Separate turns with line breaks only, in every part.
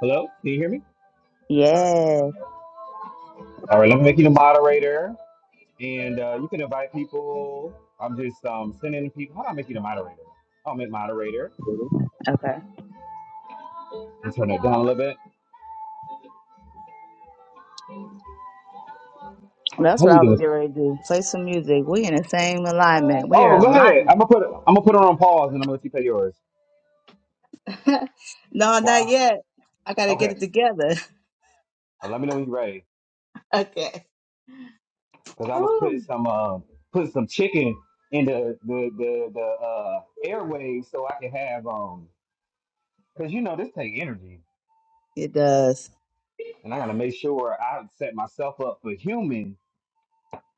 Hello, can you hear me?
Yes.
All right, let me make you the moderator, and uh, you can invite people. I'm just um, sending people. How do I make you the moderator? I'll make moderator.
Okay.
and turn it down a little bit.
Well, that's
How
what
we
I was
doing?
getting ready to do. Play some music. We in the same alignment. We are
Oh,
in
go ahead. I'm
alignment.
gonna put I'm gonna put it on pause, and I'm gonna let you play yours.
no, not
Why?
yet. I gotta get
Okay.
it together.
Now let me know when you're ready,
Okay.
because I was putting
Woo.
some uh, putting some chicken in the the the, the uh, airwaves so I can have um, because you know this take energy,
It does.
and I gotta make sure I set myself up for human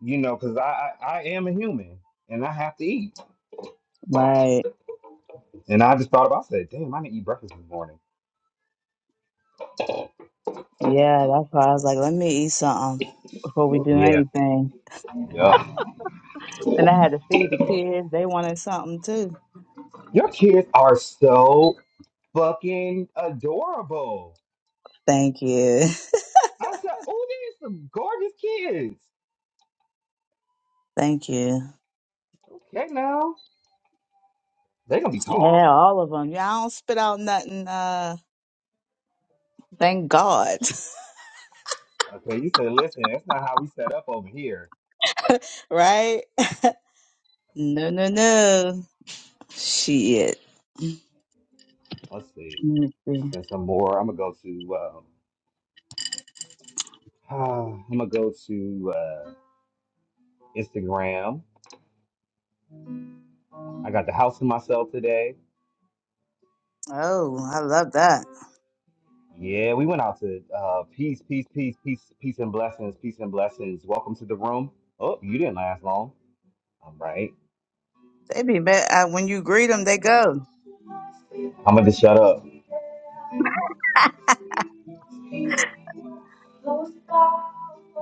you know, because I, I I am a human and I have to eat.
Right.
And I just thought about I said, damn, I didn't eat breakfast this morning.
Yeah, that's why I was like, let me eat something before we do
Yeah.
anything.
Yep. Wow,
Then I had to feed the kids. They wanted something too.
your kids are so fucking adorable.
Thank you.
I said, oh, these some gorgeous kids.
Thank you.
Okay, now they gonna be
Yeah,
tall.
all of them. Yeah, I don't spit out nothing. Uh, thank God.
Okay, you said, listen, that's not how we set up over here.
right? No, no, no. Shit.
Let's see.
Let me see.
Send some more. I'm gonna go to. Um, I'm gonna go to uh, Instagram. I got the house to myself today.
Oh, I love that.
Yeah, we went out to uh, peace, peace, peace, peace, peace and blessings, peace and blessings. Welcome to the room. Oh, you didn't last long. All right.
They be bet uh, when you greet them, they go.
I'm going to shut up.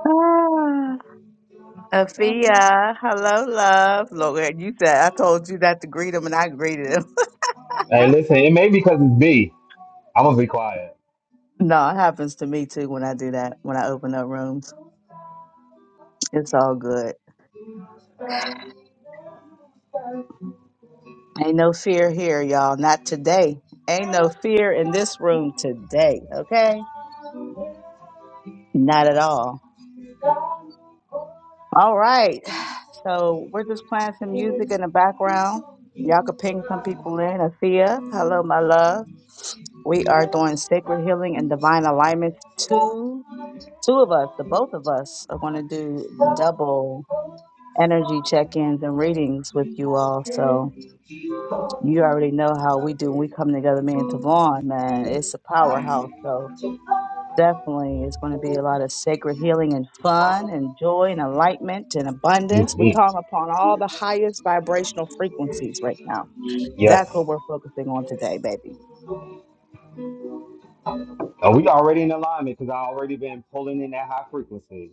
Ah, Afia, hello, love. Lord, you said I told you not to greet them, and I greeted them.
Hey, listen, it may be because it's me. I'm going to be quiet.
no, it happens to me too when I do that. When I open up rooms, it's all good. Ain't no fear here, y'all. Not today. Ain't no fear in this room today. Okay, not at all. All right. So we're just playing some music in the background. Y'all could ping some people in. Afia, hello, my love. We are doing sacred healing and divine alignment. Two, two of us, the both of us, are going to do double energy check-ins and readings with you all. So you already know how we do when we come together, me and Tavon. Man, it's a powerhouse. So Definitely, it's going to be a lot of sacred healing and fun and joy and enlightenment and abundance. We
Mhm.
call upon all the highest vibrational frequencies right now.
Yes.
That's what we're focusing on today, baby.
And we already in alignment because i already been pulling in that high frequency.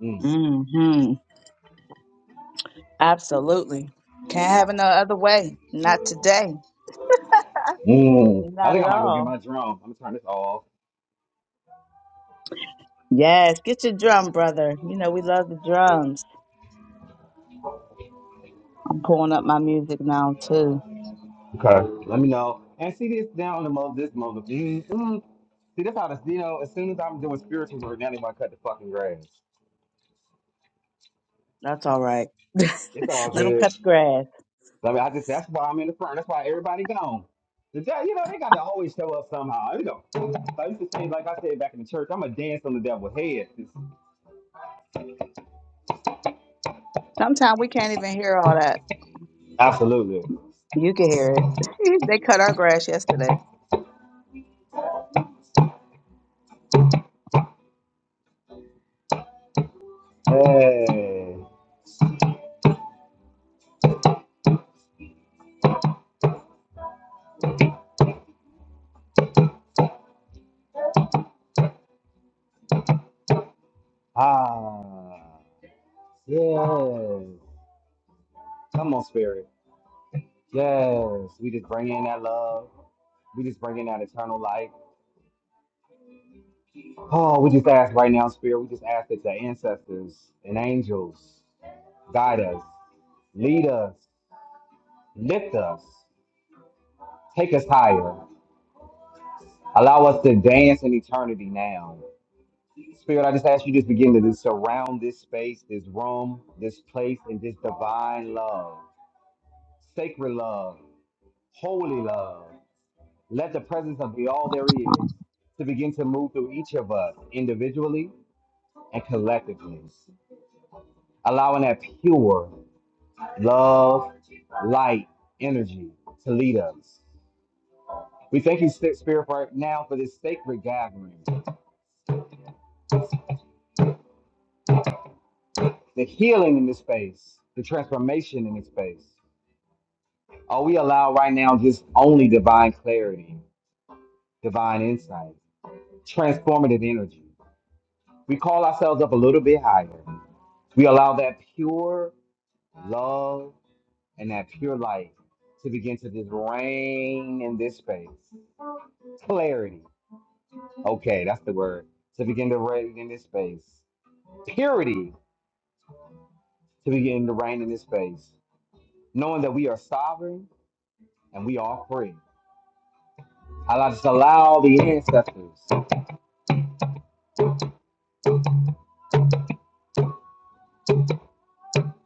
Mm.
hmm Absolutely. Can't have it no other way. Not today.
Mm. I
Not
think
at
I might go get
all.
my drum. I'm going to turn this off.
Yes, get your drum, brother. You know, we love the drums. I'm pulling up my music now, too.
Okay. Let me know. And see this down the mo this mother. Mm, mm. See, that's how this, you know, as soon as I'm doing spirituals or now they want to cut the fucking grass.
That's all right. Let
It's all
them
good.
cut the grass.
I mean, I just that's why I'm in the front. That's why everybody gone. The devil, you know, they got to always show up somehow. You know, I used to say, like I said back in the church, I'm gonna dance on the devil's head. It's-
Sometimes we can't even hear all that.
absolutely.
You can hear it. they cut our grass yesterday.
Hey. Ah. Yes. Come on, spirit. Yes. We just bring in that love. We just bring in that eternal light. Oh, we just ask right now, spirit. We just ask that your ancestors and angels guide us, lead us, lift us. Take us higher. Allow us to dance in eternity now. Spirit, I just ask you just begin to just surround this space, this room, this place, and this divine love, sacred love, holy love. Let the presence of the all there is to begin to move through each of us individually and collectively, allowing that pure love, light, energy to lead us. We thank you, Spirit, for now for this sacred gathering. the healing in this space, the transformation in this space. Are we allowed right now just only divine clarity, divine insight, transformative energy? We call ourselves up a little bit higher. We allow that pure love and that pure light to begin to just reign in this space. Clarity. Okay, that's the word. To begin to reign in this space. Purity to begin to reign in this space. Knowing that we are sovereign and we are free. I just allow the ancestors to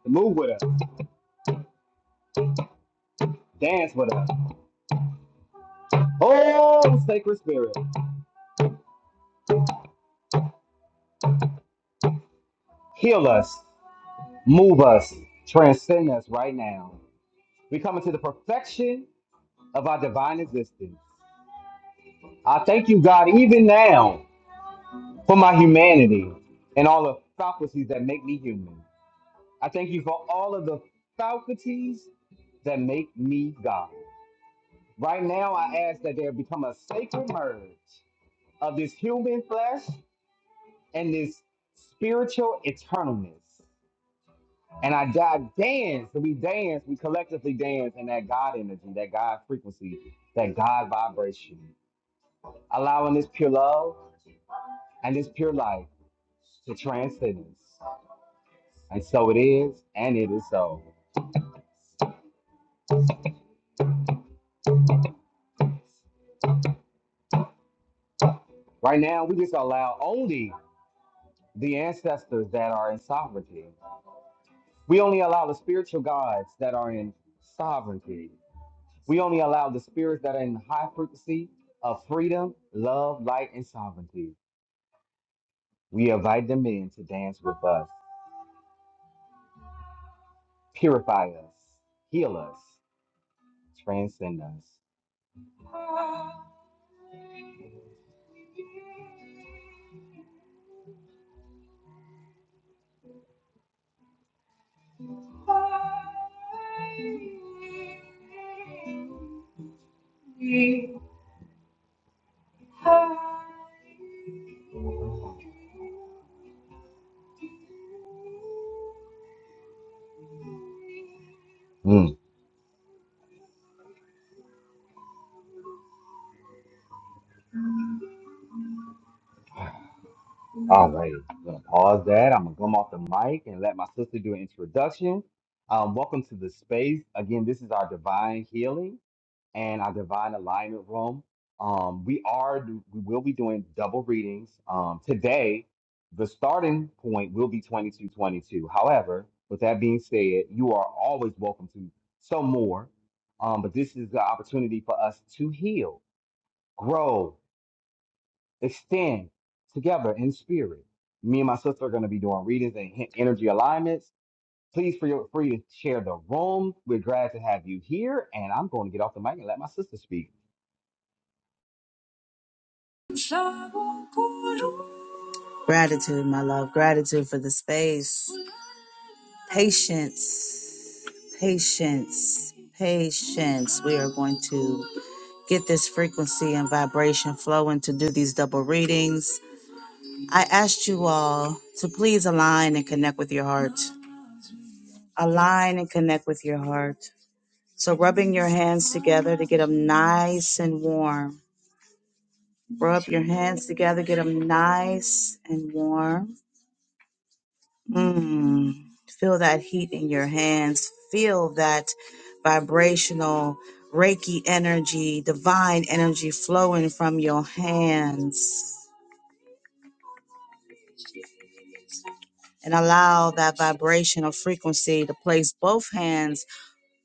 move with us, dance with us. Oh, sacred spirit, heal us, move us, transcend us right now. We come into the perfection of our divine existence. I thank you, God, even now for my humanity and all the faculties that make me human. I thank you for all of the faculties that make me God. Right now, I ask that there become a sacred merge of this human flesh and this spiritual eternalness. And I dive dance, we dance, we collectively dance in that God energy, that God frequency, that God vibration, allowing this pure love and this pure life to transcend us. And so it is, and it is so. Right now, we just allow only the ancestors that are in sovereignty. We only allow the spiritual gods that are in sovereignty. We only allow the spirits that are in high frequency of freedom, love, light, and sovereignty. We invite them in to dance with us, purify us, heal us, transcend us. Mm, all right, I'm gonna pause that. I'm gonna come off the mic and let my sister do an introduction. Um, welcome to the space. Again, this is our divine healing. and our divine alignment room. Um, we are we will be doing double readings um, today. The starting point will be 2222. However, with that being said, you are always welcome to some more. Um, but this is the opportunity for us to heal, grow, extend together in spirit. Me and my sister are going to be doing readings and he- energy alignments. Please feel free to share the room. We're glad to have you here. And I'm going to get off the mic and let my sister speak.
Gratitude, my love. Gratitude for the space. Patience, patience, patience. We are going to get this frequency and vibration flowing to do these double readings. I asked you all to please align and connect with your heart. Align and connect with your heart. So, rubbing your hands together to get them nice and warm. Rub your hands together, get them nice and warm. Mm, feel that heat in your hands. Feel that vibrational Reiki energy, divine energy flowing from your hands. And allow that vibrational frequency to place both hands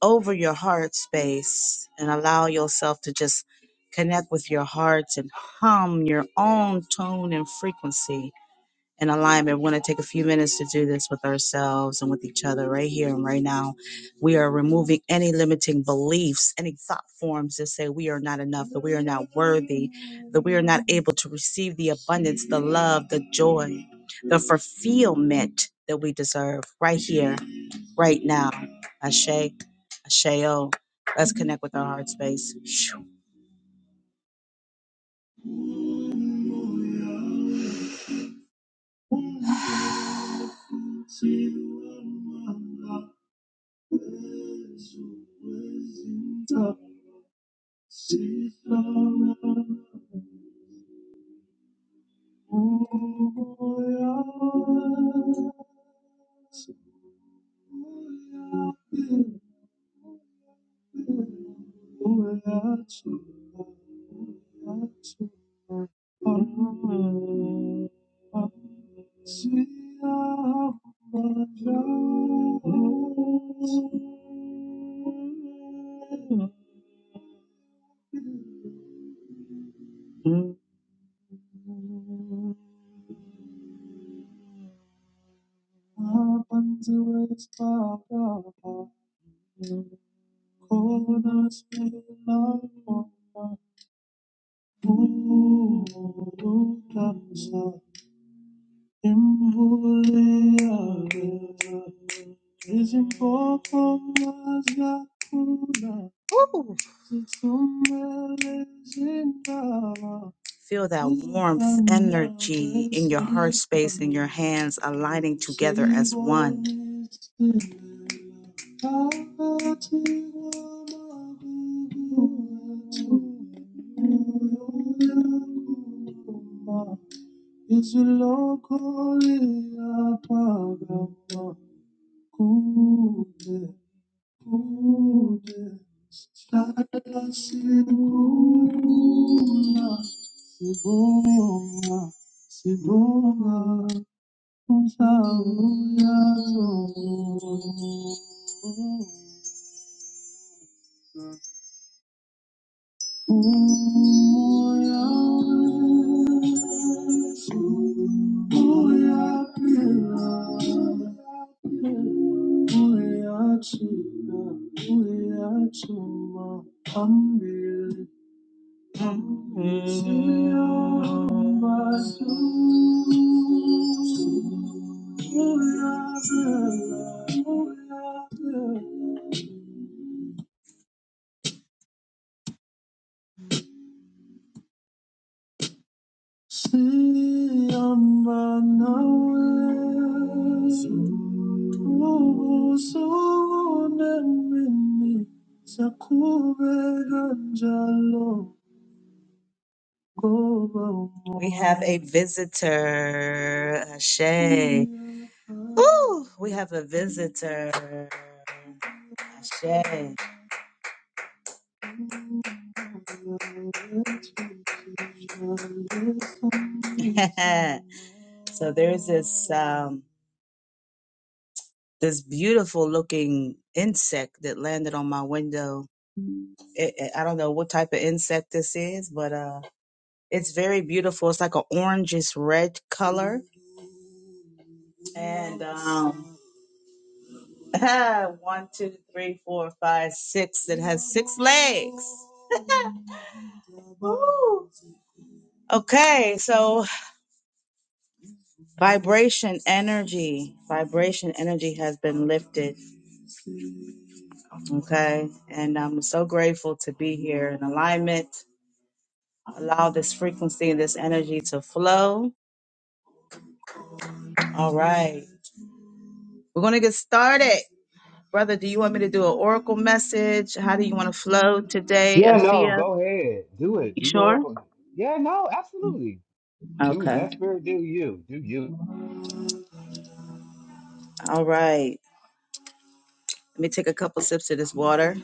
over your heart space and allow yourself to just connect with your heart and hum your own tone and frequency in alignment, we want to take a few minutes to do this with ourselves and with each other right here and right now. We are removing any limiting beliefs, any thought forms that say we are not enough, that we are not worthy, that we are not able to receive the abundance, the love, the joy, the fulfillment that we deserve right here, right now. Ashe, Asheo. Let's connect with our heart space. Phew. Corners in my corner, ooh, ooh, ooh, Ooh. Feel that warmth, energy in your heart space and your hands aligning together as one izilokole aphakama kude kude sihlala sikhula sibonga sibonga umhlaba uyazo Oh, yeah. See, I'm by now. Oh, so many. We have a visitor, Ashe. Ooh, we have a visitor, Ashe. So there's this um, this beautiful looking insect that landed on my window. It, it- I don't know what type of insect this is, but uh, it's very beautiful. It's like an orangish red color. And um, one, two, three, four, five, six. It has six legs. Woo! Okay, so vibration energy, vibration energy has been lifted. Okay, and I'm so grateful to be here in alignment Allow this frequency and this energy to flow. All right. We're going to get started. Brother, do you want me to do an oracle message? How do you want to flow today,
Yeah, no,
Afia?
go ahead. Do it.
You
Do your
sure?
work on Yeah, no, absolutely. Do
Okay.
let spirit do you. Do you.
All right. Let me take a couple sips of this water.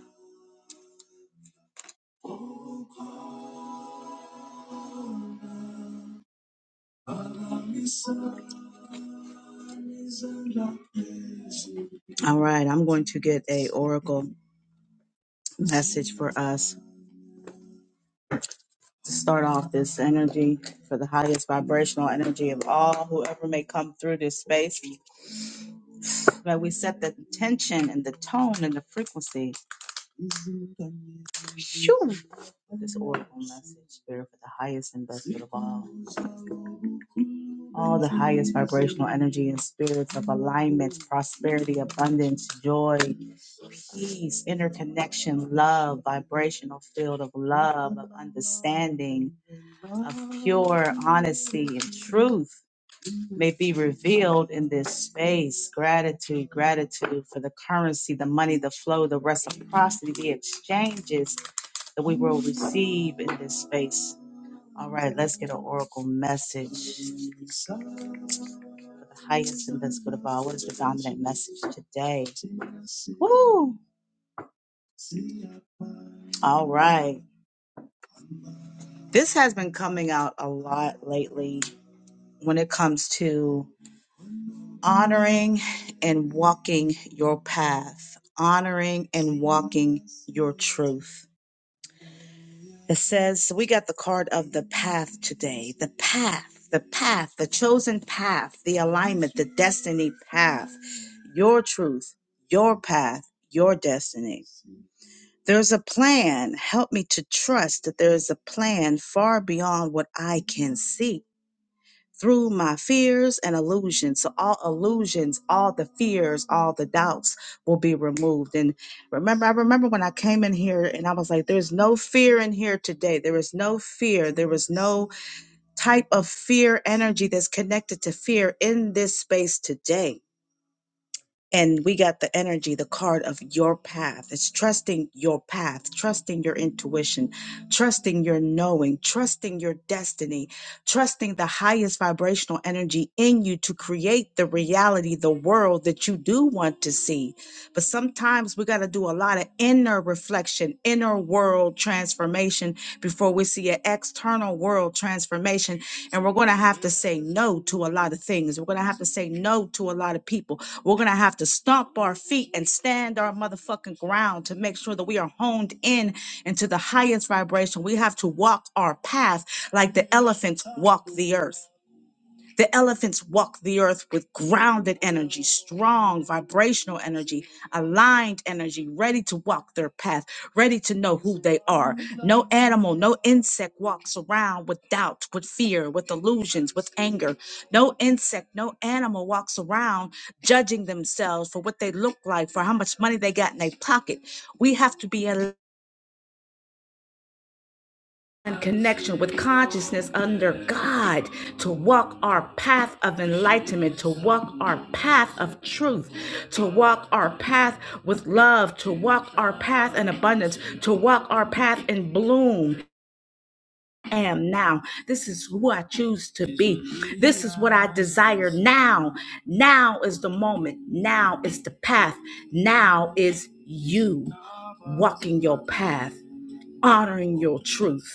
All right. I'm going to get a oracle message for us to start off this energy for the highest vibrational energy of all, whoever may come through this space. That we set the intention and the tone and the frequency Shoo! This oracle message, spirit for the highest and best of all. All the highest vibrational energy and spirits of alignment, prosperity, abundance, joy, peace, interconnection, love, vibrational field of love, of understanding, of pure honesty and truth may be revealed in this space. Gratitude, gratitude for the currency, the money, the flow, the reciprocity, the exchanges that we will receive in this space All right, let's get an oracle message. For the Highest and best good of all. What is the dominant message today? Woo! All right. This has been coming out a lot lately when it comes to honoring and walking your path, honoring and walking your truth. It says so we got the card of the path today. The path, the path, the chosen path, the alignment, the destiny path, your truth, your path, your destiny. There's a plan. Help me to trust that there is a plan far beyond what I can see through my fears and illusions. So, all illusions, all the fears, all the doubts will be removed. And remember, I remember when I came in here and I was like, there's no fear in here today. There is no fear. There is no type of fear energy that's connected to fear in this space today and we got the energy the card of your path it's trusting your path trusting your intuition trusting your knowing trusting your destiny trusting the highest vibrational energy in you to create the reality the world that you do want to see but sometimes we got to do a lot of inner reflection, inner world transformation before we see an external world transformation. And we're going to have to say no to a lot of things. We're going to have to say no to a lot of people. We're going to have to stomp our feet and stand our motherfucking ground to make sure that we are honed in into the highest vibration. We have to walk our path like the elephants walk the earth. The elephants walk the earth with grounded energy, strong vibrational energy, aligned energy, ready to walk their path, ready to know who they are. No animal, no insect walks around with doubt, with fear, with illusions, with anger. No insect, no animal walks around judging themselves for what they look like, for how much money they got in their pocket. We have to be aligned and connection with consciousness under God, to walk our path of enlightenment, to walk our path of truth, to walk our path with love, to walk our path in abundance, to walk our path in bloom. I Am now. This is who I choose to be. This is what I desire now. Now is the moment. Now is the path. Now is you walking your path, honoring your truth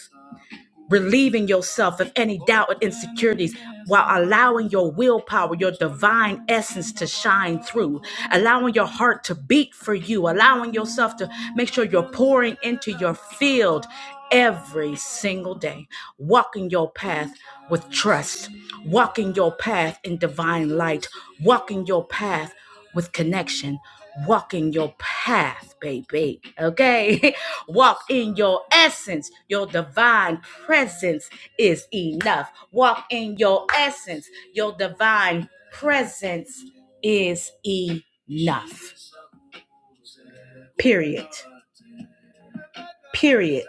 relieving yourself of any doubt and insecurities while allowing your willpower, your divine essence to shine through, allowing your heart to beat for you, allowing yourself to make sure you're pouring into your field every single day, walking your path with trust, walking your path in divine light, walking your path with connection. Walk in your path, baby. Okay? Walk in your essence. Your divine presence is enough. Walk in your essence. Your divine presence is enough. Period. Period.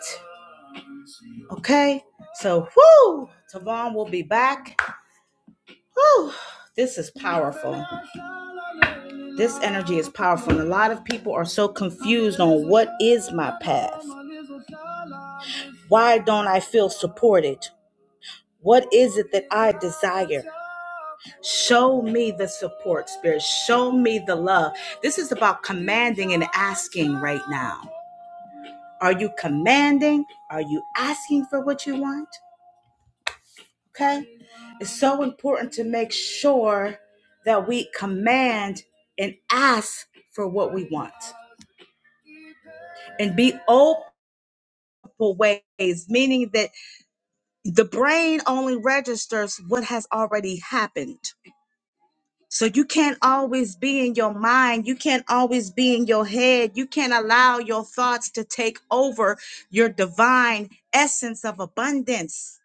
Okay? So, whoo! Tavon will be back. Whoo! This is powerful. This energy is powerful. And a lot of people are so confused on what is my path. Why don't I feel supported? What is it that I desire? Show me the support, Spirit. Show me the love. This is about commanding and asking right now. Are you commanding? Are you asking for what you want? Okay. It's so important to make sure that we command and ask for what we want and be open for ways, meaning that the brain only registers what has already happened. So you can't always be in your mind. You can't always be in your head. You can't allow your thoughts to take over your divine essence of abundance.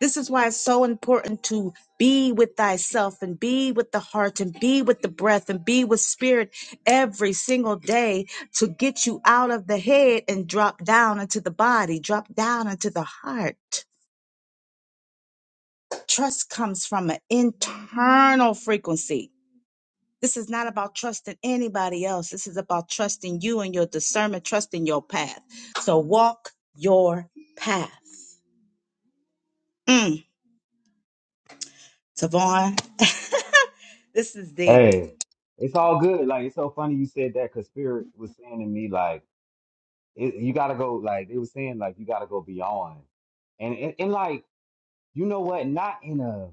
This is why it's so important to be with thyself and be with the heart and be with the breath and be with spirit every single day to get you out of the head and drop down into the body, drop down into the heart. Trust comes from an internal frequency This is not about trusting anybody else. This is about trusting you and your discernment, trusting your path. So walk your path. Mm. Savon, this is deep.
Hey, it's all good. Like it's so funny you said that because spirit was saying to me like it, you gotta go like it was saying like you gotta go beyond. And, and and like you know what? Not in a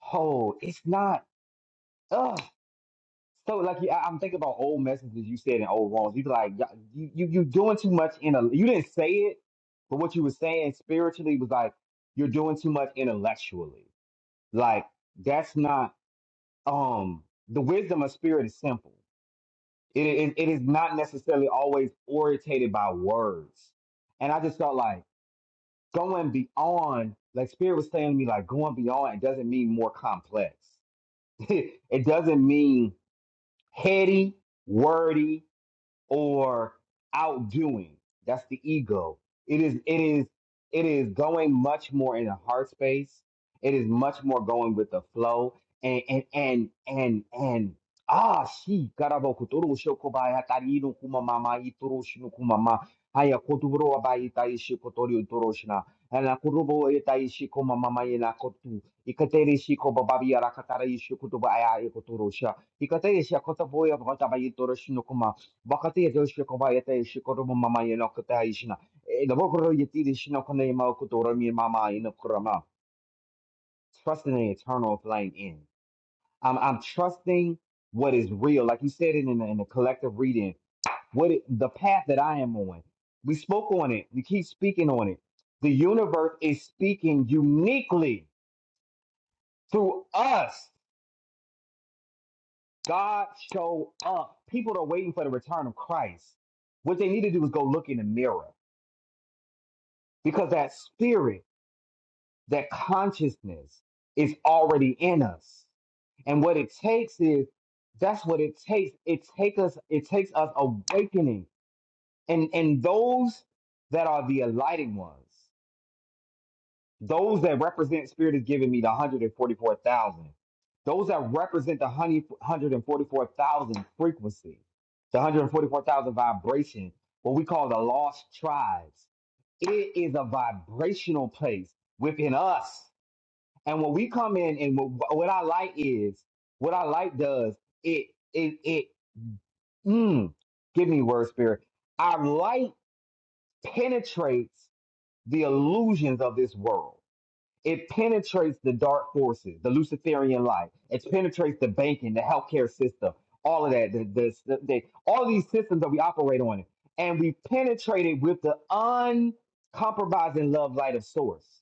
hole. It's not. Ugh. So like you, I- I'm thinking about old messages you said in old wrongs. You be like, "Yeah, you, you you doing too much in a. You didn't say it, but what you were saying spiritually was like you're doing too much intellectually. Like that's not um the wisdom of spirit is simple. It it, it is not necessarily always orientated by words. And I just felt like going beyond, like spirit was saying to me, like going beyond. It doesn't mean more complex. it doesn't mean heady, wordy or outdoing. That's the ego. It is it is it is going much more in the heart space. It is much more going with the flow and and and and and ah she garabo kuturu shokobaya tarino kumamama ituru shinu kumama haya kotubro abai taishi kotori utoroshna ana kurubo etaishi kumama yena kotu ikatere shi kobabi arakatara ishi kutuba aya ekotorosha ikatere shi kotaboya bata bai وقد يدوش كوبايتا يشكر ماما ينقطع يشنا إذا بكرة يتيري شنا كنا يما كتورا ماما ينقرما trusting the eternal flying in I'm I'm trusting what is real like you said it in the, in the collective reading what it, the path that I am on we spoke on it we keep speaking on it the universe is speaking uniquely through us God show up people are waiting for the return of Christ what they need to do is go look in the mirror because that spirit that consciousness is already in us. And what it takes is that's what it takes. It takes us it takes us awakening. And and those that are the alighting ones, those that represent spirit is giving me the 144,000. Those that represent the 100 144,000 frequency, the 144,000 vibration, what we call the lost tribes. It is a vibrational place within us and when we come in, and what, what our light is, what our light does, it it it mm, give me word spirit. Our light penetrates the illusions of this world. It penetrates the dark forces, the Luciferian light. It penetrates the banking, the healthcare system, all of that. The, the, the, the- all of these systems that we operate on, and we penetrate it with the uncompromising love light of Source.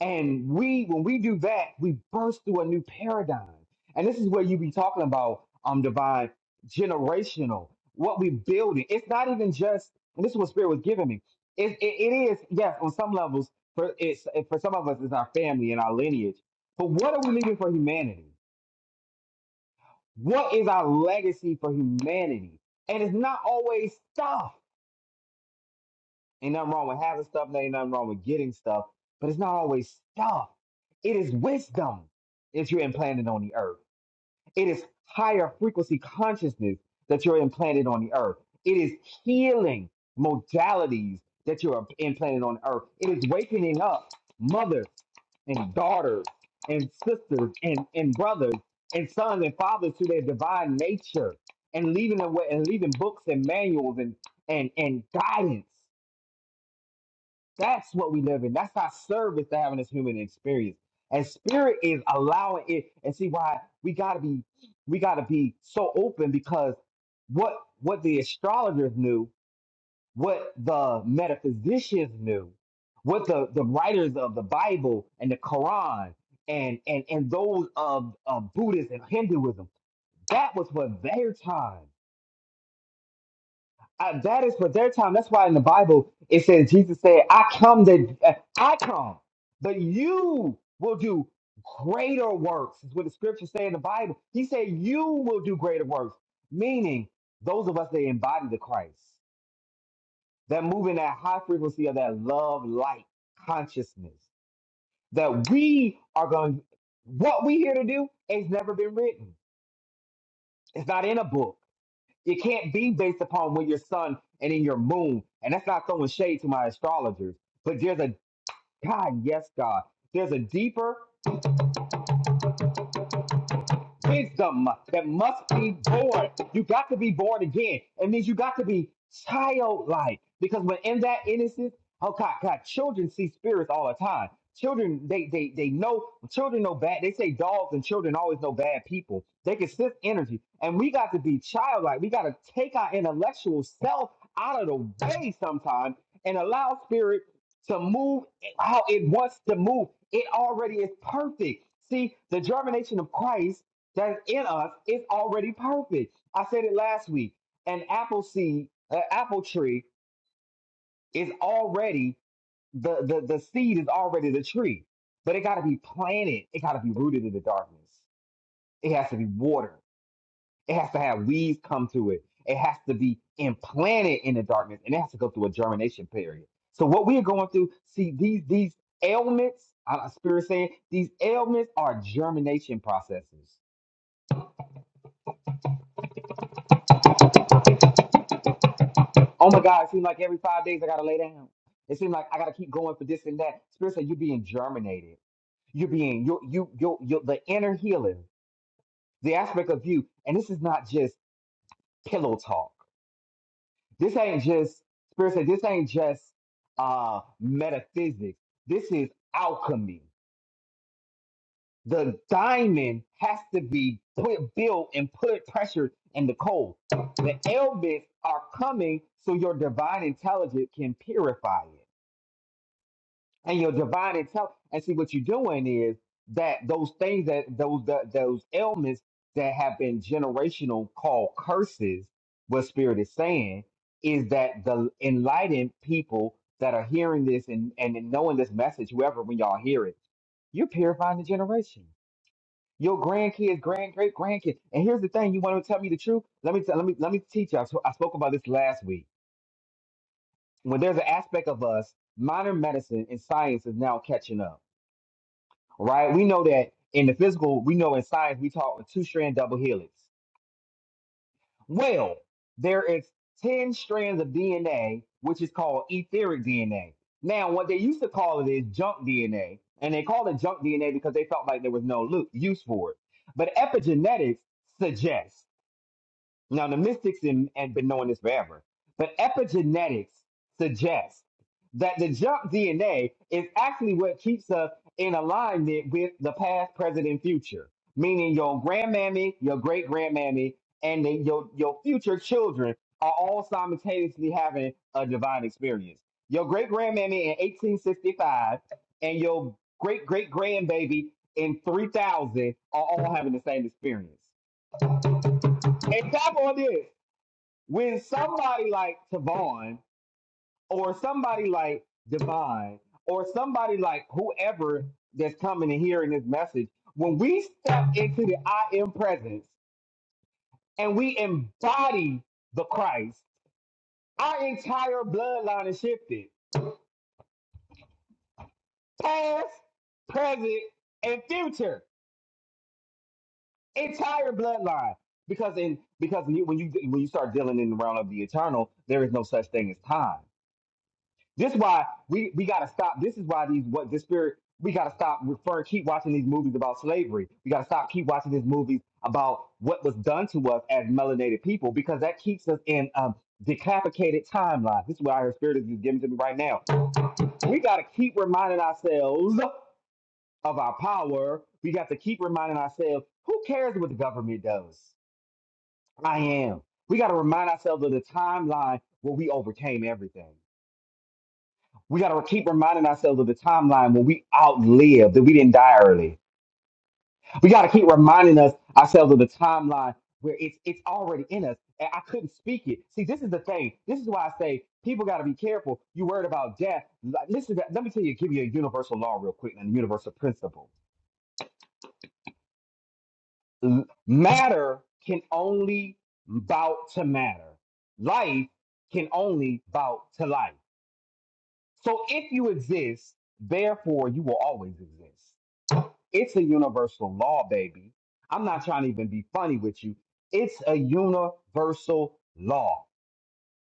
And we, when we do that, we burst through a new paradigm. And this is where you be talking about um divine generational, what we building. It's not even just, and this is what Spirit was giving me. It, it, it is, yes, on some levels, for it's for some of us, it's our family and our lineage. But what are we leaving for humanity? What is our legacy for humanity? And it's not always stuff. Ain't nothing wrong with having stuff, and ain't nothing wrong with getting stuff, but it's not always stuff. It is wisdom that you're implanted on the earth. It is higher frequency consciousness that you're implanted on the earth. It is healing modalities that you're implanted on earth. It is wakening up mothers and daughters and sisters and, and brothers and sons and fathers to their divine nature and leaving them and leaving books and manuals and and, and guidance that's what we live in. That's our service to having this human experience. And spirit is allowing it. And see why we gotta be we gotta be so open because what what the astrologers knew, what the metaphysicians knew, what the, the writers of the Bible and the Quran and and and those of, of Buddhism and Hinduism, that was for their time. Uh, that is for their time. That's why in the Bible it says Jesus said, "I come that uh, I come, but you will do greater works." Is what the scriptures say in the Bible. He said, "You will do greater works," meaning those of us that embody the Christ, that move in that high frequency of that love light consciousness, that we are going. What we here to do has never been written. It's not in a book. It can't be based upon when your sun and in your moon. And that's not throwing shade to my astrologers. But there's a God, yes, God. There's a deeper wisdom that must be born. You got to be born again. It means you got to be childlike because when in that innocence, oh God, God, children see spirits all the time. Children, they they they know. Children know bad. They say dogs and children always know bad people. They can sense energy, and we got to be childlike. We got to take our intellectual self out of the way sometimes and allow spirit to move how it wants to move. It already is perfect. See, the germination of Christ that's in us is already perfect. I said it last week. An apple seed, an apple tree is already the the the seed is already the tree, but it got to be planted. It got to be rooted in the darkness. It has to be watered. It has to have weeds come to it. It has to be implanted in the darkness, and it has to go through a germination period. So what we are going through, see these these ailments. I'm spirit saying these ailments are germination processes. Oh my God, it seems like every five days I gotta lay down. It seems like I gotta keep going for this and that. Spirit said you're being germinated. You're being you you you you the inner healer, the aspect of you. And this is not just pillow talk. This ain't just Spirit said this ain't just uh metaphysics. This is alchemy. The diamond has to be put built and put pressure in the coal. The elements are coming so your divine intelligence can purify it. and your divine intelligence. And see what you're doing is that those things that those that, those ailments that have been generational called curses. What spirit is saying is that the enlightened people that are hearing this and and knowing this message, whoever when y'all hear it, you're purifying the generation. Your grandkids, grand great grandkids. And here's the thing: you want to tell me the truth? Let me tell, let me let me teach you. I, sp- I spoke about this last week. When there's an aspect of us, modern medicine and science is now catching up right? We know that in the physical, we know in science, we talk with two strand double helix. Well, there is 10 strands of DNA, which is called etheric DNA. Now, what they used to call it is junk DNA, and they called it junk DNA because they felt like there was no lo- use for it. But epigenetics suggests now, the mystics in, and been knowing this forever, but epigenetics suggests that the junk DNA is actually what keeps us in alignment with the past, present, and future. Meaning, your grandmammy, your great grandmammy, and then your your future children are all simultaneously having a divine experience. Your great grandmammy in 1865 and your great great grandbaby in 3000 are all having the same experience. And tap on this when somebody like Tavon or somebody like Divine or somebody like whoever that's coming and hearing this message, when we step into the I am presence and we embody the Christ, our entire bloodline is shifted. Past, present, and future. Entire bloodline. Because in because when you when you when you start dealing in the realm of the eternal, there is no such thing as time. This is why we, we gotta stop. This is why these what this spirit we gotta stop referring, keep watching these movies about slavery. We gotta stop keep watching these movies about what was done to us as melanated people because that keeps us in um decapitated timelines. This is what our spirit is giving to me right now. We gotta keep reminding ourselves of our power. We got to keep reminding ourselves, who cares what the government does? I am. We gotta remind ourselves of the timeline where we overcame everything. We got to keep reminding ourselves of the timeline when we outlived, that we didn't die early. We got to keep reminding us ourselves of the timeline where it's it's already in us. And I couldn't speak it. See, this is the thing. This is why I say people got to be careful. You worried about death. L- Listen, to- let me tell you, give you a universal law real quick and a universal principle. L- Matter can only bout to matter. Life can only bout to life. So if you exist, therefore you will always exist. It's a universal law, baby. I'm not trying to even be funny with you. It's a universal law.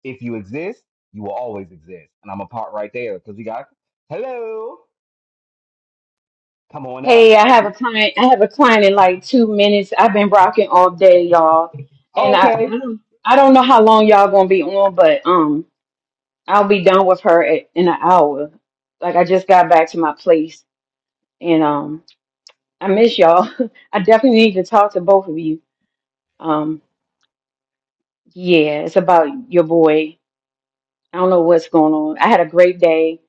If you exist, you will always exist. And I'm a part right there because we got hello. Come on
Hey,
up.
I have a client. I have a client in like two minutes. I've been rocking all day, y'all, and I I
Okay.
don't, I don't know how long y'all gonna be on, but um, I'll be done with her at, in an hour. Like I just got back to my place, and um, I miss y'all. I definitely need to talk to both of you. Um, yeah, it's about your boy. I don't know what's going on. I had a great day,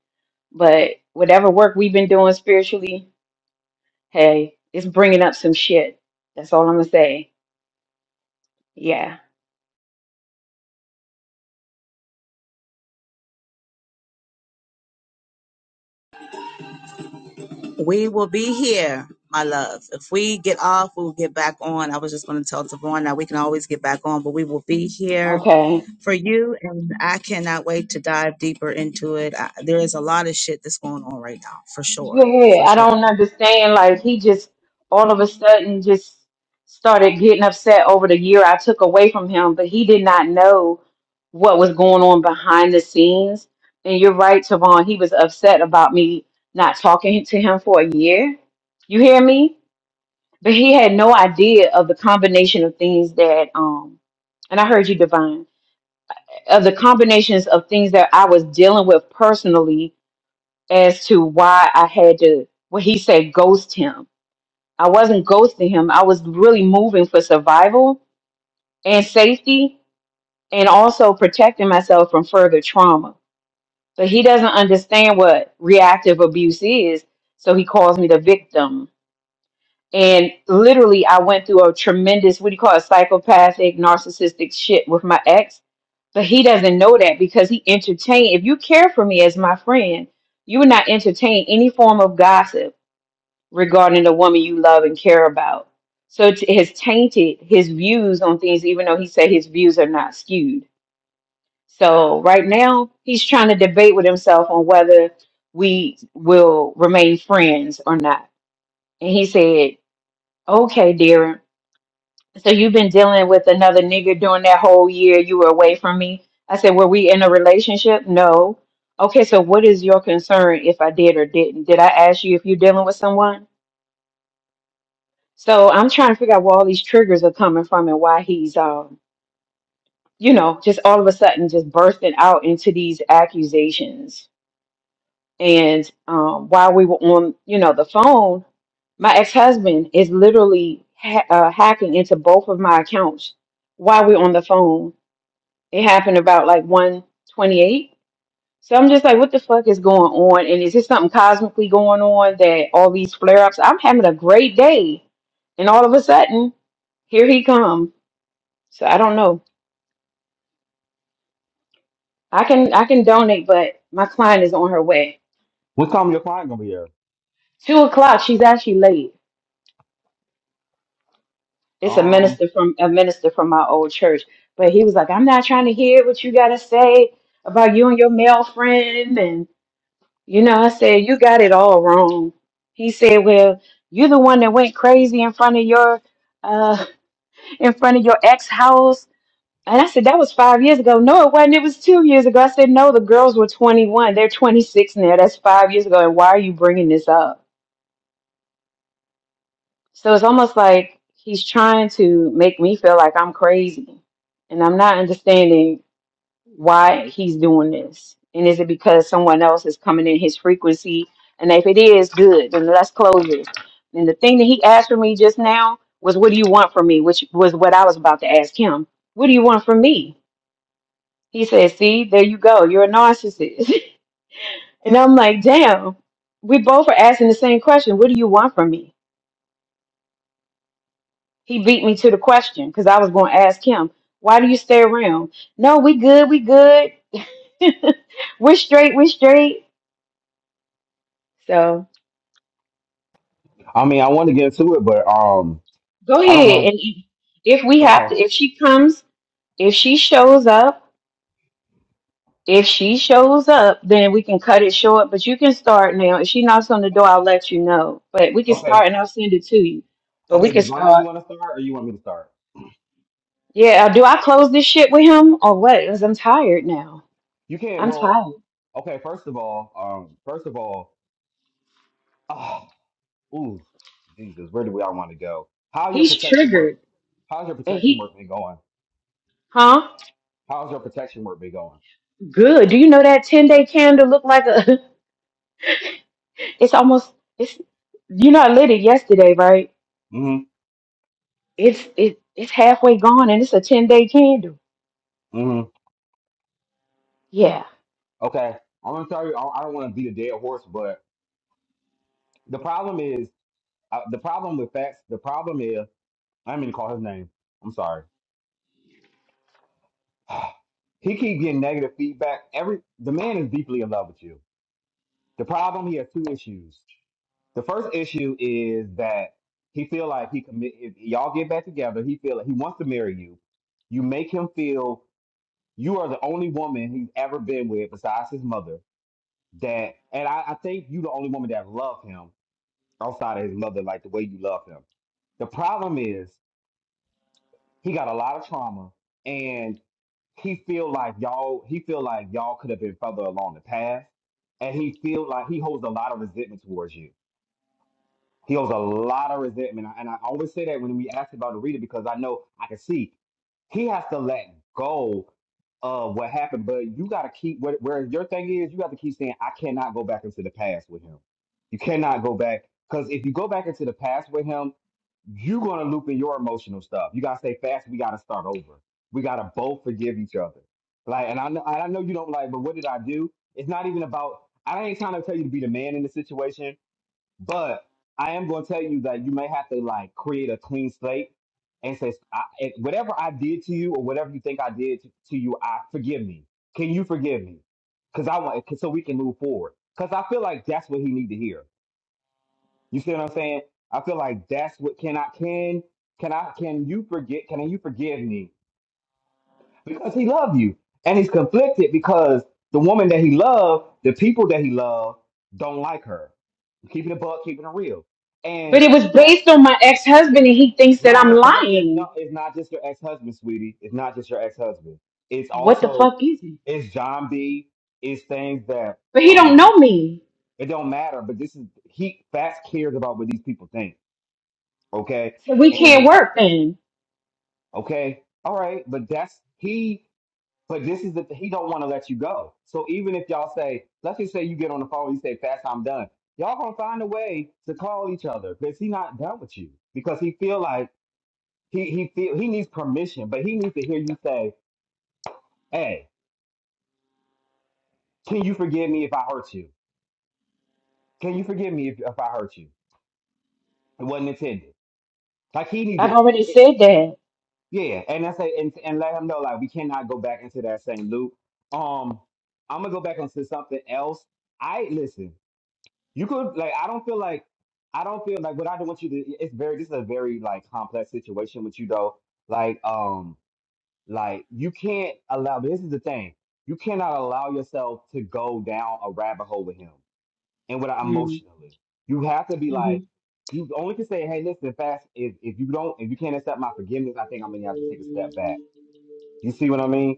but whatever work we've been doing spiritually, hey, it's bringing up some shit. That's all I'm gonna say. Yeah.
We will be here, my love. If we get off, we'll get back on. I was just going to tell Tavon that we can always get back on, but we will be here
Okay.
for you. And I cannot wait to dive deeper into it. I, there is a lot of shit that's going on right now, for
Yeah,
sure.
yeah, yeah.
For
I
sure.
don't understand. Like he just all of a sudden just started getting upset over the year I took away from him, but he did not know what was going on behind the scenes. And you're right, Tavon, he was upset about me not talking to him for a year. You hear me? But he had no idea of the combination of things that um and I heard you divine of the combinations of things that I was dealing with personally as to why I had to, what he said, ghost him. I wasn't ghosting him. I was really moving for survival and safety and also protecting myself from further trauma. But he doesn't understand what reactive abuse is. So he calls me the victim. And literally, I went through a tremendous, what do you call it, psychopathic, narcissistic shit with my ex. But he doesn't know that because he entertained. If you care for me as my friend, you would not entertain any form of gossip regarding the woman you love and care about. So it has tainted his views on things, even though he said his views are not skewed. So right now, he's trying to debate with himself on whether we will remain friends or not. And he said, Okay, Darren. So you've been dealing with another nigga during that whole year you were away from me. I said, Were we in a relationship? No. Okay, so what is your concern if I did or didn't? Did I ask you if you're dealing with someone? So I'm trying to figure out where all these triggers are coming from and why he's, um, you know, just all of a sudden just bursting out into these accusations. And um, while we were on, you know, the phone, my ex-husband is literally ha- uh, hacking into both of my accounts while we're on the phone. It happened about like 128. So I'm just like, what the fuck is going on? And is this something cosmically going on that all these flare-ups? I'm having a great day, and all of a sudden, here he comes. So I don't know. I can I can donate, but my client is on her way.
What time your client gonna be here?
Two o'clock. She's actually late. It's a
Um,
minister from a minister from my old church, but he was like, "I'm not trying to hear what you gotta say about you and your male friend." And you know, I said, "You got it all wrong." He said, "Well, you're the one that went crazy in front of your uh in front of your ex house And I said, that was five years ago. No, it wasn't. It was two years ago. I said, no, the girls were 21. They're 26 now. That's five years ago. And why are you bringing this up? So it's almost like he's trying to make me feel like I'm crazy. And I'm not understanding why he's doing this. And is it because someone else is coming in his frequency? And if it is, good. Then let's close it. And the thing that he asked for me just now was, what do you want from me? Which was what I was about to ask him. What do you want from me? He said, See, there you go. You're a narcissist. And I'm like, Damn, we both are asking the same question. What do you want from me? He beat me to the question because I was going to ask him, Why do you stay around? No, we good. We good. we're straight. We're straight. So
I mean, I want to get into it, but um,
go
I don't
ahead.
want.
And if we have
Okay.
to, if she comes, if she shows up, if she shows up, then we can cut it short. But you can start now. If she knocks on the door, I'll let you know. But we can
Okay.
start and I'll send it to you. But we
Okay.
can start.
Divine, you want to start, or you want me to start?
Yeah, uh, do I close this shit with him or what? Because I'm tired now.
You can't.
I'm
Well,
tired.
okay. First of all, um, first of all. ah, Ooh, Jesus, where do we all want to go? How your
He's
protection work?
triggered.
How's your
And
protection
he,
work been going?
huh?
How's your protection work been going?
Good. Do you know that 10 day candle look like a, it's almost, it's, you know, I lit it yesterday, right?
Mm-hmm.
It's, it, it's halfway gone and it's a 10 day candle.
Mm-hmm.
Yeah.
Okay. I'm gonna tell you. I I don't want to beat a dead horse, but the problem is uh, the problem with facts. The problem is I'm gonna call his name. I'm sorry. He keep getting negative feedback. Every the man is deeply in love with you. The problem he has two issues. The first issue is that he feel like he commit. If y'all get back together, he feel like he wants to marry you. You make him feel you are the only woman he's ever been with besides his mother. That and I, I think you the only woman that loved him outside of his mother, like the way you love him. The problem is he got a lot of trauma and he feel like y'all he feel like y'all could have been further along the path and he feel like he holds a lot of resentment towards you He owes a lot of resentment. And I always say that when we ask about the reader because I know I can see he has to let go of what happened. But you got to keep where, where your thing is. You got to keep saying, I cannot go back into the past with him. You cannot go back because if you go back into the past with him, you're gonna loop in your emotional stuff. You gotta stay fast. We gotta start over. We gotta both forgive each other. Like, and I know, I know you don't like, but what did I do? It's not even about. I ain't trying to tell you to be the man in the situation but I am going to tell you that you may have to like create a clean slate and say, I, it- whatever I did to you or whatever you think I did to, to you, I forgive me. Can you forgive me? Because I want, cause so we can move forward. Because I feel like that's what he need to hear. You see what I'm saying? I feel like that's what can I can can I can you forget? Can you forgive me? because he loved you. And he's conflicted because the woman that he loved, the people that he loved, don't like her. Keeping it a buck, keeping it real.
But
And
it was
that,
based on my ex husband and he thinks that
no,
I'm
it's not just no,
lying.
it's not just your ex husband, sweetie. It's not just your ex husband. It's
What the
also
fuck is he?
it's John B. It's things that
But he don't
um
know me.
it don't matter. But this is he Fats cares about what these people think. Okay,
So we can't
and
work then.
okay, all right. But that's he. But this is the he don't want to let you go. So even if y'all say, let's just say you get on the phone, you say, "Fast, I'm done." Y'all gonna find a way to call each other because he not done with you because he feel like he he feel he needs permission, but he needs to hear you say, "Hey, can you forgive me if I hurt you? Can you forgive me if, if I hurt you? It wasn't intended." Like he needs
I've
it.
already
it
said that.
yeah, and I say and, and let him know like we cannot go back into that same loop. Um, I'm gonna go back onto something else. I listen. You could like I don't feel like I don't feel like what I don't want you to it's very this is a very like complex situation with you though. Like um like you can't allow this is the thing. You cannot allow yourself to go down a rabbit hole with him and without
Mm-hmm.
emotionally. You have to be
Mm-hmm.
like you only can say, hey, listen, fast if if you don't if you can't accept my forgiveness, I think I'm gonna have to take a step back. You see what I mean?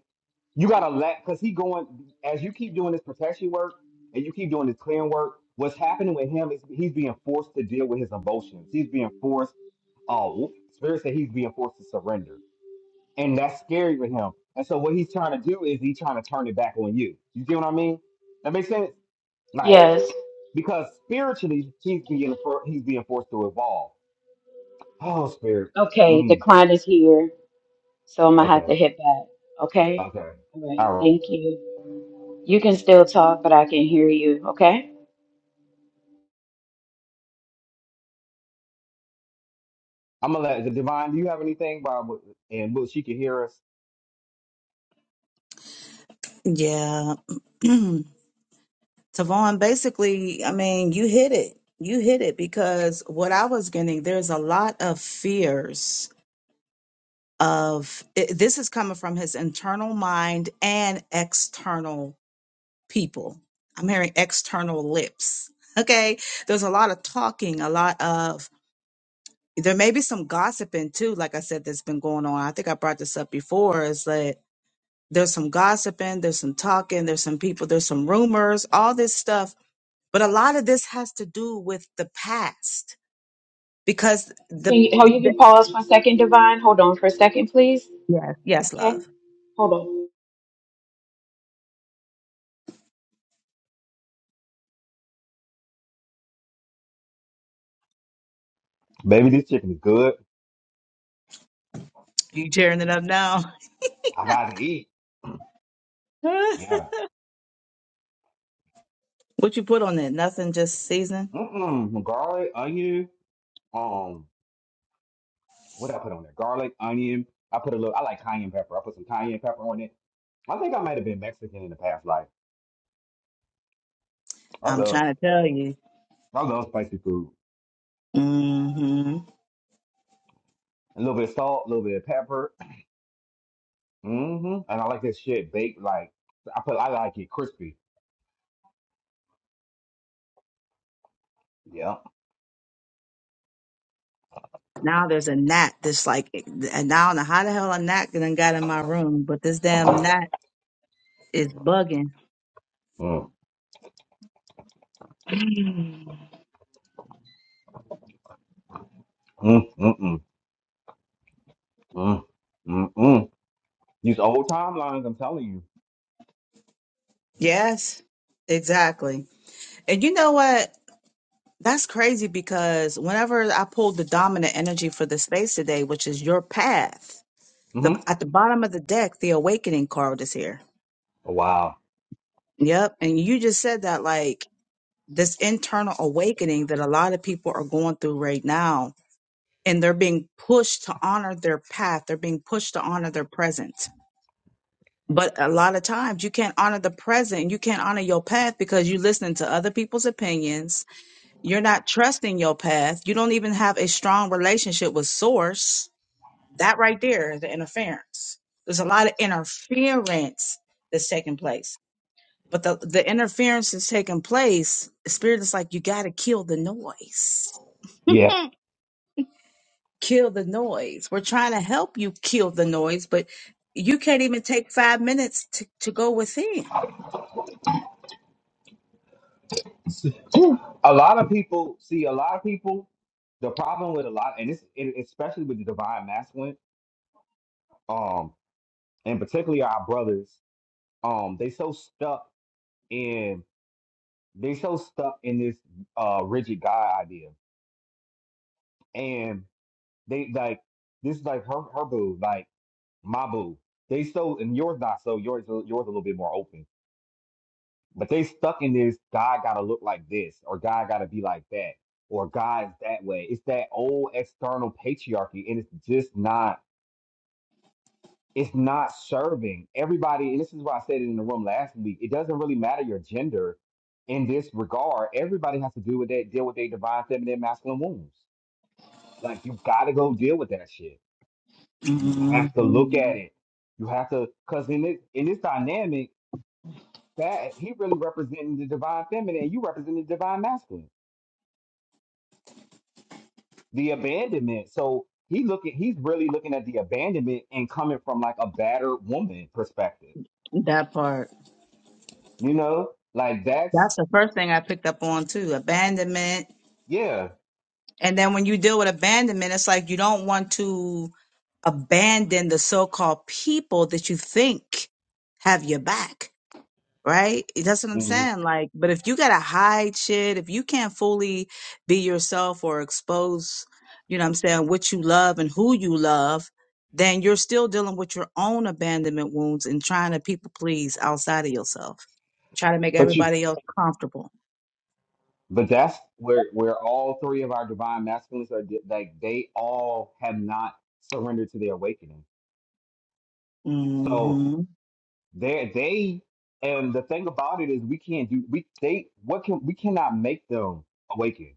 You gotta let because he going as you keep doing this protection work and you keep doing this clearing work. What's happening with him is he's being forced to deal with his emotions. He's being forced. Oh, spirits that he's being forced to surrender, and that's scary for him. And so what he's trying to do is he's trying to turn it back on you. You get what I mean? That makes sense. Like
Yes.
because spiritually he's being for, he's being forced to evolve. Oh, spirit.
Okay, the
Mm,
client is here, so I'm gonna have
okay.
to hit back. Okay?
Okay.
All right,
All right.
thank you. You can still talk, but I can hear you. Okay?
I'm gonna let the divine. Do you have anything, Bob? And Will she can hear us?
Yeah. Tavon, basically, I mean, you hit it. You hit it because what I was getting, there's a lot of fears of i- this is coming from his internal mind and external people. I'm hearing external lips. Okay. There's a lot of talking, a lot of there may be some gossiping too, like I said, that's been going on. I think I brought this up before is that there's some gossiping, there's some talking, there's some people, there's some rumors, all this stuff. But a lot of this has to do with the past because
Can
the,
you, oh, you
the
can pause for a second, Divine? Hold on for a second, please.
yes, yes,
Okay?
love.
Hold on.
Baby, this chicken is good.
You tearing it up now.
I gotta eat.
what
Yeah.
you put on it? Nothing, just season.
Mm-mm. Garlic, onion. Um, what did I put on there? Garlic, onion. I put a little. I like cayenne pepper. I put some cayenne pepper on it. I think I might have been Mexican in the past life. I
I'm
love,
trying to tell you.
I love spicy food.
hmm
A little bit of salt, a little bit of pepper. Mm-hmm. And I like this shit baked. Like I put, I like it crispy. Yeah.
Now there's a gnat that's like, and I don't know how the hell a gnat done got in my room, but this damn gnat is bugging
Mm. Mm. Mm. Mm. Mm. Mm. mm. These old timelines, I'm telling you.
Yes, exactly. And you know what? That's crazy because whenever I pulled the dominant energy for the space today, which is your path, the
Mm-hmm.
at the bottom of the deck, the awakening card is here.
Wow.
Yep. And you just said that like this internal awakening that a lot of people are going through right now. And they're being pushed to honor their path. They're being pushed to honor their present. But a lot of times you can't honor the present. You can't honor your path because you're listening to other people's opinions You're not trusting your path. You don't even have a strong relationship with source. That right there is the interference. There's a lot of interference that's taking place. But the, the interference that's taking place, spirit is like, you got to kill the noise.
Yeah.
Kill the noise. We're trying to help you kill the noise, but you can't even take five minutes to, to go within.
a lot of people see a lot of people the problem with a lot and it's it, especially with the divine masculine um and particularly our brothers um they so stuck in they so stuck in this uh rigid god idea and they like this is like her her boo like my boo they so and yours not so yours yours a little bit more open But they stuck in this God gotta look like this, or God gotta be like that, or God's that way. It's that old external patriarchy, and it's just not. It's not serving everybody. And this is why I said it in the room last week. It doesn't really matter your gender in this regard. Everybody has to do with that, deal with their divine feminine, masculine wounds. Like you gotta go deal with that shit. You have to look at it. You have to, cause in this in this dynamic, that he really representing the divine feminine, and you representing the divine masculine. the abandonment. So he looking, he's really looking at the abandonment and coming from like a battered woman perspective.
That part.
You know, like that's
That's the first thing I picked up on too abandonment.
yeah.
And then when you deal with abandonment, it's like you don't want to. abandon the so-called people that you think have your back right that's what i'm
hmm
saying like but if you gotta hide shit if you can't fully be yourself or expose you know what i'm saying what you love and who you love then you're still dealing with your own abandonment wounds and trying to people please outside of yourself try to make
But you,
everybody else comfortable
but that's where where all three of our divine masculines are. di- Like they all have not surrendered to their awakening. So
hmm
they they and the thing about it is we can't do we they what can we cannot make them awaken.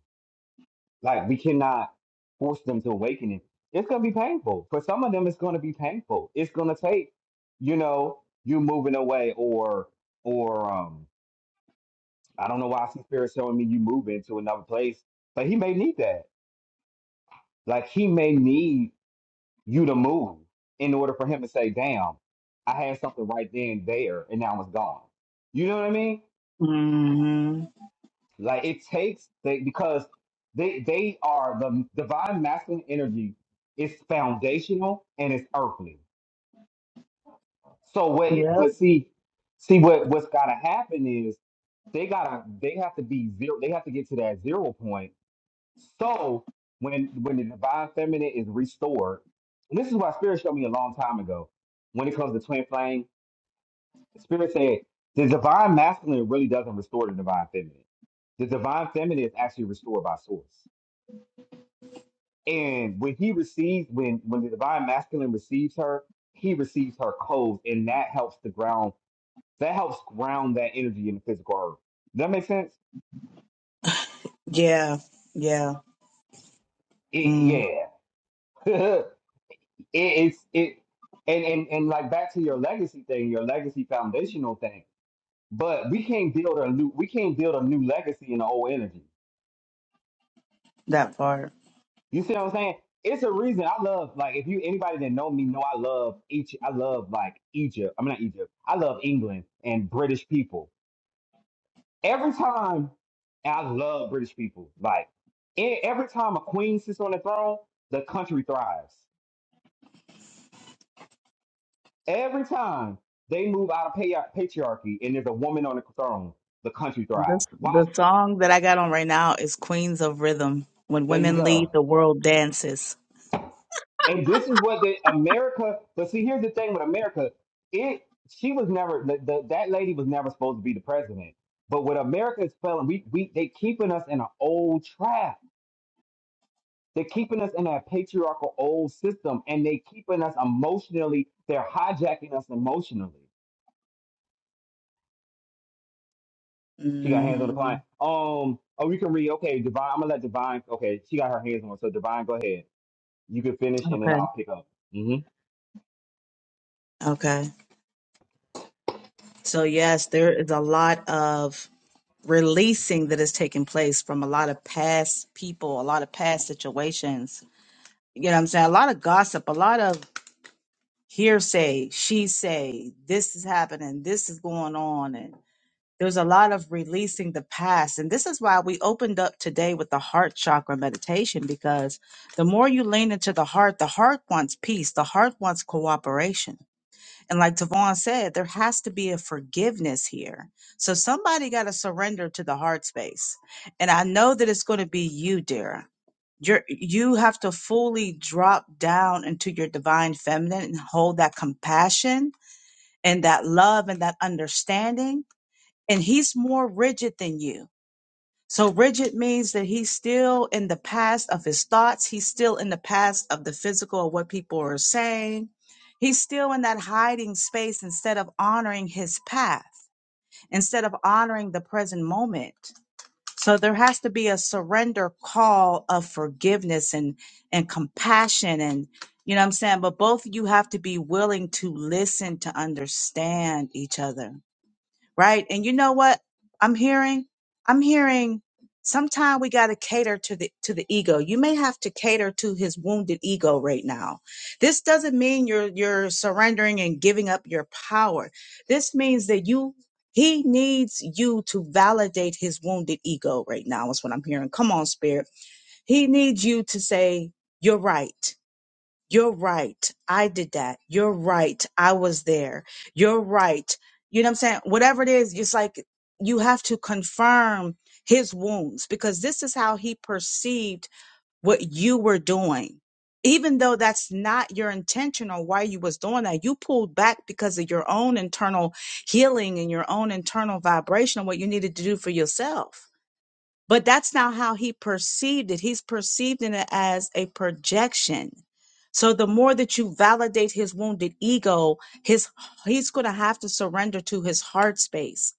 Like we cannot force them to awaken it. It's gonna be painful. For some of them, it's gonna be painful. It's gonna take, you know, you moving away or or um I don't know why I see spirit showing me you moving to another place. But he may need that. Like he may need you to move in order for him to say, damn, I had something right then and there and now it's gone. You know what I mean?
hmm
Like it takes they because they they are the divine masculine energy is foundational and it's earthly. So what
Yep.
but see see what what's gotta happen is they gotta they have to be zero they have to get to that zero point. So when when the divine feminine is restored, and this is why spirit showed me a long time ago when it comes to twin flame, spirit said the divine masculine really doesn't restore the divine feminine. The divine feminine is actually restored by source. And when he receives, when when the divine masculine receives her, he receives her clothes, and that helps the ground. That helps ground that energy in the physical earth. Does that make sense?
Yeah. Yeah.
It,
Mm,
yeah, it, it's it, and and and like back to your legacy thing, your legacy foundational thing. But we can't build a new, we can't build a new legacy in the old energy.
that part.
You see what I'm saying? It's a reason I love like if you anybody that know me know I love each I love like Egypt. I'm mean, not Egypt. I love England and British people every time and I love British people. Like e- every time a queen sits on the throne, the country thrives. Every time they move out of pa- patriarchy and there's a woman on the throne, the country
This
thrives. Why?
the song that I got on right now is Queens of Rhythm. When
There you
women
go.
lead, the world dances.
And this is what the America. But see, here's the thing with America. It she was never the, the, that lady was never supposed to be the president. But what America is failing, we we they keeping us in an old trap They're keeping us in that patriarchal old system and they keeping us emotionally, they're hijacking us emotionally. She got hands on the
hmm
client. Um, oh, we can read. Okay, Divine, I'm gonna let Divine. Okay, she got her hands on. So Divine, go ahead. You can finish and then
Okay.
I'll pick up. hmm
Okay. So yes, there is a lot of releasing that is taking place from a lot of past people, a lot of past situations. You know what I'm saying? A lot of gossip, a lot of hearsay, she say, this is happening, this is going on there's a lot of releasing the past. And this is why we opened up today with the heart chakra meditation because the more you lean into the heart, the heart wants peace, the heart wants cooperation. And like Tavon said, there has to be a forgiveness here. So somebody got to surrender to the heart space. And I know that it's going to be you, Dara you're you have to fully drop down into your divine feminine and hold that compassion and that love and that understanding and he's more rigid than you. So rigid means that he's still in the past of his thoughts. He's still in the past of the physical of what people are saying. He's still in that hiding space instead of honoring his path, instead of honoring the present moment. So there has to be a surrender call of forgiveness and, and compassion and, you know what I'm saying? But both of you have to be willing to listen to understand each other right? And you know what I'm hearing? I'm hearing sometimes we got to cater to the to the ego. You may have to cater to his wounded ego right now. This doesn't mean you're you're surrendering and giving up your power. This means that you he needs you to validate his wounded ego right now is what I'm hearing. Come on, spirit. He needs you to say you're right. You're right. I did that. You're right. I was there. You're right. You know what I'm saying? Whatever it is, it's like you have to confirm his wounds because this is how he perceived what you were doing. Even though that's not your intention or why you was doing that, you pulled back because of your own internal healing and your own internal vibration and what you needed to do for yourself but that's not how he perceived it. He's perceiving it as a projection. So the more that you validate his wounded ego, his he's going to have to surrender to his heart space.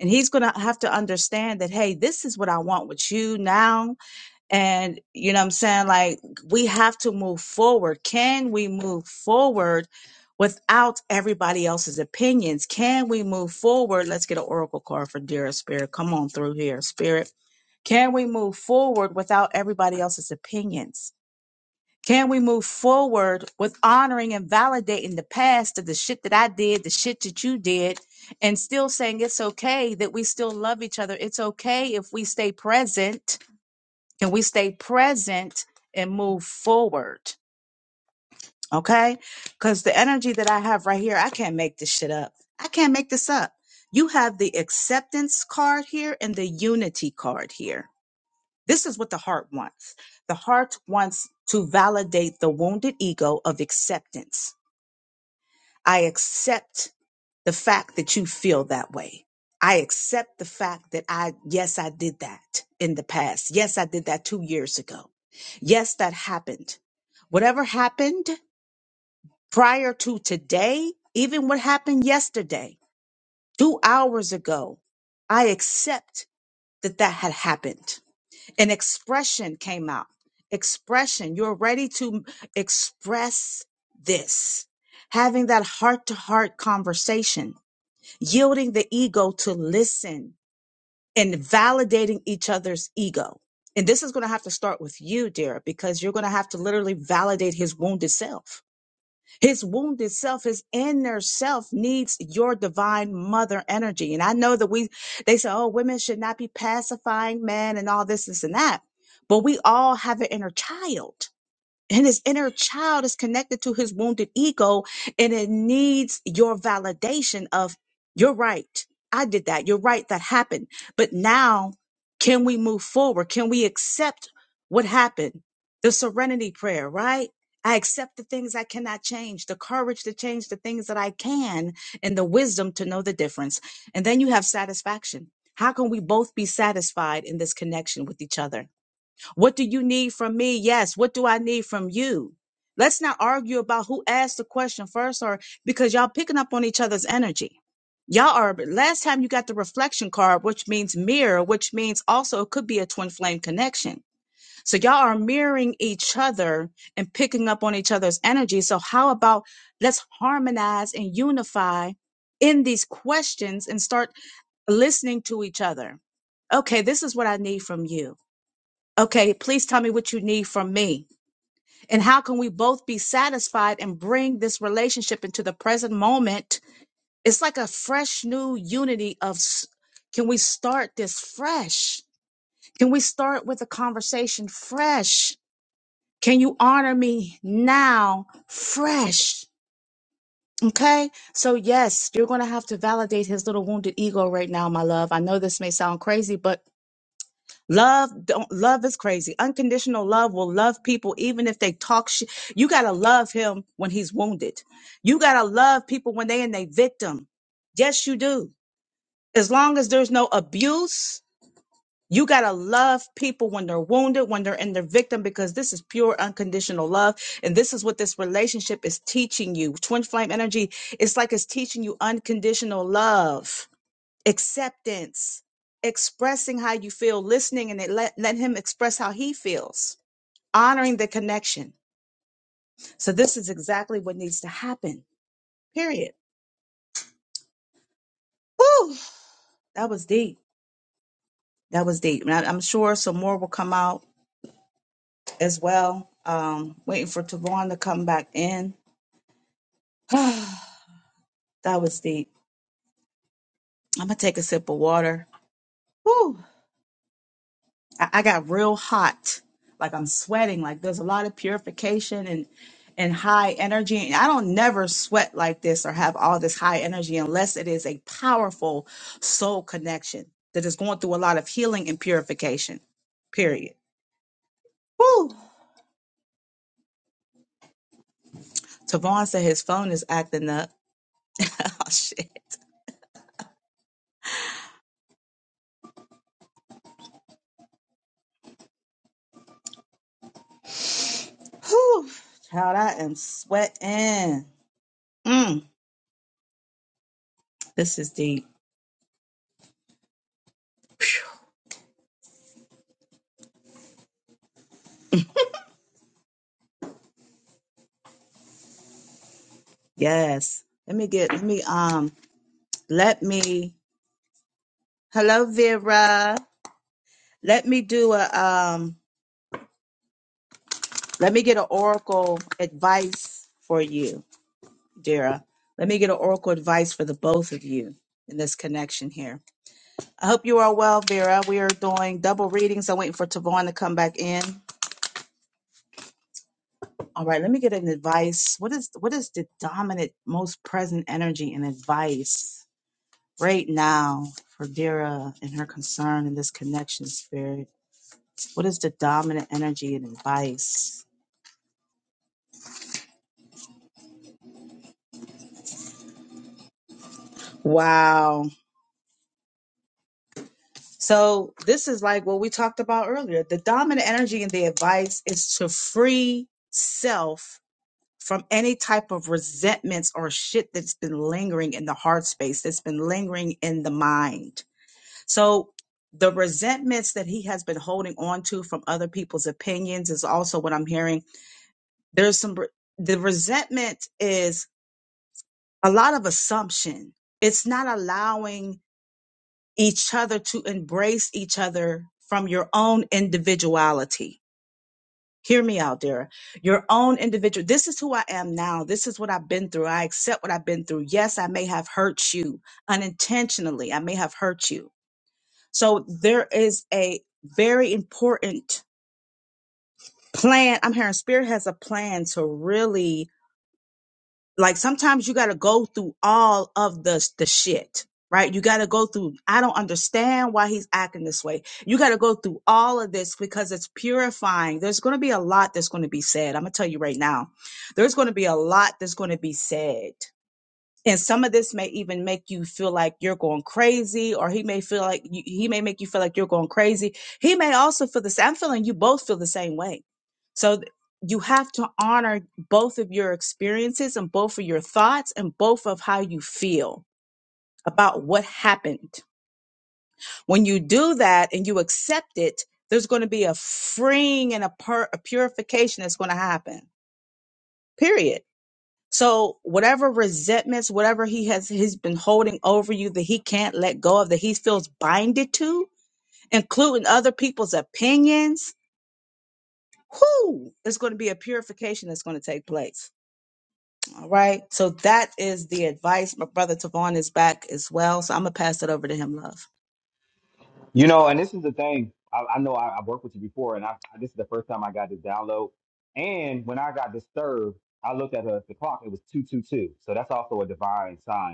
And he's going to have to understand that hey, this is what I want with you now and you know what I'm saying like we have to move forward. Can we move forward without everybody else's opinions? Can we move forward? Let's get an oracle card for dearest spirit. Come on through here, spirit can we move forward without everybody else's opinions? Can we move forward with honoring and validating the past of the shit that I did, the shit that you did, and still saying it's okay that we still love each other? It's okay if we stay present. Can we stay present and move forward? Okay? Because the energy that I have right here, I can't make this shit up. I can't make this up. You have the acceptance card here and the unity card here this is what the heart wants. The heart wants to validate the wounded ego of acceptance. I accept the fact that you feel that way. I accept the fact that I, yes, I did that in the past. Yes, I did that two years ago. Yes, that happened. Whatever happened prior to today, even what happened yesterday, two hours ago, I accept that that had happened. and expression came out. Expression. You're ready to express this. Having that heart to heart conversation, yielding the ego to listen and validating each other's ego. And this is going to have to start with you, dear, because you're going to have to literally validate his wounded self his wounded self, his inner self needs your divine mother energy. And I know that we, they say, oh, women should not be pacifying men and all this, this and that. But we all have an inner child and his inner child is connected to his wounded ego and it needs your validation of you're right i did that you're right that happened but now can we move forward can we accept what happened the serenity prayer right i accept the things i cannot change the courage to change the things that i can and the wisdom to know the difference and then you have satisfaction how can we both be satisfied in this connection with each other what do you need from me? Yes. What do I need from you? Let's not argue about who asked the question first or because y'all picking up on each other's energy. Y'all are last time you got the reflection card, which means mirror, which means also it could be a twin flame connection. So y'all are mirroring each other and picking up on each other's energy. So how about let's harmonize and unify in these questions and start listening to each other. Okay, this is what I need from you Okay, please tell me what you need from me. And how can we both be satisfied and bring this relationship into the present moment? It's like a fresh new unity of s- can we start this fresh? Can we start with a conversation fresh? Can you honor me now fresh? Okay. So yes, you're going to have to validate his little wounded ego right now, my love. I know this may sound crazy, but Love, don't, love is crazy. Unconditional love will love people even if they talk shit. You gotta love him when he's wounded. You gotta love people when they in their victim. Yes, you do. As long as there's no abuse, you gotta love people when they're wounded, when they're in their victim, because this is pure unconditional love. And this is what this relationship is teaching you. Twin flame energy, it's like it's teaching you unconditional love acceptance, expressing how you feel, listening, and it let, let him express how he feels, honoring the connection. So this is exactly what needs to happen. Period. Woo! That was deep. That was deep. And I, am sure some more will come out as well. Um, waiting for Tavon to come back in. that was deep. I'm gonna take a sip of water. Woo! I, I got real hot, like I'm sweating. Like there's a lot of purification and and high energy. And I don't never sweat like this or have all this high energy unless it is a powerful soul connection that is going through a lot of healing and purification. Period. Woo! Tavon said his phone is acting up. oh shit. Whew. Child, I am sweating. Mm, this is deep. Yes. Let me get let me um let me hello Vera. Let me do a um let me get an oracle advice for you, Dara. Let me get an oracle advice for the both of you in this connection here. I hope you are well, Vera. We are doing double readings. I'm waiting for Tavon to come back in. All right, let me get an advice. What is what is the dominant, most present energy and advice right now for Dara and her concern in this connection spirit? What is the dominant energy and advice? Wow. So this is like what we talked about earlier. The dominant energy and the advice is to free self from any type of resentments or shit that's been lingering in the heart space, that's been lingering in the mind. So the resentments that he has been holding on to from other people's opinions is also what I'm hearing. There's some, the resentment is a lot of assumption. It's not allowing each other to embrace each other from your own individuality. Hear me out, Dara. Your own individual. This is who I am now. This is what I've been through. I accept what I've been through. Yes, I may have hurt you unintentionally. I may have hurt you. So there is a very important plan. I'm hearing Spirit has a plan to really like sometimes you got to go through all of the the shit right you got to go through i don't understand why he's acting this way you got to go through all of this because it's purifying there's going to be a lot that's going to be said i'm going to tell you right now there's going to be a lot that's going to be said and some of this may even make you feel like you're going crazy or he may feel like you, he may make you feel like you're going crazy he may also feel the same i'm feeling you both feel the same way so th- you have to honor both of your experiences and both of your thoughts and both of how you feel about what happened when you do that and you accept it there's going to be a freeing and a, pur- a purification that's going to happen period so whatever resentments, whatever he has, he's been holding over you that he can't let go of, that he feels binded to, including other people's opinions. Whoo, it's going to be a purification that's going to take place. All right. So that is the advice. My brother Tavon is back as well. So I'm going to pass it over to him, love.
You know, and this is the thing. I, I know I, I've worked with you before, and I, I this is the first time I got this download. And when I got disturbed, I looked at her, the clock. It was two two two. So that's also a divine sign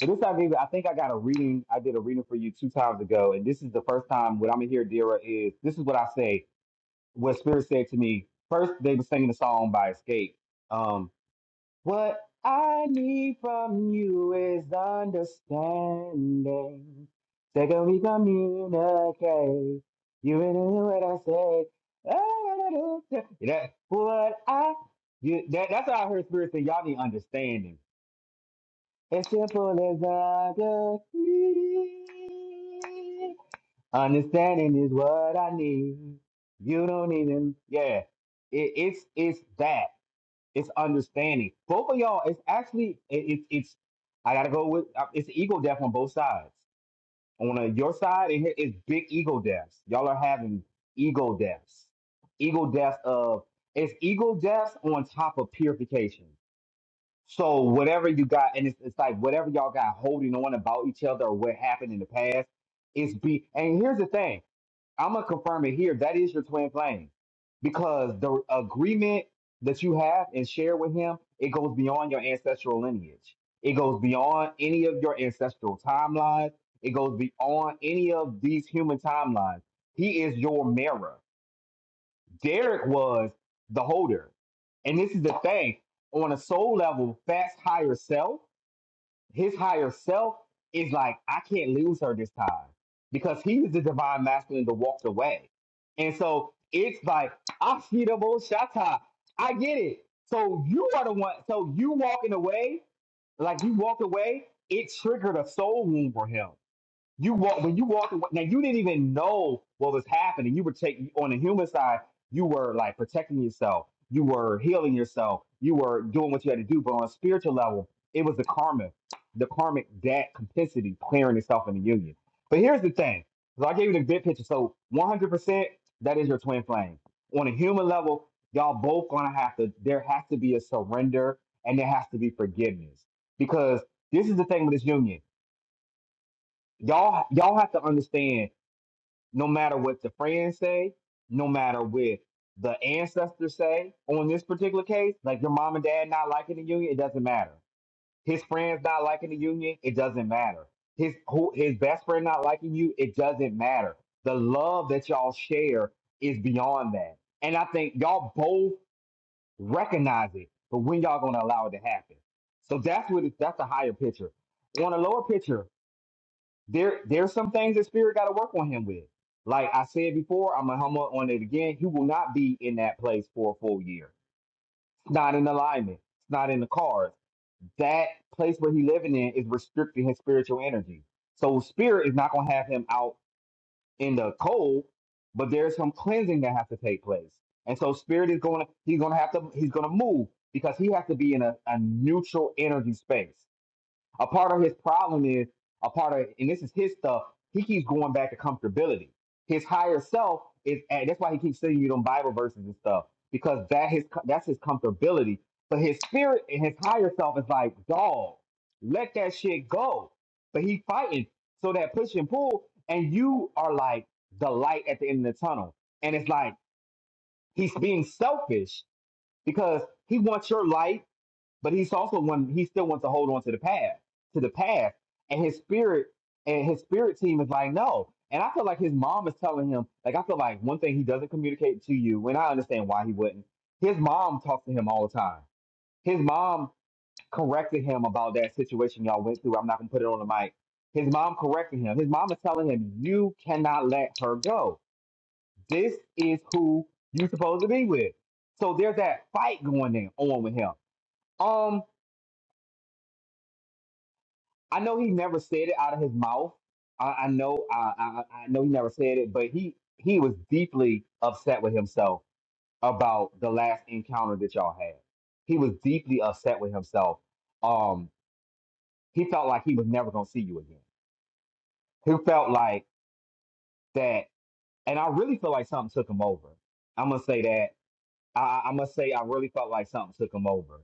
And this I gave I think I got a reading. I did a reading for you two times ago, and this is the first time what I'm gonna hear, Dira, is this is what I say. What Spirit said to me first. They were singing a song by Escape. Um, what I need from you is understanding. Second, we communicate. You really knew what I say. said. That, what I you, that, that's how I heard Spirit say, y'all need understanding. It's simple as I can see. Understanding is what I need. You don't even, yeah. It, it's it's that. It's understanding. Both of y'all. It's actually it, it's it's. I gotta go with uh, it's ego death on both sides. On uh, your side, it, it's big ego deaths. Y'all are having ego deaths. Ego deaths of it's ego deaths on top of purification. So whatever you got, and it's, it's like whatever y'all got holding on about each other or what happened in the past, it's be. And here's the thing, I'm gonna confirm it here. That is your twin flame, because the agreement that you have and share with him, it goes beyond your ancestral lineage. It goes beyond any of your ancestral timelines. It goes beyond any of these human timelines. He is your mirror. Derek was the holder. And this is the thing on a soul level, Fast's higher self, his higher self is like, I can't lose her this time because he was the divine masculine that walked away. And so it's like, I see the shata. I get it. So you are the one. So you walking away, like you walked away, it triggered a soul wound for him. You walk when you walk away. Now you didn't even know what was happening. You were taking on the human side. You were like protecting yourself. You were healing yourself. You were doing what you had to do. But on a spiritual level, it was the karma, the karmic debt complicity clearing itself in the union. But here's the thing. So I gave you the big picture. So 100% that is your twin flame. On a human level, y'all both gonna have to. There has to be a surrender and there has to be forgiveness because this is the thing with this union y'all y'all have to understand no matter what the friends say no matter what the ancestors say on this particular case like your mom and dad not liking the union it doesn't matter his friends not liking the union it doesn't matter his who his best friend not liking you it doesn't matter the love that y'all share is beyond that and i think y'all both recognize it but when y'all gonna allow it to happen so that's what it, that's the higher picture on a lower picture there there's some things that spirit got to work on him with. Like I said before, I'm gonna hum up on it again. He will not be in that place for a full year. It's not in alignment. It's not in the cards. That place where he living in is restricting his spiritual energy. So spirit is not gonna have him out in the cold, but there's some cleansing that has to take place. And so spirit is gonna he's gonna have to he's gonna move because he has to be in a, a neutral energy space. A part of his problem is a part of, and this is his stuff. He keeps going back to comfortability. His higher self is, and that's why he keeps sending you them Bible verses and stuff because that his that's his comfortability. But his spirit and his higher self is like, dog, let that shit go. But he fighting so that push and pull, and you are like the light at the end of the tunnel. And it's like he's being selfish because he wants your light but he's also one he still wants to hold on to the past to the past and his spirit and his spirit team is like no and i feel like his mom is telling him like i feel like one thing he doesn't communicate to you and i understand why he wouldn't his mom talks to him all the time his mom corrected him about that situation y'all went through i'm not gonna put it on the mic his mom corrected him his mom is telling him you cannot let her go this is who you're supposed to be with so there's that fight going in on with him Um. I know he never said it out of his mouth. I, I know, I, I, I know he never said it, but he he was deeply upset with himself about the last encounter that y'all had. He was deeply upset with himself. Um, he felt like he was never gonna see you again. He felt like that, and I really feel like something took him over. I'm gonna say that. I, I- I'm gonna say I really felt like something took him over.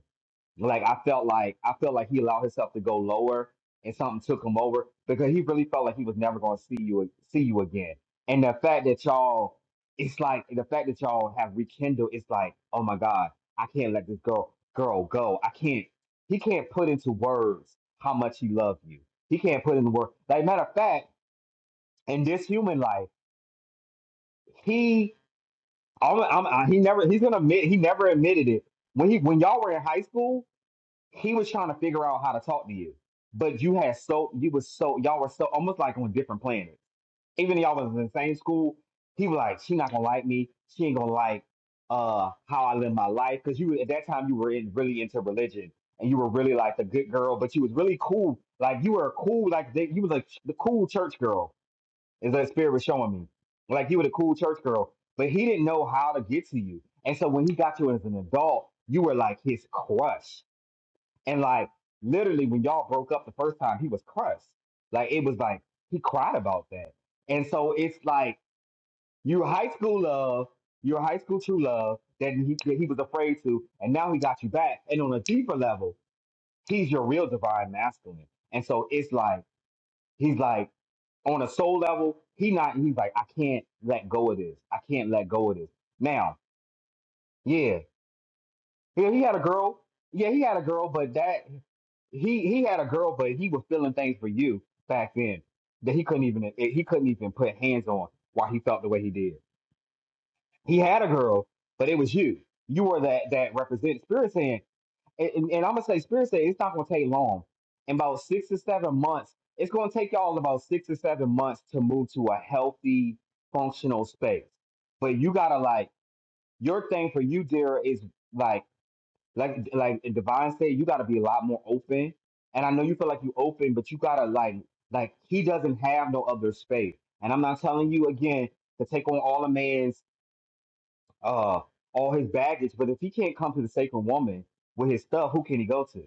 Like I felt like I felt like he allowed himself to go lower, and something took him over because he really felt like he was never going to see you see you again. And the fact that y'all, it's like the fact that y'all have rekindled. It's like, oh my God, I can't let this girl girl go. I can't. He can't put into words how much he loved you. He can't put into words. Like matter of fact, in this human life, he, I'm, I'm, I- he never, he's gonna admit he never admitted it when he when y'all were in high school. he was trying to figure out how to talk to you, but you had so you was so y'all were so almost like on different planets. Even though y'all was in the same school, he was like, she not gonna like me. She ain't gonna like uh how I live my life because you at that time you were in really into religion and you were really like the good girl, but you was really cool. Like you were a cool like they, you was like the cool church girl is that spirit was showing me. Like you were the cool church girl, but he didn't know how to get to you. And so when he got you as an adult, you were like his crush and like literally, when y'all broke up the first time, he was crushed. Like it was like he cried about that. And so it's like your high school love, your high school true love that he that he was afraid to, and now he got you back. And on a deeper level, he's your real divine masculine. And so it's like he's like on a soul level, he not he's like I can't let go of this. I can't let go of this. Now, yeah, Yeah, he had a girl. Yeah, he had a girl, but that he he had a girl, but he was feeling things for you back then that he couldn't even eh, he couldn't even put hands on why he felt the way he did. He had a girl, but it was you. You were that that represented Spirit saying, and, and, and I'm gonna say Spirit saying it's not gonna take long. In about six or seven months, it's gonna take y'all about six or seven months to move to a healthy, functional space. But you gotta like your thing for you, dear, is like like like Divine said, you gotta be a lot more open. And I know you feel like you open, but you gotta like like he doesn't have no other space. And I'm not telling you again to take on all a man's uh all his baggage, but if he can't come to the sacred woman with his stuff, who can he go to?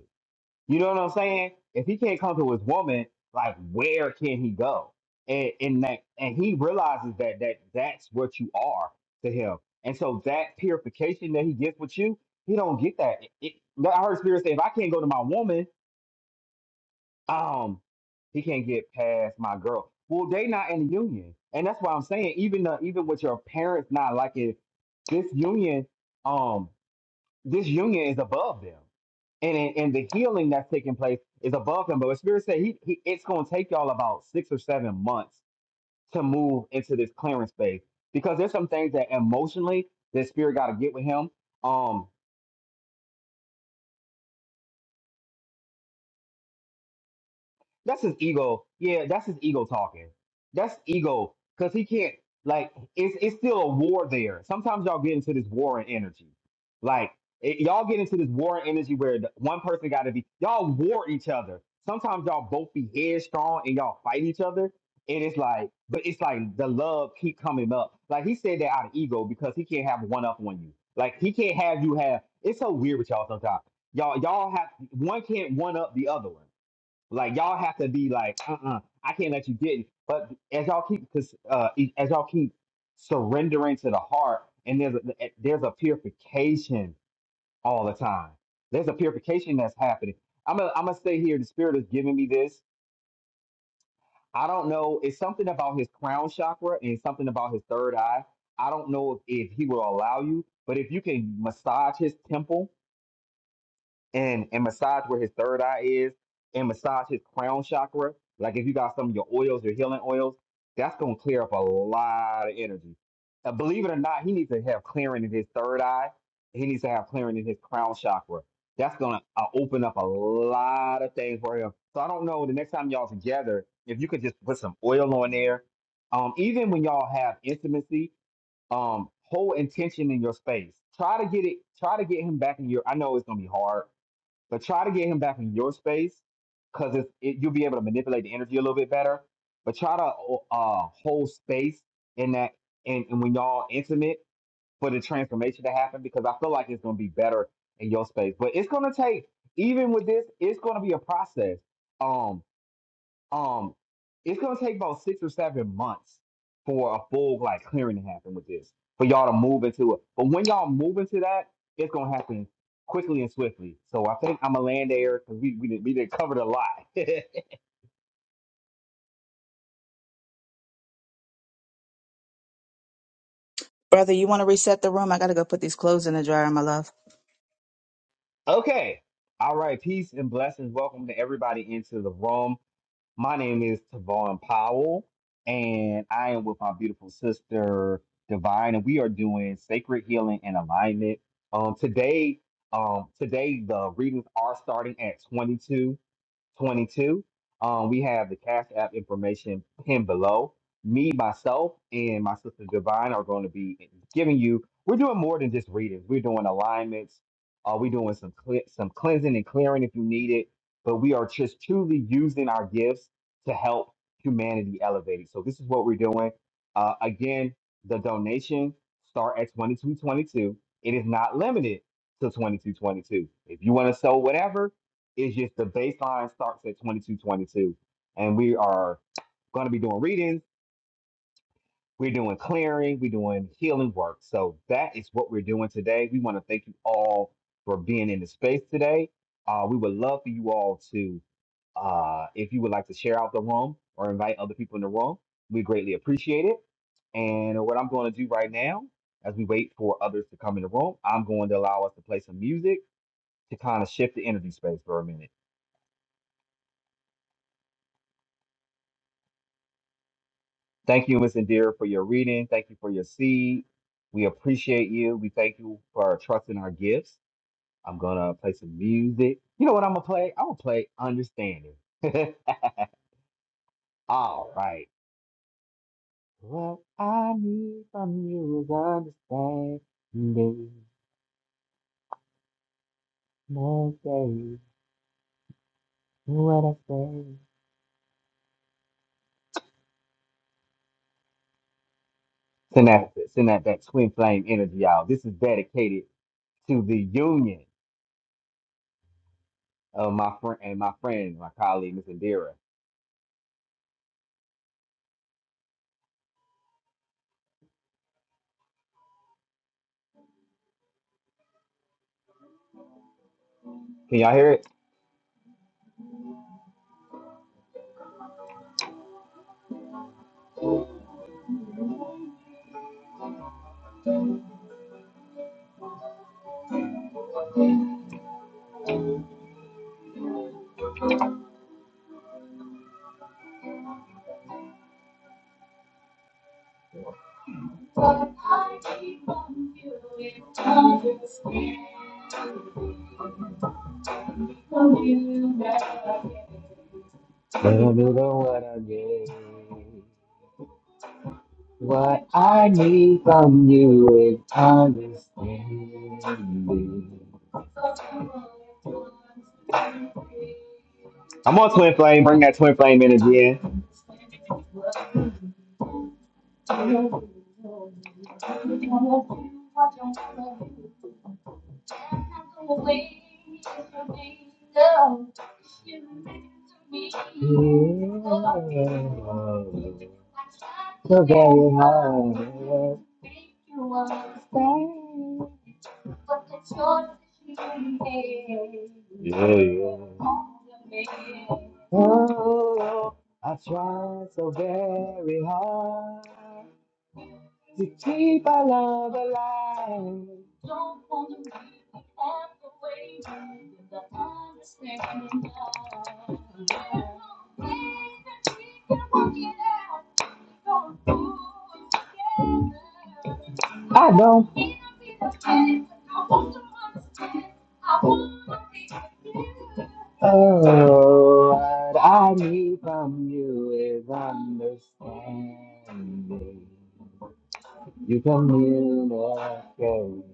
You know what I'm saying? If he can't come to his woman, like where can he go? And and that and he realizes that that that's what you are to him. And so that purification that he gets with you, he don't get that. It, it, I heard spirit say, if I can't go to my woman, um, he can't get past my girl. Well, they not in the union, and that's why I'm saying even the, even with your parents not liking this union, um, this union is above them and and and the healing that's taking place is above him. But what Spirit said, he, he it's going to take y'all about six or seven months to move into this clearance phase because there's some things that emotionally that Spirit got to get with him. Um, That's his ego. Yeah, that's his ego talking. That's ego because he can't like it's it's still a war there. Sometimes y'all get into this war and energy. Like it, y'all get into this war and energy where the, one person got to be y'all war each other. Sometimes y'all both be headstrong and y'all fight each other. And it's like, but it's like the love keep coming up. Like he said that out of ego because he can't have one up on you. Like he can't have you have. It's so weird with y'all sometimes. Y'all y'all have one can't one up the other one like y'all have to be like, uh-uh, I can't let you get. it. But as y'all keep, cause uh, e- as y'all keep surrendering to the heart, and there's a, eh, there's a purification all the time. There's a purification that's happening. I'm gonna I'm gonna stay here. The spirit is giving me this. I don't know. It's something about his crown chakra and something about his third eye. I don't know if, if he will allow you, but if you can massage his temple and and massage where his third eye is and massage his crown chakra. Like if you got some of your oils, your healing oils, that's gonna clear up a lot of energy. Uh, believe it or not, he needs to have clearing in his third eye. He needs to have clearing in his crown chakra. That's gonna uh, open up a lot of things for him. So I don't know. The next time y'all together, if you could just put some oil on there. Um, even when y'all have intimacy, um, hold intention in your space. Try to get it. Try to get him back in your. I know it's gonna be hard but try to get him back in your space because it's it, you'll be able to manipulate the energy a little bit better. But try to uh, hold space in that, and, and when y'all intimate for the transformation to happen, because I feel like it's going to be better in your space. But it's going to take, even with this, it's going to be a process. Um, um, it's gonna take about six or seven months for a full like clearing to happen with this, for y'all to move into it. But when y'all move into that, it's gonna happen quickly and swiftly. So I think I'm a land air because we we did, we did covered a lot.
Brother, you want to reset the room? I got to go put these clothes in the dryer, my love.
okay, all right. Peace and blessings. Welcome to everybody into the room. My name is Tavon Powell, and I am with my beautiful sister Divine, and we are doing sacred healing and alignment. Um, today, um, today the readings are starting at 22. 22. Um, we have the Cash App information pinned below. Me, myself, and my sister Divine are going to be giving you. We're doing more than just readings. We're doing alignments. Uh, we're doing some cle- some cleansing and clearing if you need it. But we are just truly using our gifts to help humanity elevate. So this is what we're doing. Uh, again, the donation start at 2222. It is not limited to 2222. If you want to sell whatever, it's just the baseline starts at 2222. And we are going to be doing readings. We're doing clearing. We're doing healing work. So that is what we're doing today. We want to thank you all for being in the space today. Uh, we would love for you all to, uh, if you would like to share out the room or invite other people in the room, we greatly appreciate it. And what I'm going to do right now, as we wait for others to come in the room, I'm going to allow us to play some music to kind of shift the energy space for a minute. Thank you, Miss Indira, for your reading. Thank you for your seed. We appreciate you. We thank you for trusting our gifts. I'm gonna play some music. You know what I'm gonna play? I'm gonna play Understanding. All right. What I need from you is understanding. Now say what I say. Send that, send that, that twin flame energy out. This is dedicated to the union of my friend and my friend, my colleague, Miss Indira. Can y'all hear it? Little bit of what I need. What I need from you is understanding. I'm on Twin Flame. Bring that Twin Flame energy in. Yeah. So very hard. Yeah, yeah. Oh, I tried so very hard to keep our love alive. I don't. know what I need from you is understanding. You communicate.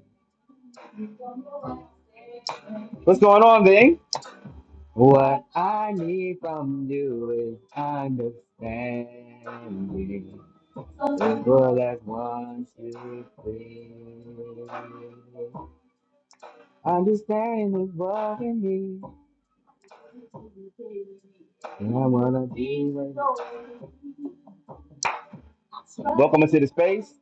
What's going on, Bing? What I need from you is understanding. It's more like one, two, three. Understanding is bothering me. And I wanna be with you. Welcome into the space.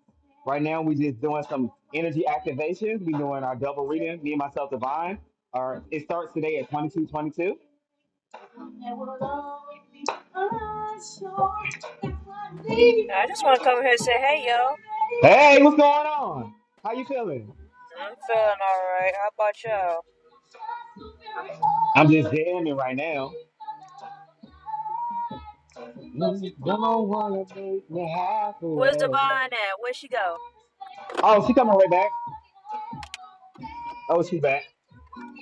Right now, we just doing some energy activations. We doing our double reading. Me and myself, Divine. Our it starts today at twenty two twenty two.
I just want to come here and say, hey, yo.
Hey, what's going on? How you feeling?
I'm feeling alright. How about y'all?
I'm just jamming right now. Mm, Don't wanna make me
Where's
halfway.
Devon at? Where'd she go?
Oh, she coming right back. Oh, she back.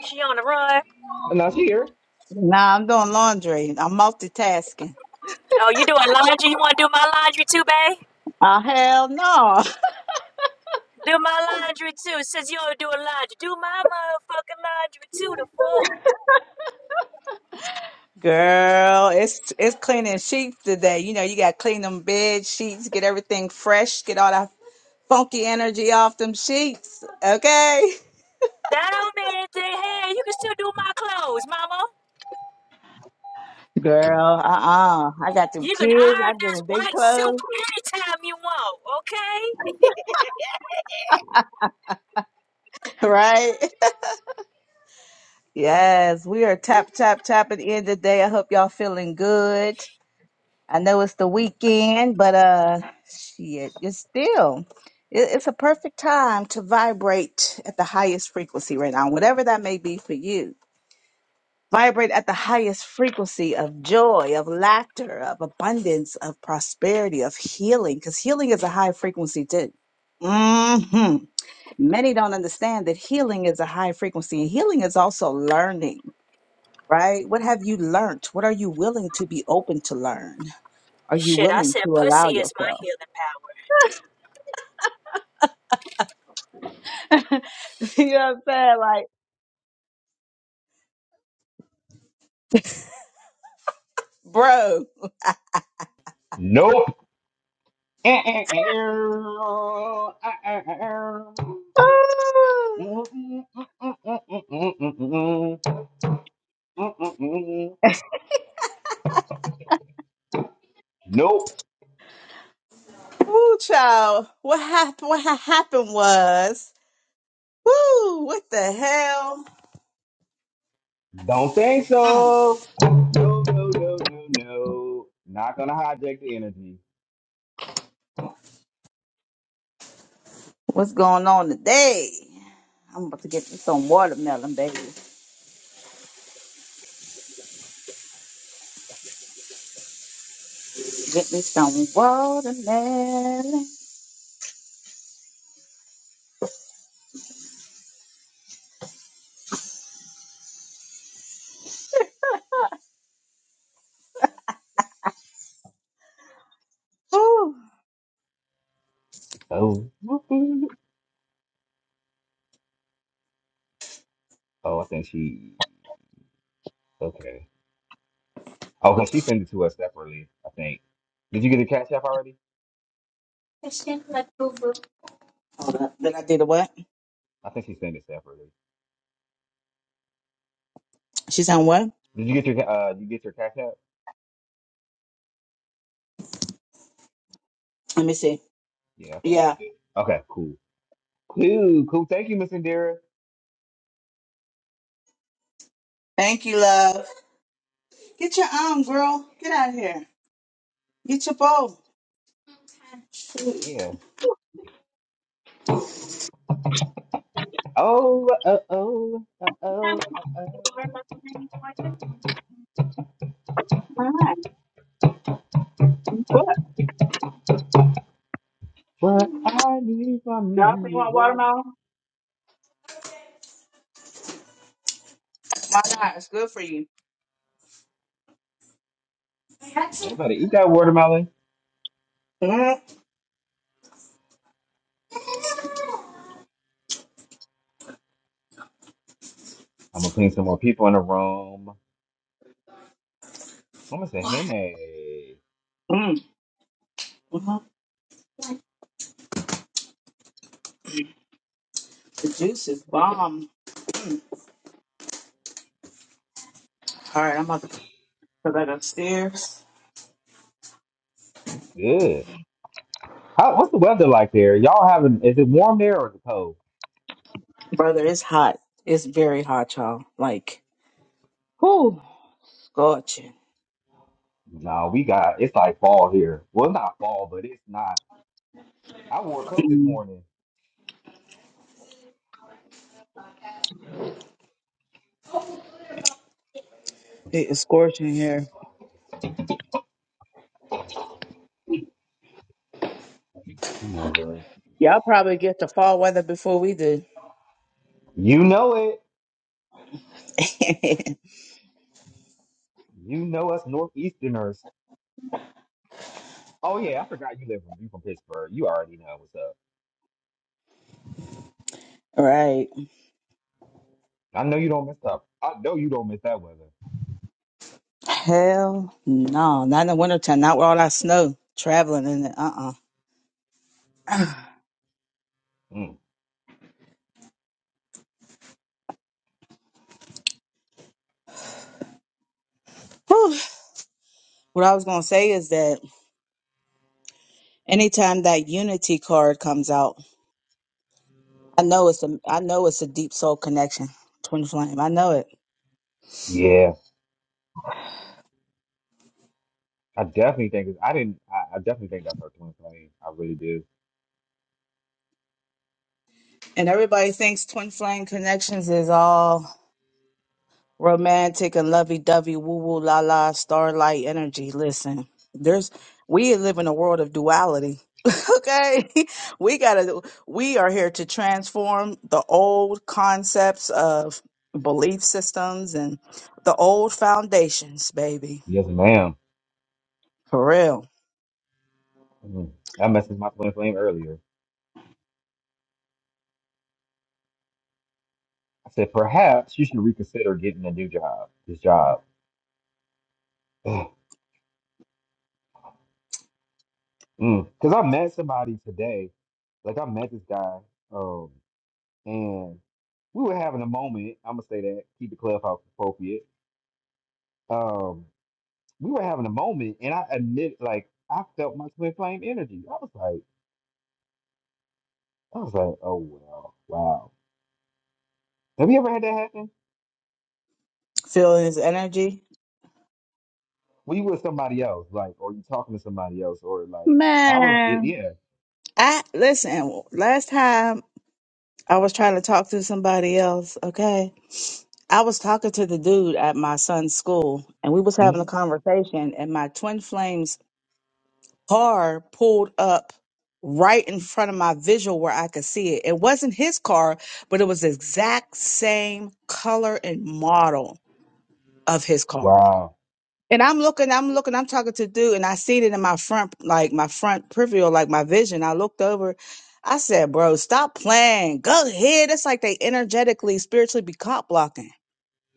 She on the run.
No, she here.
Nah, I'm doing laundry. I'm multitasking.
Oh, you doing laundry? You want to do my laundry too, babe?
Oh, hell no.
Do my laundry too. It Says you don't do a laundry, do my motherfucking laundry too, the fuck.
Girl, it's it's cleaning sheets today. You know, you gotta clean them bed sheets, get everything fresh, get all that funky energy off them sheets. Okay.
That don't mean anything. Hey, you can still do my clothes, mama.
Girl, uh-uh. I got them
You can
kids. I
iron
did
this
a big
white silk
clothes.
anytime you want, okay?
Right? Yes, we are tap tap tapping in today. I hope y'all feeling good. I know it's the weekend, but uh shit, it's still it, it's a perfect time to vibrate at the highest frequency right now, whatever that may be for you Vibrate at the highest frequency of joy, of laughter, of abundance, of prosperity, of healing, because healing is a high frequency too. hmm Many don't understand that healing is a high frequency and healing is also learning, right? What have you learned? What are you willing to be open to learn? Are you
Shit, I
willing
said
to allow
pussy is my
yourself?
healing power.
you know what I'm saying? Like, bro,
Nope. Eh, eh, eh, eh, oh, eh, eh, eh, eh. Mm, mm, mm, mm, mm, mm, mm, mm, mm, mm, mm, mm, mm. Nope.
woo, child, what, happened? what ha- happened was, woo, what the hell?
Don't think so. No, no, no, no, no. Not gonna hijack the energy.
What's going on today? I'm about to get me some watermelon, baby. Get me some watermelon. Woo.
Oh, oh, I think she. Okay. Oh, cause she sent it to us separately. I think. Did you get your cash app already?
Hold up. Then I did a what?
I think she sent it separately.
She sound what?
Did you get your uh? You get your cash app?
Let me see.
Yeah, I think she
Yeah.
did. Okay, cool. Cool, cool. Thank you, Miss Indira.
Thank you, love. Get your arm, girl. Get out of here. Get your bowl.
Yeah. Oh, uh, oh, uh, oh, uh, oh. What I need from you.
Why not? It's good for you.
You better eat that watermelon.
Mm-mm.
I'm gonna ping some more people in the room. I'm gonna say Henny.
hmm The juice is bomb. All right, I'm about to put that upstairs.
Good. How, what's the weather like there? Y'all having? Is it warm there or is it cold?
Brother, it's hot. It's very hot, y'all. Like scorching.
No, we got. It's like fall here. Well, not fall, but it's not. I wore a coat this morning.
It is scorching here.
Come on, man.
Y'all probably get the fall weather before we do.
You know it. You know us northeasterners. Oh yeah, I forgot you live from you from Pittsburgh. You already know what's up.
right.
I know you don't miss up. I know you don't miss that weather.
Hell no. Not in the wintertime. Not with all that snow. Traveling in it. Uh-uh.
Mm.
Whew. What I was gonna say is that anytime that Unity card comes out, I know it's a I know it's a deep soul connection. Twin flame. I know it.
Yeah, I definitely think it's, I didn't. I, I definitely think that's her twin flame. I really do.
And everybody thinks twin flame connections is all romantic and lovey dovey, woo woo la la, starlight energy. Listen, there's we live in a world of duality. Okay, we gotta. We are here to transform the old concepts of belief systems and the old foundations, baby.
Yes, ma'am.
For real,
Mm. I messaged my twin flame earlier. I said, perhaps you should reconsider getting a new job. This job. Because I met somebody today. Like, I met this guy, um, and we were having a moment. I'm going to say that, keep the clubhouse appropriate. Um, we were having a moment, and I admit, like, I felt my twin flame energy. I was like, I was like, oh, wow, wow. Have you ever had that happen?
feeling his energy,
When you with somebody else, like, or you talking to somebody else, or like, I was, it,
man.
yeah.
I listen. Last time I was trying to talk to somebody else. Okay, I was talking to the dude at my son's school, and we was having a
Mhm.
conversation, and my twin flames car pulled up right in front of my visual where I could see it. It wasn't his car, but it was the exact same color and model of his car.
Wow.
And I'm looking, I'm looking, I'm talking to dude, and I seen it in my front, like my front peripheral, like my vision. I looked over. I said, bro, stop playing. Go ahead. It's like they energetically, spiritually be cock blocking.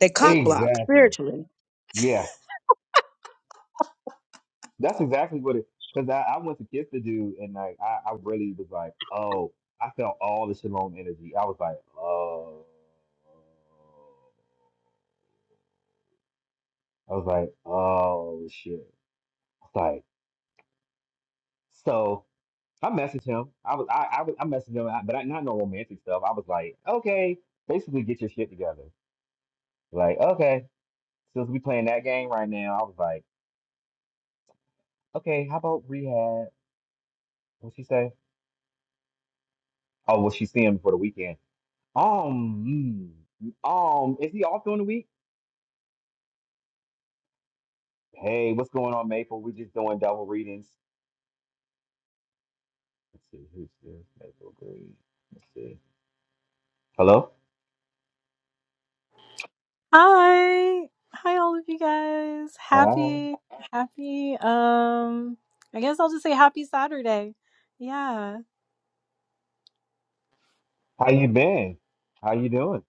They cock block
Exactly.
spiritually.
Yeah, that's exactly what it. Because I, I went to kiss the dude, and like I, I really was like, oh, I felt all the Shalom energy. I was like, oh, I was like, oh shit. Like, so I messaged him. I was, I, I, was, I messaged him, but I, not no romantic stuff. I was like, okay, basically get your shit together. Like, okay, since we playing that game right now, I was like, okay, how about rehab? What she say? Oh, well, she's seeing him for the weekend. Um, mm, um, is he off during the week? Hey, what's going on, Maple? We're just doing double readings. Let's see who's this. Maple Green. Let's see. Hello.
Hi. Hi all of you guys.
Hi.
Happy happy um I guess I'll just say happy Saturday. Yeah.
How you been? How you doing?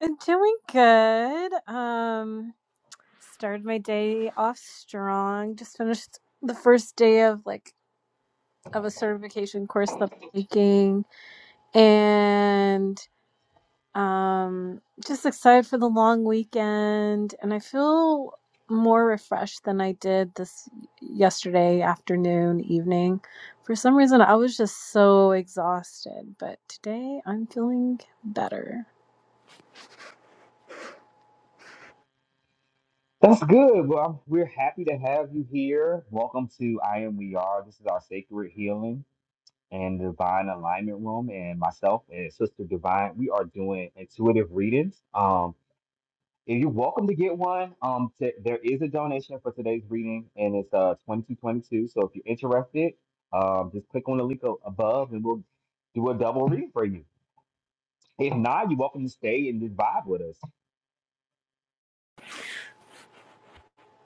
And doing good. Um started my day off strong. Just finished the first day of like of a certification course that I'm taking. And Um, just excited for the long weekend, and I feel more refreshed than I did this yesterday afternoon, evening. For some reason, I was just so exhausted, but today I'm feeling better.
That's good. Well, I'm, we're happy to have you here. Welcome to I Am We Are. This is our sacred healing and divine alignment room, and myself and Sister Divine. We are doing intuitive readings. Um. If you're welcome to get one, um, t- there is a donation for today's reading, and it's uh 2222. So if you're interested, um, just click on the link a- above, and we'll do a double read for you. If not, you're welcome to stay and just vibe with us.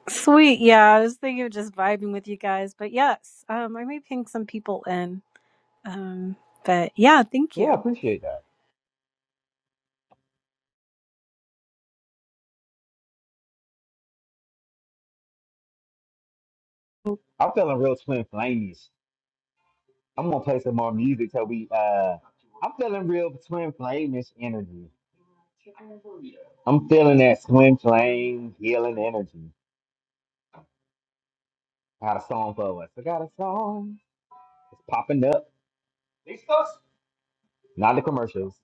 Sweet, yeah. I was thinking of just vibing with you guys, but yes, um, I may ping some people in. Um, but yeah, thank
Yeah,
you.
I appreciate that. I'm feeling real twin flameish. I'm gonna play some more music till we. Uh, I'm feeling real twin flameish energy. I'm feeling that twin flame healing energy. I got a song for us. I got a song. It's popping up. Not the commercials.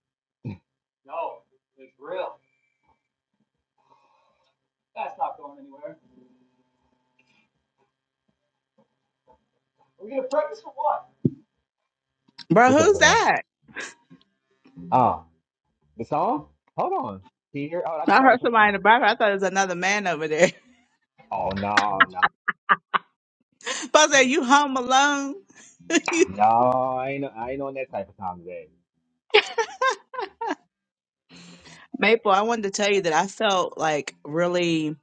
That's not going anywhere. Are we gonna practice for what?
Bro,
What's up,
who's
Leon?
that?
Ah, the song? Hold on. Can you hear? Oh, I just
I
started
heard
putting it
somebody
on.
in the background. I thought it was another man over there.
Oh no, no,
But I said, you home alone?
no! I ain't, I ain't on that type of time today.
Maple, I wanted to tell you that I felt like really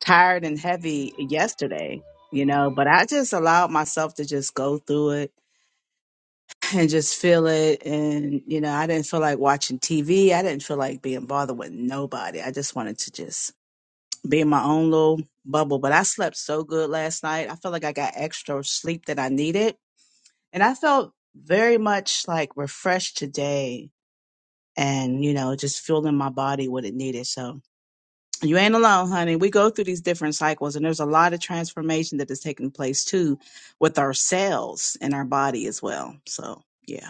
tired and heavy yesterday, you know, but I just allowed myself to just go through it and just feel it. And, you know, I didn't feel like watching TV. I didn't feel like being bothered with nobody. I just wanted to just be in my own little bubble. But I slept so good last night. I felt like I got extra sleep that I needed. And I felt very much like refreshed today and, you know, just feeling my body what it needed. So, You ain't alone, honey. We go through these different cycles, and there's a lot of transformation that is taking place too with ourselves and our body as well. So, yeah.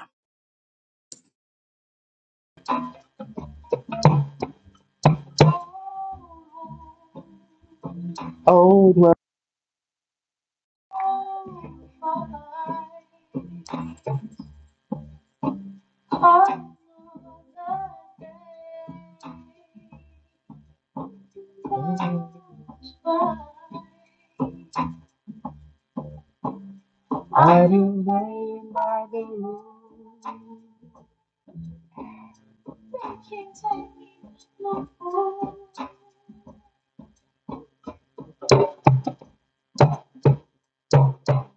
Oh, well, I do rain by the moon.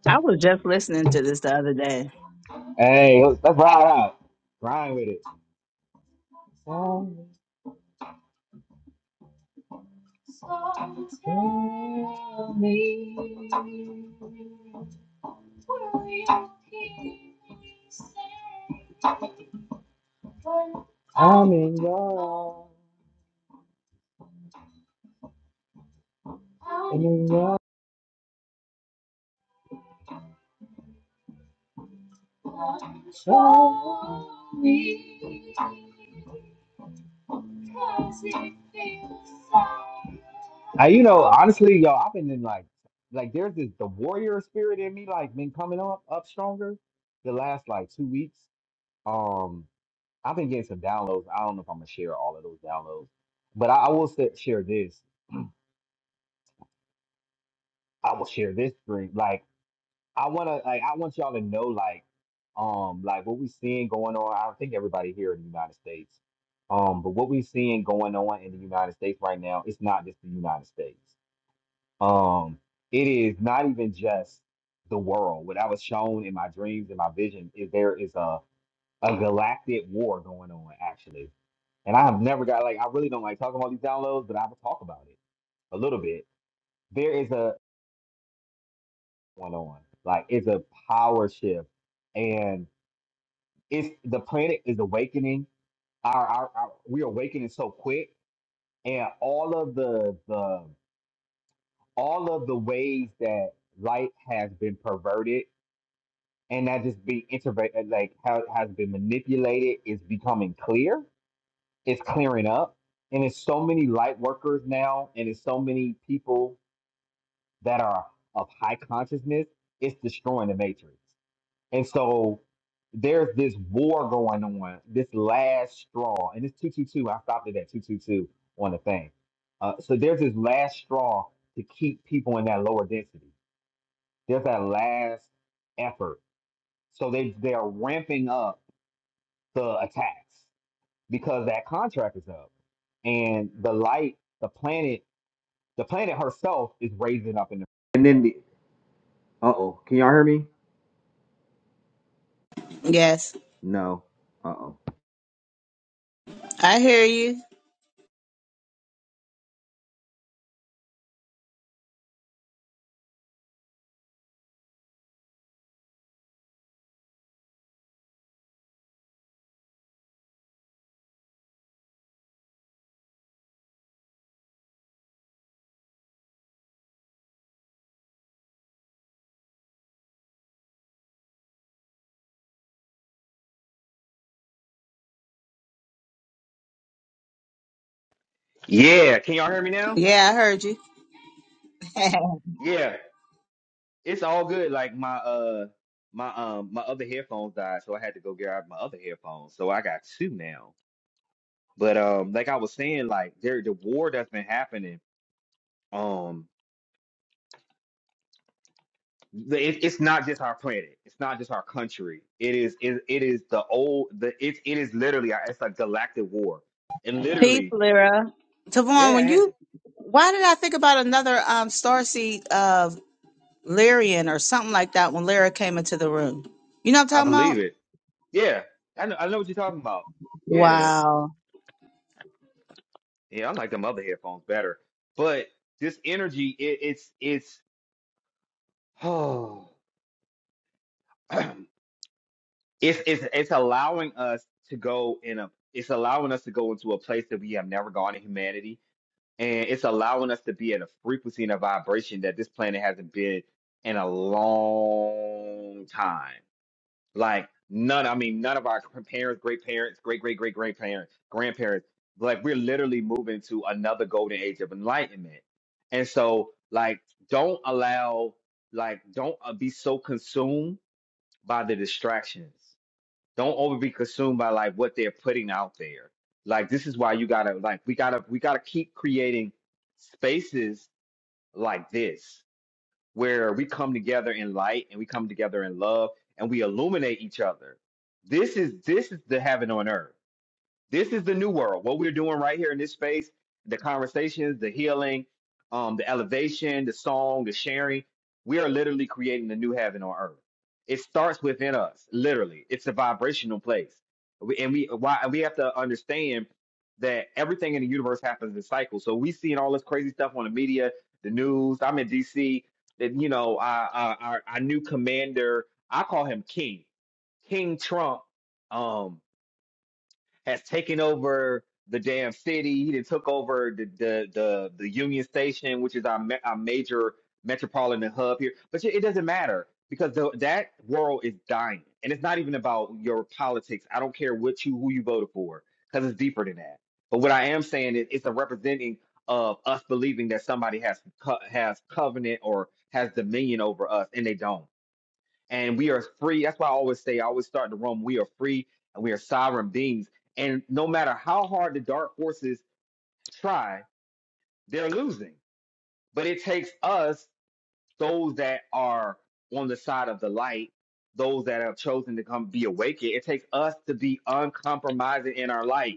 I was just listening to this the other day.
Hey, let's let's ride out. Rhyme with it. I'm in love, I'm in love. Show me. I, you know, honestly, yo, I've been in like, like there's this the warrior spirit in me, like been coming up up stronger the last like two weeks. Um, I've been getting some downloads. I don't know if I'm gonna share all of those downloads, but I, I will sa- share this. I will share this dream. Like, I wanna, like, I want y'all to know, like, um, like what we seeing going on. I think everybody here in the United States, um, but what we seeing going on in the United States right now, it's not just the United States. Um, it is not even just the world. What I was shown in my dreams and my vision is there is a, a galactic war going on, actually. And I have never got like I really don't like talking about these downloads, but I will talk about it a little bit. There is a going on. Like it's a power shift. And it's the planet is awakening. Our, our, our we're awakening so quick and all of the the all of the ways that light has been perverted and not just being introverted, like how it has been manipulated is becoming clear. It's clearing up. And it's so many light workers now, and it's so many people that are of high consciousness, it's destroying the matrix. And so there's this war going on, this last straw, and it's 222. I stopped it at 222 on the thing. Uh, so there's this last straw to keep people in that lower density. There's that last effort. So they they are ramping up the attacks because that contract is up and the light, the planet, the planet herself is raising up in the. And then the uh oh, can y'all hear me?
Yes,
No. Uh oh.
I hear you.
Yeah, can y'all hear me now?
Yeah, I heard you.
Yeah, it's all good. Like my uh my um my other headphones died, so I had to go get out my other headphones. So I got two now. But um, like I was saying, like there the war that's been happening. um. the- it, it's not just our planet. It's not just our country. It is it, it is the old the it it is literally our- it's like galactic war. And
Peace,
literally,
Lyra. Tavon, when
yeah,
you, why did I think about another um starseed of Lyrian or something like that when Lyra came into the room? You know what
I
I'm talking
believe
about?
it. Yeah, I know I know what you're talking about. Yeah,
Wow.
yeah, I like them other headphones better. But this energy, it, it's it's oh, it's it's it's allowing us to go in a it's allowing us to go into a place that we have never gone in humanity and it's allowing us to be at a frequency and a vibration that this planet hasn't been in a long time. Like none, I mean, none of our parents, great parents, great great great great parents, grandparents, like we're literally moving to another golden age of enlightenment. And so, like, don't allow, like, don't uh, be so consumed by the distractions don't over be consumed by like what they're putting out there like this is why you gotta like we gotta we gotta keep creating spaces like this where we come together in light and we come together in love and we illuminate each other this is this is the heaven on earth this is the new world. What we're doing right here in this space, the conversations, the healing, um, the elevation, the song, the sharing, we are literally creating the new heaven on earth. It starts within us, literally. It's a vibrational place. We- And we why and we have to understand that everything in the universe happens in cycles. So we seeing all this crazy stuff on the media, the news. I'm in DC. That you know, our, our our our new commander, I call him King, King Trump. um has taken over the damn city. He done took over the the the, the Union Station, which is our ma- our major metropolitan hub here. But it doesn't matter because the, that world is dying, and it's not even about your politics. I don't care what you who you voted for because it's deeper than that. But what I am saying is, it's a representing of us believing that somebody has co- has covenant or has dominion over us, and they don't and we are free. That's why I always say, I always start the room. We are free and we are sovereign beings. And no matter how hard the dark forces try, they're losing. But it takes us, those that are on the side of the light, those that have chosen to come be awakened, it takes us to be uncompromising in our light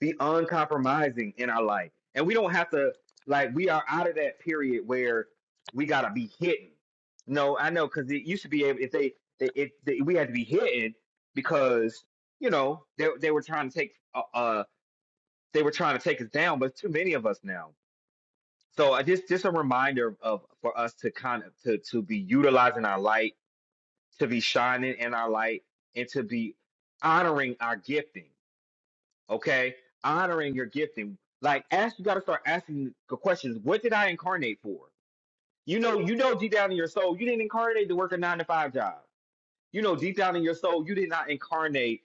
be uncompromising in our life. And we don't have to like we are out of that period where we gotta be hitting. No, I know because it used to be able if they they- if they, we had to be hitting because you know they they were trying to take uh, uh they were trying to take us down, but too many of us now. So I just just a reminder of for us to kind of to to be utilizing our light, to be shining in our light, and to be honoring our gifting okay? Honoring your gifting. Like ask you gotta start asking the questions. What did I incarnate for? You know, you know deep down in your soul, you didn't incarnate to work a nine to five job. You know, deep down in your soul, you did not incarnate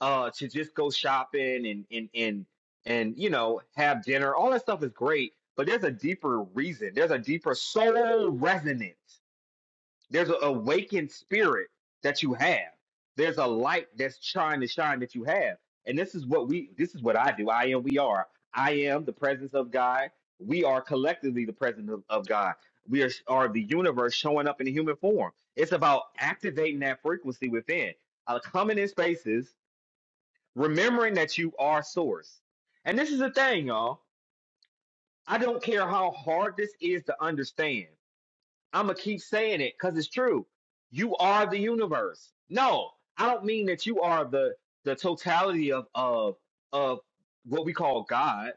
uh to just go shopping and and and and you know, have dinner. All that stuff is great, but there's a deeper reason. There's a deeper soul resonance there's an awakened spirit that you have. There's a light that's trying to shine that you have. And this is what we this is what I do. I am we are. I am the presence of God. We are collectively the presence of, of God. We are, are the universe showing up in a human form. It's about activating that frequency within. Uh, coming in spaces, remembering that you are source. And this is the thing, y'all. I don't care how hard this is to understand. I'm gonna keep saying it because it's true. You are the universe. No, I don't mean that you are the the totality of of of what we call God.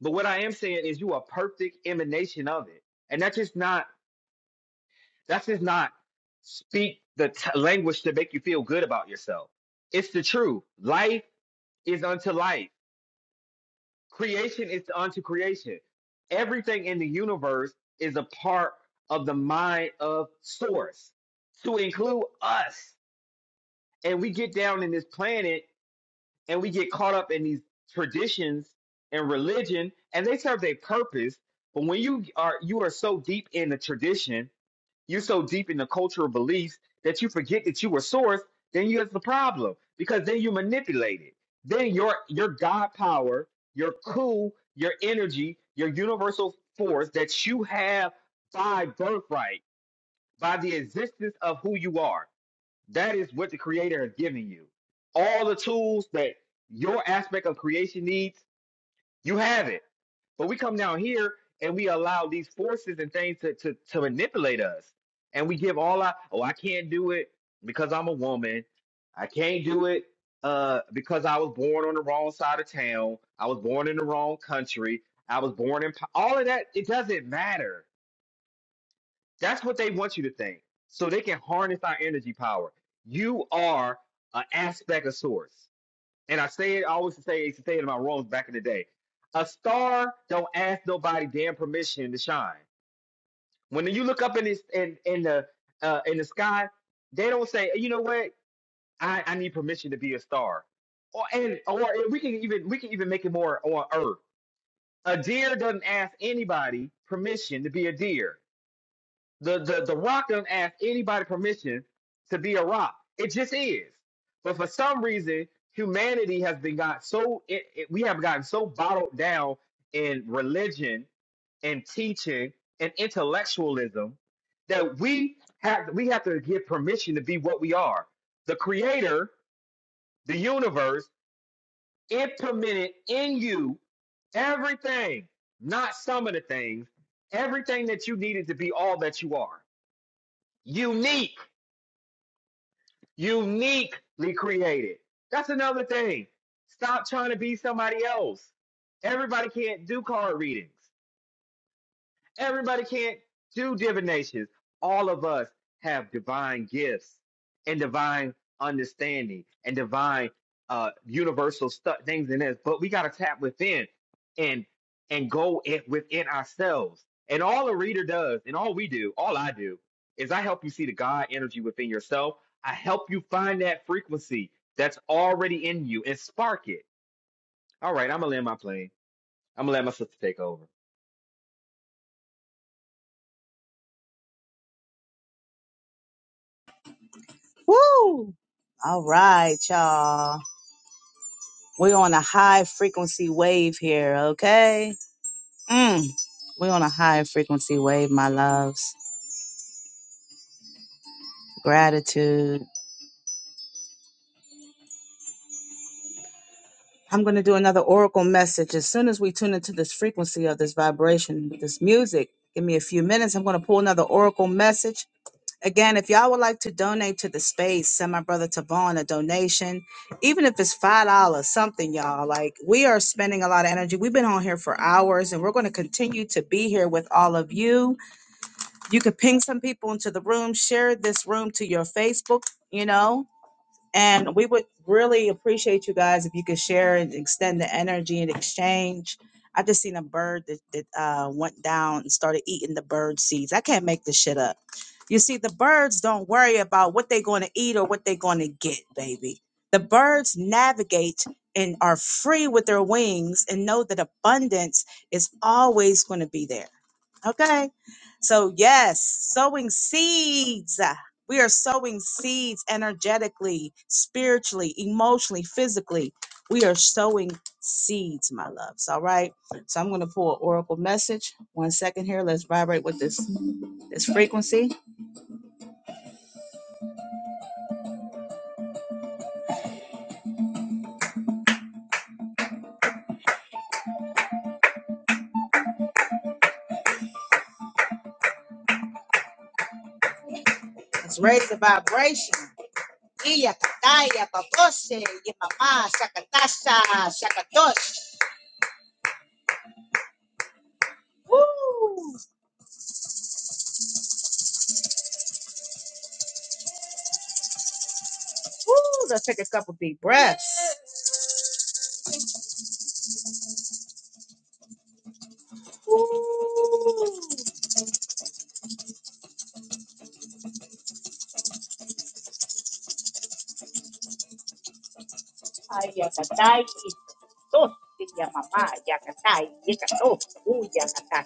But what I am saying is you are perfect emanation of it, and that's just not that's just not speak the t- language to make you feel good about yourself. It's the truth. Life is unto life creation is unto creation. Everything in the universe is a part of the mind of source, to include us. And we get down in this planet and we get caught up in these traditions and religion, and they serve their purpose. But when you are you are so deep in the tradition you're so deep in the cultural beliefs that you forget that you were sourced, then you have the problem because then you manipulate it. Then your your God power, your cool, your energy, your universal force that you have by birthright, by the existence of who you are. That is what the creator has given you. All the tools that your aspect of creation needs, you have it. But we come down here and we allow these forces and things to, to, to manipulate us. And we give all our, oh, I can't do it because I'm a woman. I can't do it uh, because I was born on the wrong side of town. I was born in the wrong country. I was born in po-" all of that. It doesn't matter. That's what they want you to think. So they can harness our energy power. You are an aspect of source and I say it, I always say, used to say it in my roles back in the day. A star don't ask nobody damn permission to shine. When you look up in this in in the uh, in the sky, they don't say, you know what, I, I need permission to be a star. Or and or we can even we can even make it more on Earth. A deer doesn't ask anybody permission to be a deer. The the the rock doesn't ask anybody permission to be a rock. It just is. But for some reason, humanity has been got so it, it- we have gotten so bottled down in religion and teaching and intellectualism that we have we have to get permission to be what we are. The creator, the universe implemented in you everything, not some of the things, everything that you needed to be all that you are unique, uniquely created. That's another thing. Stop trying to be somebody else. Everybody can't do card readings. Everybody can't do divinations. All of us have divine gifts and divine understanding and divine uh, universal stuff things in this, but we got to tap within and and go it within ourselves. And all the reader does, and all we do, all I do, is I help you see the God energy within yourself. I help you find that frequency that's already in you and spark it. All right, I'm gonna land my plane. I'm gonna let my sister take over.
Woo! All right, y'all. We're on a high frequency wave here, okay? Mm, we're on a high frequency wave, my loves. Gratitude. I'm going to do another oracle message. As soon as we tune into this frequency of this vibration with this music, give me a few minutes. I'm going to pull another oracle message. Again, if y'all would like to donate to the space, send my brother Tavon a donation, even if it's five dollars, something, y'all. Like we are spending a lot of energy. We've been on here for hours, and we're going to continue to be here with all of you You could ping some people into the room, share this room to your Facebook, you know, and we would really appreciate you guys if you could share and extend the energy and exchange. I just seen a bird that, that uh, went down and started eating the bird seeds. I can't make this shit up. You see, the birds don't worry about what they're going to eat or what they're going to get, baby. The birds navigate and are free with their wings and know that abundance is always going to be there Okay. So, yes, sowing seeds. We are sowing seeds energetically, spiritually, emotionally, physically. We are sowing seeds, my loves. All right. So I'm going to pull an oracle message. One second here. Let's vibrate with this this frequency. Let's raise the vibration. Iya, kataya, babose, yemama, shakatasha, shakatosh. Breaths. Ayakatai, tos, yamama, yakatai, yakato, uyakata.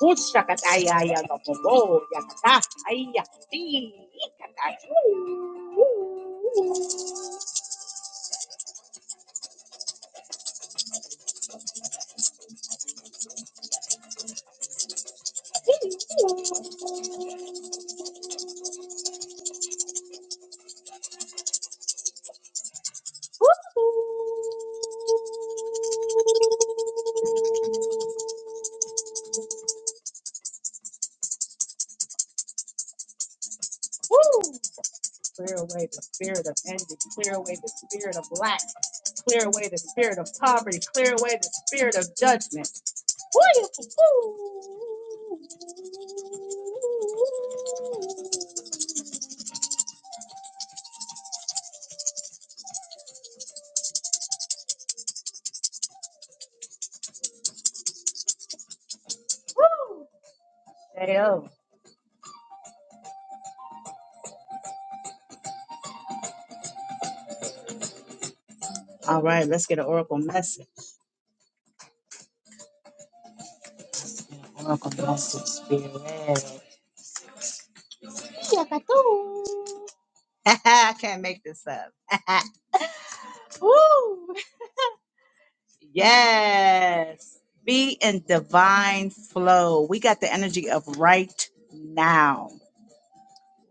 Ushakatai, ayakamomo, yakata, ayakati, yakatai. Clear away the spirit of envy. Clear away the spirit of lack. Clear away the spirit of poverty. Clear away the spirit of judgment. Woo! All right, let's get an oracle message. An oracle message, spirit. I can't make this up. Woo! Yes. Be in divine flow. We got the energy of right now.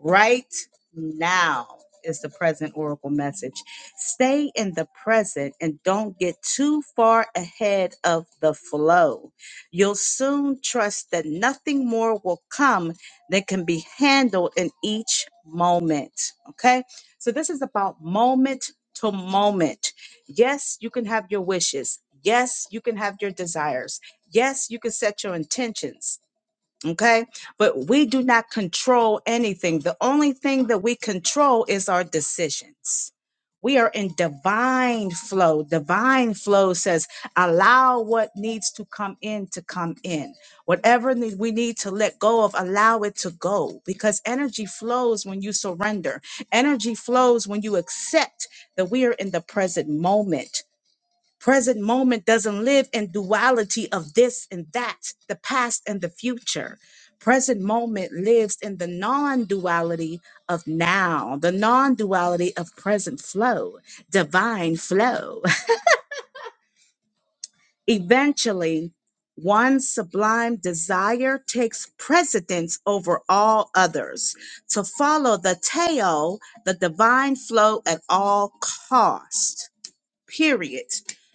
Right now is the present oracle message. Stay in the present and don't get too far ahead of the flow. You'll soon trust that nothing more will come that can be handled in each moment. Okay? So this is about moment to moment. Yes, you can have your wishes. Yes, you can have your desires. Yes, you can set your intentions. Okay. But we do not control anything. The only thing that we control is our decisions. We are in divine flow. Divine flow says, allow what needs to come in to come in. Whatever ne- we need to let go of, allow it to go because energy flows when you surrender. Energy flows when you accept that we are in the present moment. Present moment doesn't live in duality of this and that, the past and the future. Present moment lives in the non duality of now, the non duality of present flow, divine flow. Eventually, one sublime desire takes precedence over all others to follow the Tao, the divine flow at all cost period.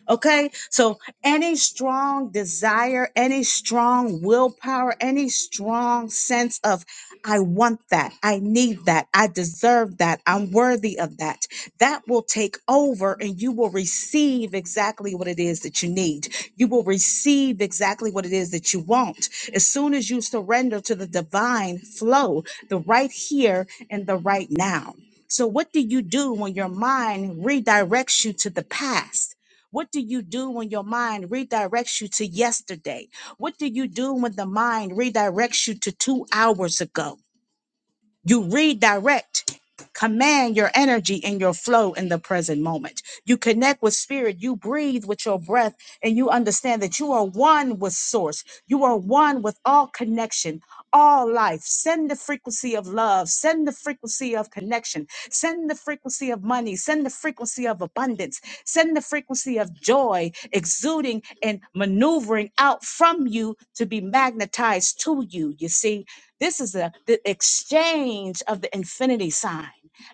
Okay, so any strong desire, any strong willpower, any strong sense of, I want that, I need that, I deserve that, I'm worthy of that, that will take over and you will receive exactly what it is that you need. You will receive exactly what it is that you want. As soon as you surrender to the divine flow, the right here and the right now. So, what do you do when your mind redirects you to the past? What do you do when your mind redirects you to yesterday? What do you do when the mind redirects you to two hours ago? You redirect, command your energy and your flow in the present moment. You connect with spirit, you breathe with your breath, and you understand that you are one with source. You are one with all connection, all life. Send the frequency of love, send the frequency of connection, send the frequency of money, send the frequency of abundance, send the frequency of joy exuding and maneuvering out from you to be magnetized to you. You see? This is the, the exchange of the infinity sign.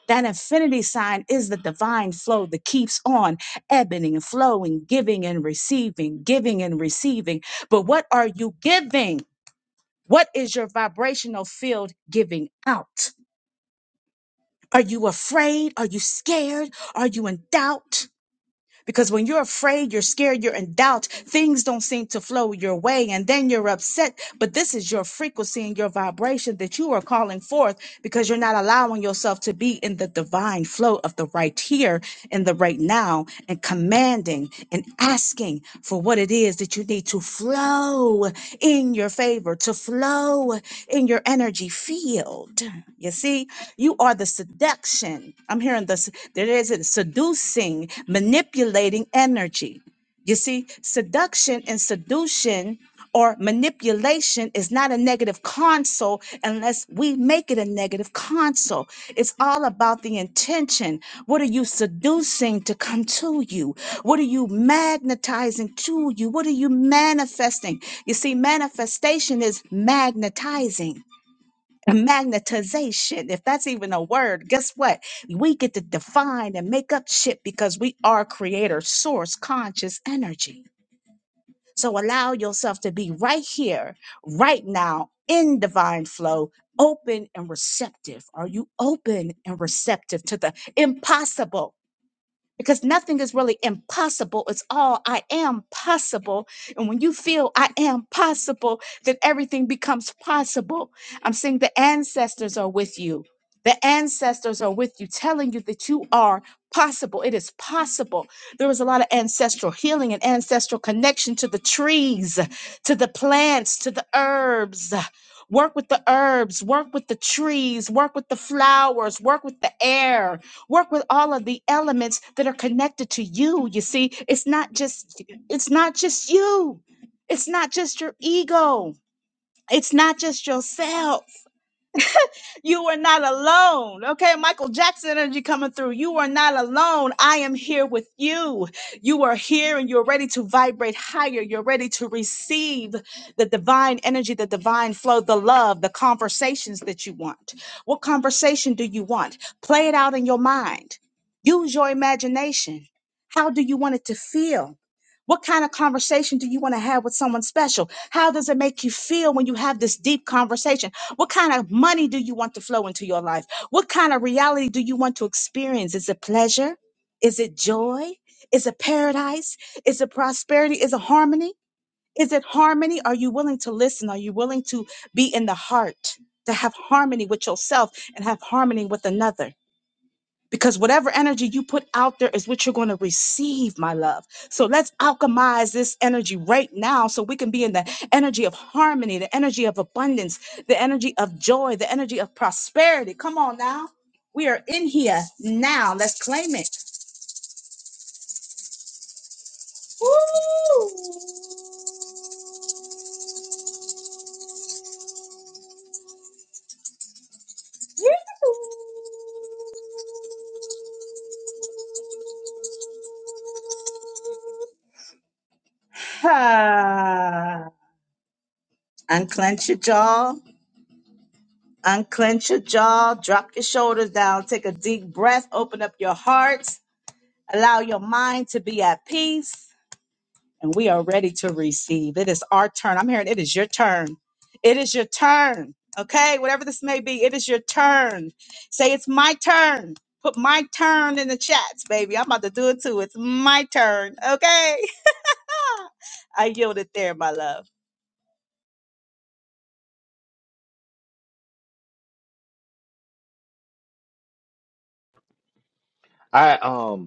That infinity sign is the divine flow that keeps on ebbing and flowing, giving and receiving, giving and receiving. But what are you giving? What is your vibrational field giving out? Are you afraid? Are you scared? Are you in doubt? Because when you're afraid, you're scared, you're in doubt, things don't seem to flow your way, and then you're upset. But this is your frequency and your vibration that you are calling forth because you're not allowing yourself to be in the divine flow of the right here and the right now and commanding and asking for what it is that you need to flow in your favor, to flow in your energy field. You see, you are the seduction. I'm hearing this there is a seducing, manipulating energy. You see, seduction and seduction or manipulation is not a negative console unless we make it a negative console. It's all about the intention. What are you seducing to come to you? What are you magnetizing to you? What are you manifesting? You see, manifestation is magnetizing magnetization, if that's even a word, guess what? We get to define and make up shit because we are creator, source, conscious energy. So allow yourself to be right here, right now, in divine flow, open and receptive. Are you open and receptive to the impossible? because nothing is really impossible. It's all I am possible. And when you feel I am possible, then everything becomes possible. I'm saying the ancestors are with you. The ancestors are with you, telling you that you are possible. It is possible. There is a lot of ancestral healing and ancestral connection to the trees, to the plants, to the herbs. Work with the herbs, work with the trees, work with the flowers, work with the air, work with all of the elements that are connected to you you see it's not just it's not just you it's not just your ego it's not just yourself you are not alone. Okay, Michael Jackson energy coming through. You are not alone. I am here with you. You are here and you're ready to vibrate higher. You're ready to receive the divine energy, the divine flow, the love, the conversations that you want. What conversation do you want? Play it out in your mind. Use your imagination. How do you want it to feel? What kind of conversation do you want to have with someone special? How does it make you feel when you have this deep conversation? What kind of money do you want to flow into your life? What kind of reality do you want to experience? Is it pleasure? Is it joy? Is it paradise? Is it prosperity? Is it harmony? Is it harmony? Are you willing to listen? Are you willing to be in the heart to have harmony with yourself and have harmony with another? because whatever energy you put out there is what you're going to receive, my love. So let's alchemize this energy right now so we can be in the energy of harmony, the energy of abundance, the energy of joy, the energy of prosperity. Come on now. We are in here now. Let's claim it. Unclench your jaw, unclench your jaw, drop your shoulders down, take a deep breath, open up your heart, allow your mind to be at peace. and we are ready to receive. It is our turn. I'm hearing it is your turn. It is your turn. Okay, whatever this may be, it is your turn. Say it's my turn. Put my turn in the chats, baby. I'm about to do it too. It's my turn. Okay. I yield it there, my love.
I um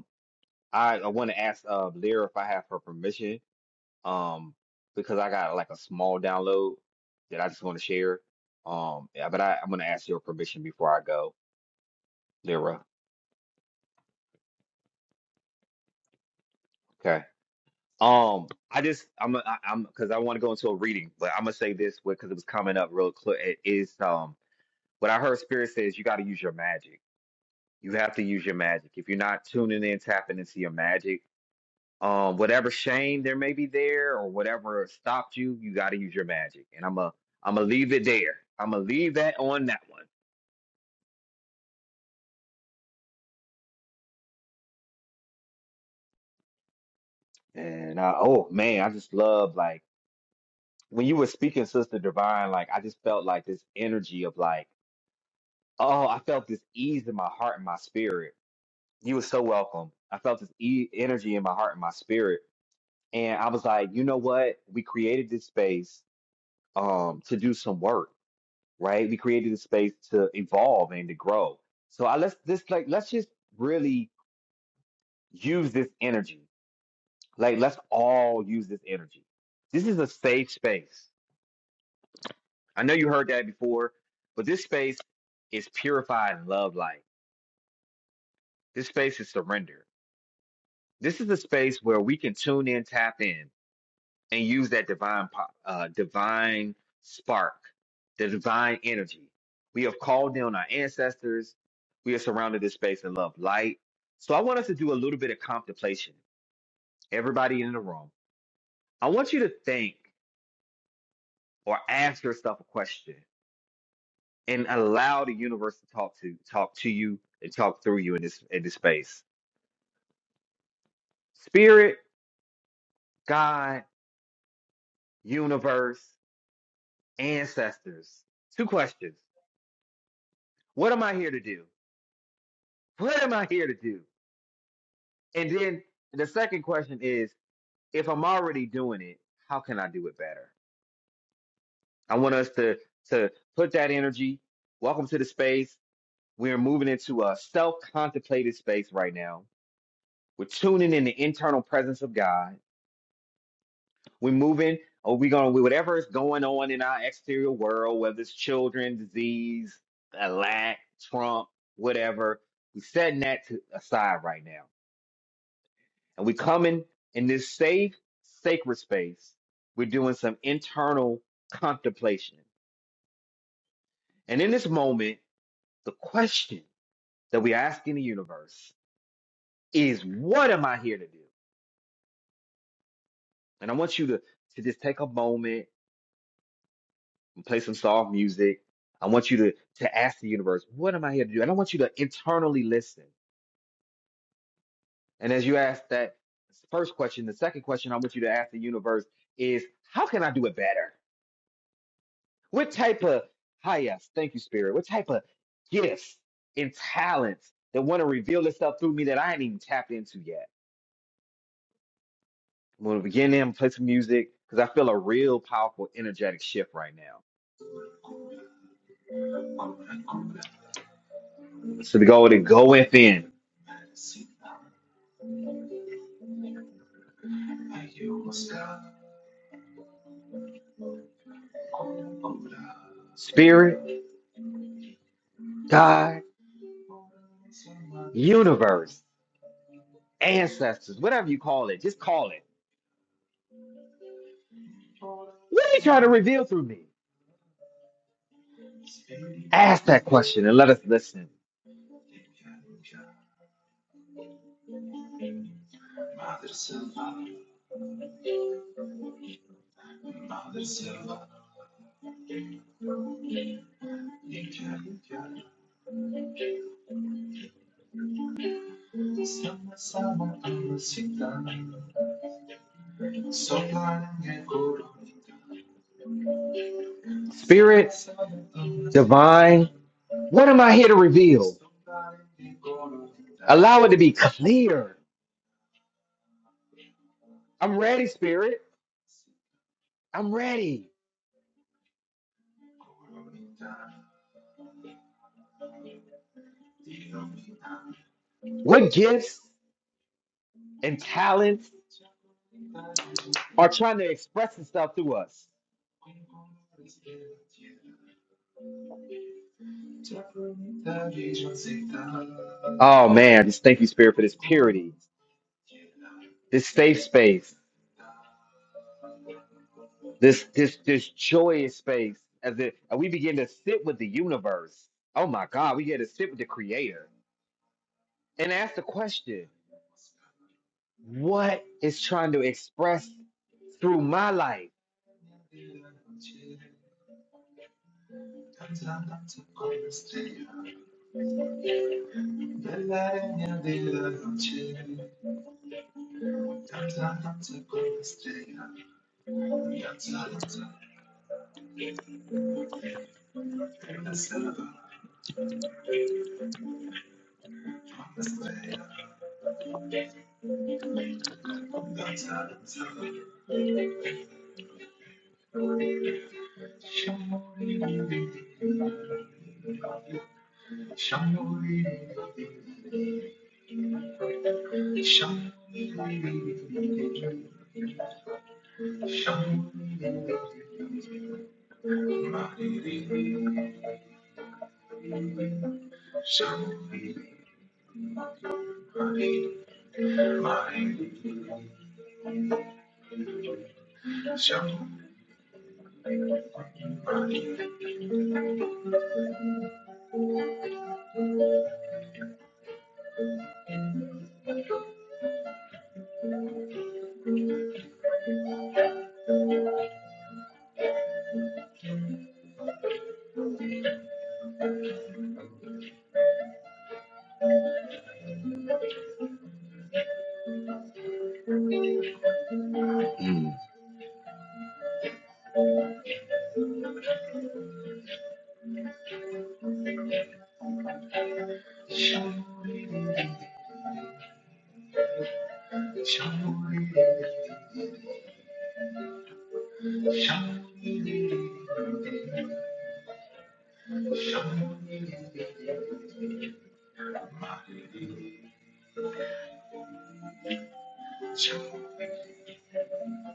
I, I want to ask uh Lyra if I have her permission, um, because I got like a small download that I just want to share. Um, yeah, but I, I'm gonna ask your permission before I go, Lyra. Okay. Um, I just I'm I, I'm because I want to go into a reading, but I'm gonna say this because it was coming up real clear. It is um what I heard Spirit says you got to use your magic. You have to use your magic. If you're not tuning in, tapping into your magic um whatever shame there may be there or whatever stopped you you got to use your magic and i'm a i'm gonna leave it there i'm gonna leave that on that one and uh, oh man i just love like when you were speaking sister divine like i just felt like this energy of like oh i felt this ease in my heart and my spirit you were so welcome i felt this e- energy in my heart and my spirit and i was like you know what we created this space um to do some work right? We created a space to evolve and to grow. So I let's just like let's just really use this energy. Like let's all use this energy. This is a safe space. I know you heard that before, but this space is purified love light. This space is surrender. This is a space where we can tune in, tap in, and use that divine po- uh, divine spark, the divine energy. We have called in our ancestors. We are surrounded in space and love light. So I want us to do a little bit of contemplation. Everybody in the room, I want you to think or ask yourself a question and allow the universe to talk to talk to you and talk through you in this in this space. Spirit, God, universe, ancestors. Two questions. What am I here to do? What am I here to do? And then the second question is, if I'm already doing it, how can I do it better? I want us to to put that energy. Welcome to the space. We're moving into a self-contemplated space right now. We're tuning in the internal presence of God. We're moving, or we're gonna whatever is going on in our exterior world, whether it's children, disease, a lack, Trump, whatever. We're setting that to, aside right now And we come in in this safe, sacred space. We're doing some internal contemplation. And in this moment, the question that we're asking the universe is, what am I here to do? And I want you to, to just take a moment and play some soft music. I want you to, to ask the universe, what am I here to do? And I want you to internally listen. And as you ask that first question, the second question I want you to ask the universe is, how can I do it better? What type of hi yes, thank you, Spirit. What type of gifts and talents that want to reveal itself through me that I ain't even tapped into yet? I'm gonna begin there and play some music because I feel a real powerful energetic shift right now. So to go to go within. Spirit, God, universe, ancestors, whatever you call it, just call it. What are you trying to reveal through me? Ask that question and let us listen. Spirits, divine, what am I here to reveal? Allow it to be clear I'm ready, spirit. I'm ready. What gifts and talents are trying to express itself through us? Oh man, just thank you, Spirit, for this purity, this safe space, this this this joyous space. As it, and we begin to sit with the universe. Oh my God, we get to sit with the Creator and ask the question: What is trying to express through my life?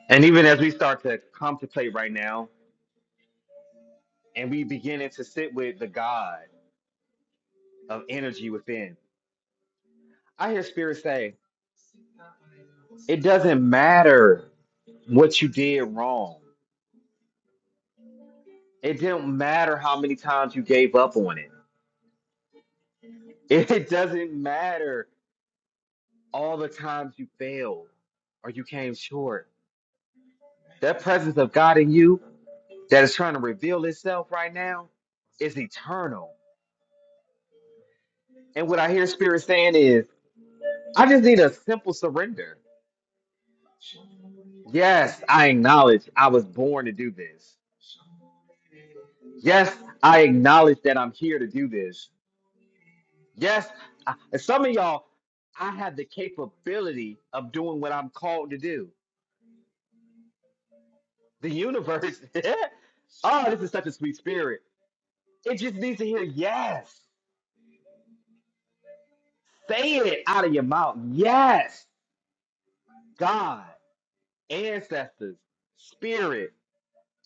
And even as we start to contemplate right now, and we beginning to sit with the God of energy within. I hear spirits say, it doesn't matter what you did wrong. It didn't matter how many times you gave up on it. It doesn't matter all the times you failed or you came short. That presence of God in you that is trying to reveal itself right now is eternal. And what I hear spirit saying is, I just need a simple surrender. Yes, I acknowledge I was born to do this. Yes, I acknowledge that I'm here to do this. Yes, I, and some of y'all, I have the capability of doing what I'm called to do. The universe, oh, this is such a sweet spirit. It just needs to hear yes. Say it out of your mouth. Yes, God, ancestors, spirit.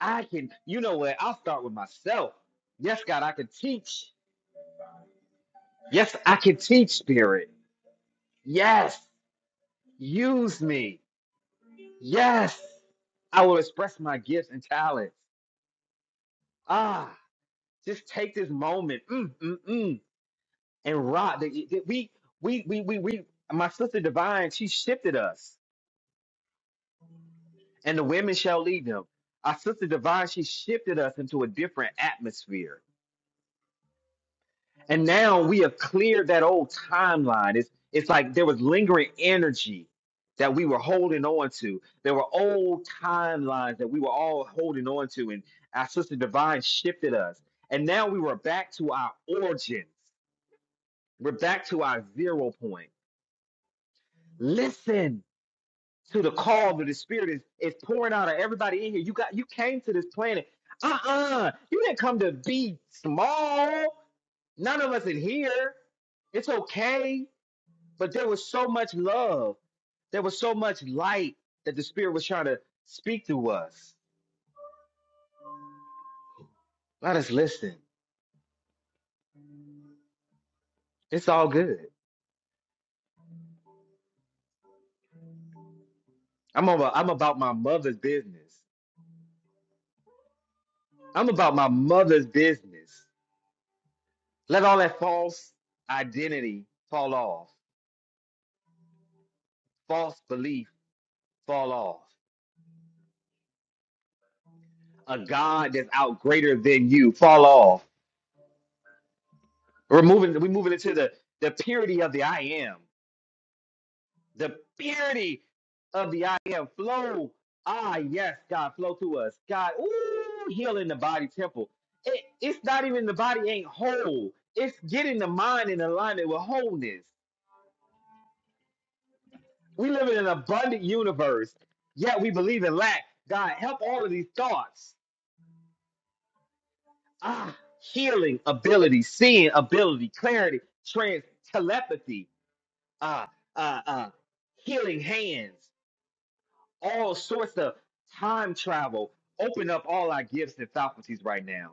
I can, you know what? I'll start with myself. Yes, God, I can teach. Yes, I can teach, spirit. Yes, use me. Yes, I will express my gifts and talents. Ah, just take this moment, mm, mm, mm, and rock. The- the- We, we, we, we, we. My sister Divine, she shifted us, and the women shall lead them. Our sister Divine, she shifted us into a different atmosphere. And now we have cleared that old timeline. It's it's like there was lingering energy that we were holding on to. There were old timelines that we were all holding on to, and our sister divine shifted us. And now we were back to our origins. We're back to our zero point. Listen to the call that the spirit is, is pouring out of everybody in here. You got you came to this planet. Uh-uh. You didn't come to be small. None of us in here. It's okay. but there was so much love. There was so much light that the Spirit was trying to speak to us. Let us listen. It's all good. I'm over. I'm about my mother's business. I'm about my mother's business. Let all that false identity fall off, false belief fall off. A God that's out greater than you fall off. We're moving. We're moving into the the purity of the I am. the purity of the I am flow. Ah, yes, God, flow through us. God, ooh, healing the body temple. It, it's not even the body ain't whole. It's getting the mind in alignment with wholeness. We live in an abundant universe, yet we believe in lack. God, help all of these thoughts. Ah, healing ability, seeing ability, clarity, trans telepathy, uh, uh, uh, healing hands. all sorts of time travel. Open up all our gifts and faculties right now.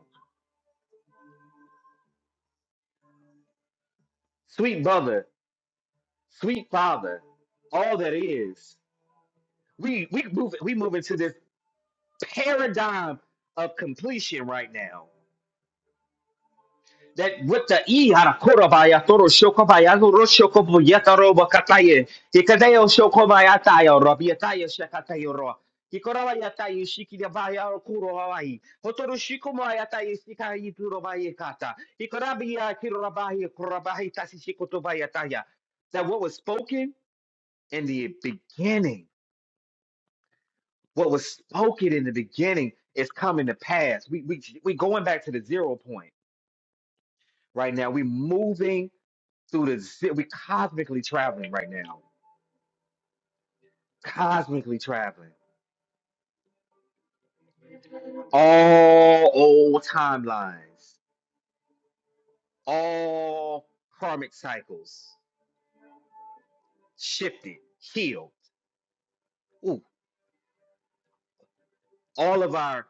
Sweet brother, sweet father, all that is. We we move we move into this paradigm of completion right now. that with the e harakorabaya toro shokobaya toro shokobo yataro bakataye tikadeo shokobaya tayo rabiatayo shakatayo ro tikoraba yatayo shikidabaya kuro hawaii hotoro shikomaya tayo sikayi turobaye kata tikorabiya kirobaye korabaye tasishikotobaya taya that what was spoken in the beginning what was spoken in the beginning is coming to pass we we we going back to the zero point right now. We're moving through the zi- we cosmically traveling right now. Cosmically traveling. All old timelines, all karmic cycles shifted, healed. Ooh, all of our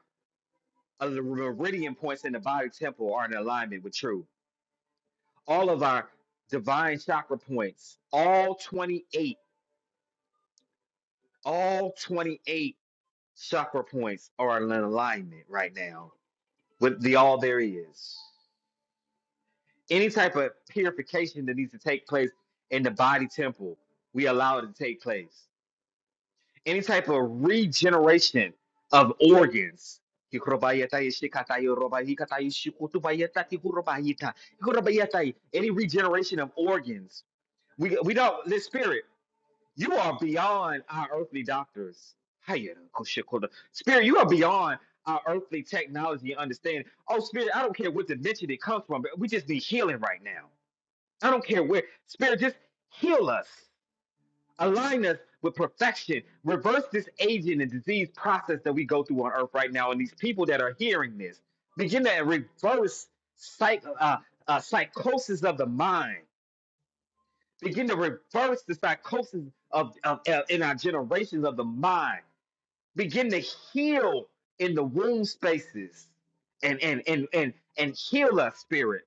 uh, the meridian points in the body temple are in alignment with truth. All of our divine chakra points, all 28, all 28 chakra points are in alignment right now with the all there is. any type of purification that needs to take place in the body temple, we allow it to take place. Any type of regeneration of organs. Any regeneration of organs. We, we don't, this spirit, you are beyond our earthly doctors. Spirit, you are beyond our earthly technology and understanding. Oh, spirit, I don't care what dimension it comes from, but we just need healing right now. I don't care where. Spirit, just heal us. Align us with perfection. Reverse this aging and disease process that we go through on earth right now. And these people that are hearing this, begin to reverse psych, uh, uh, psychosis of the mind. Begin to reverse the psychosis of, of uh, in our generations of the mind. Begin to heal in the womb spaces and and and and and heal us, spirit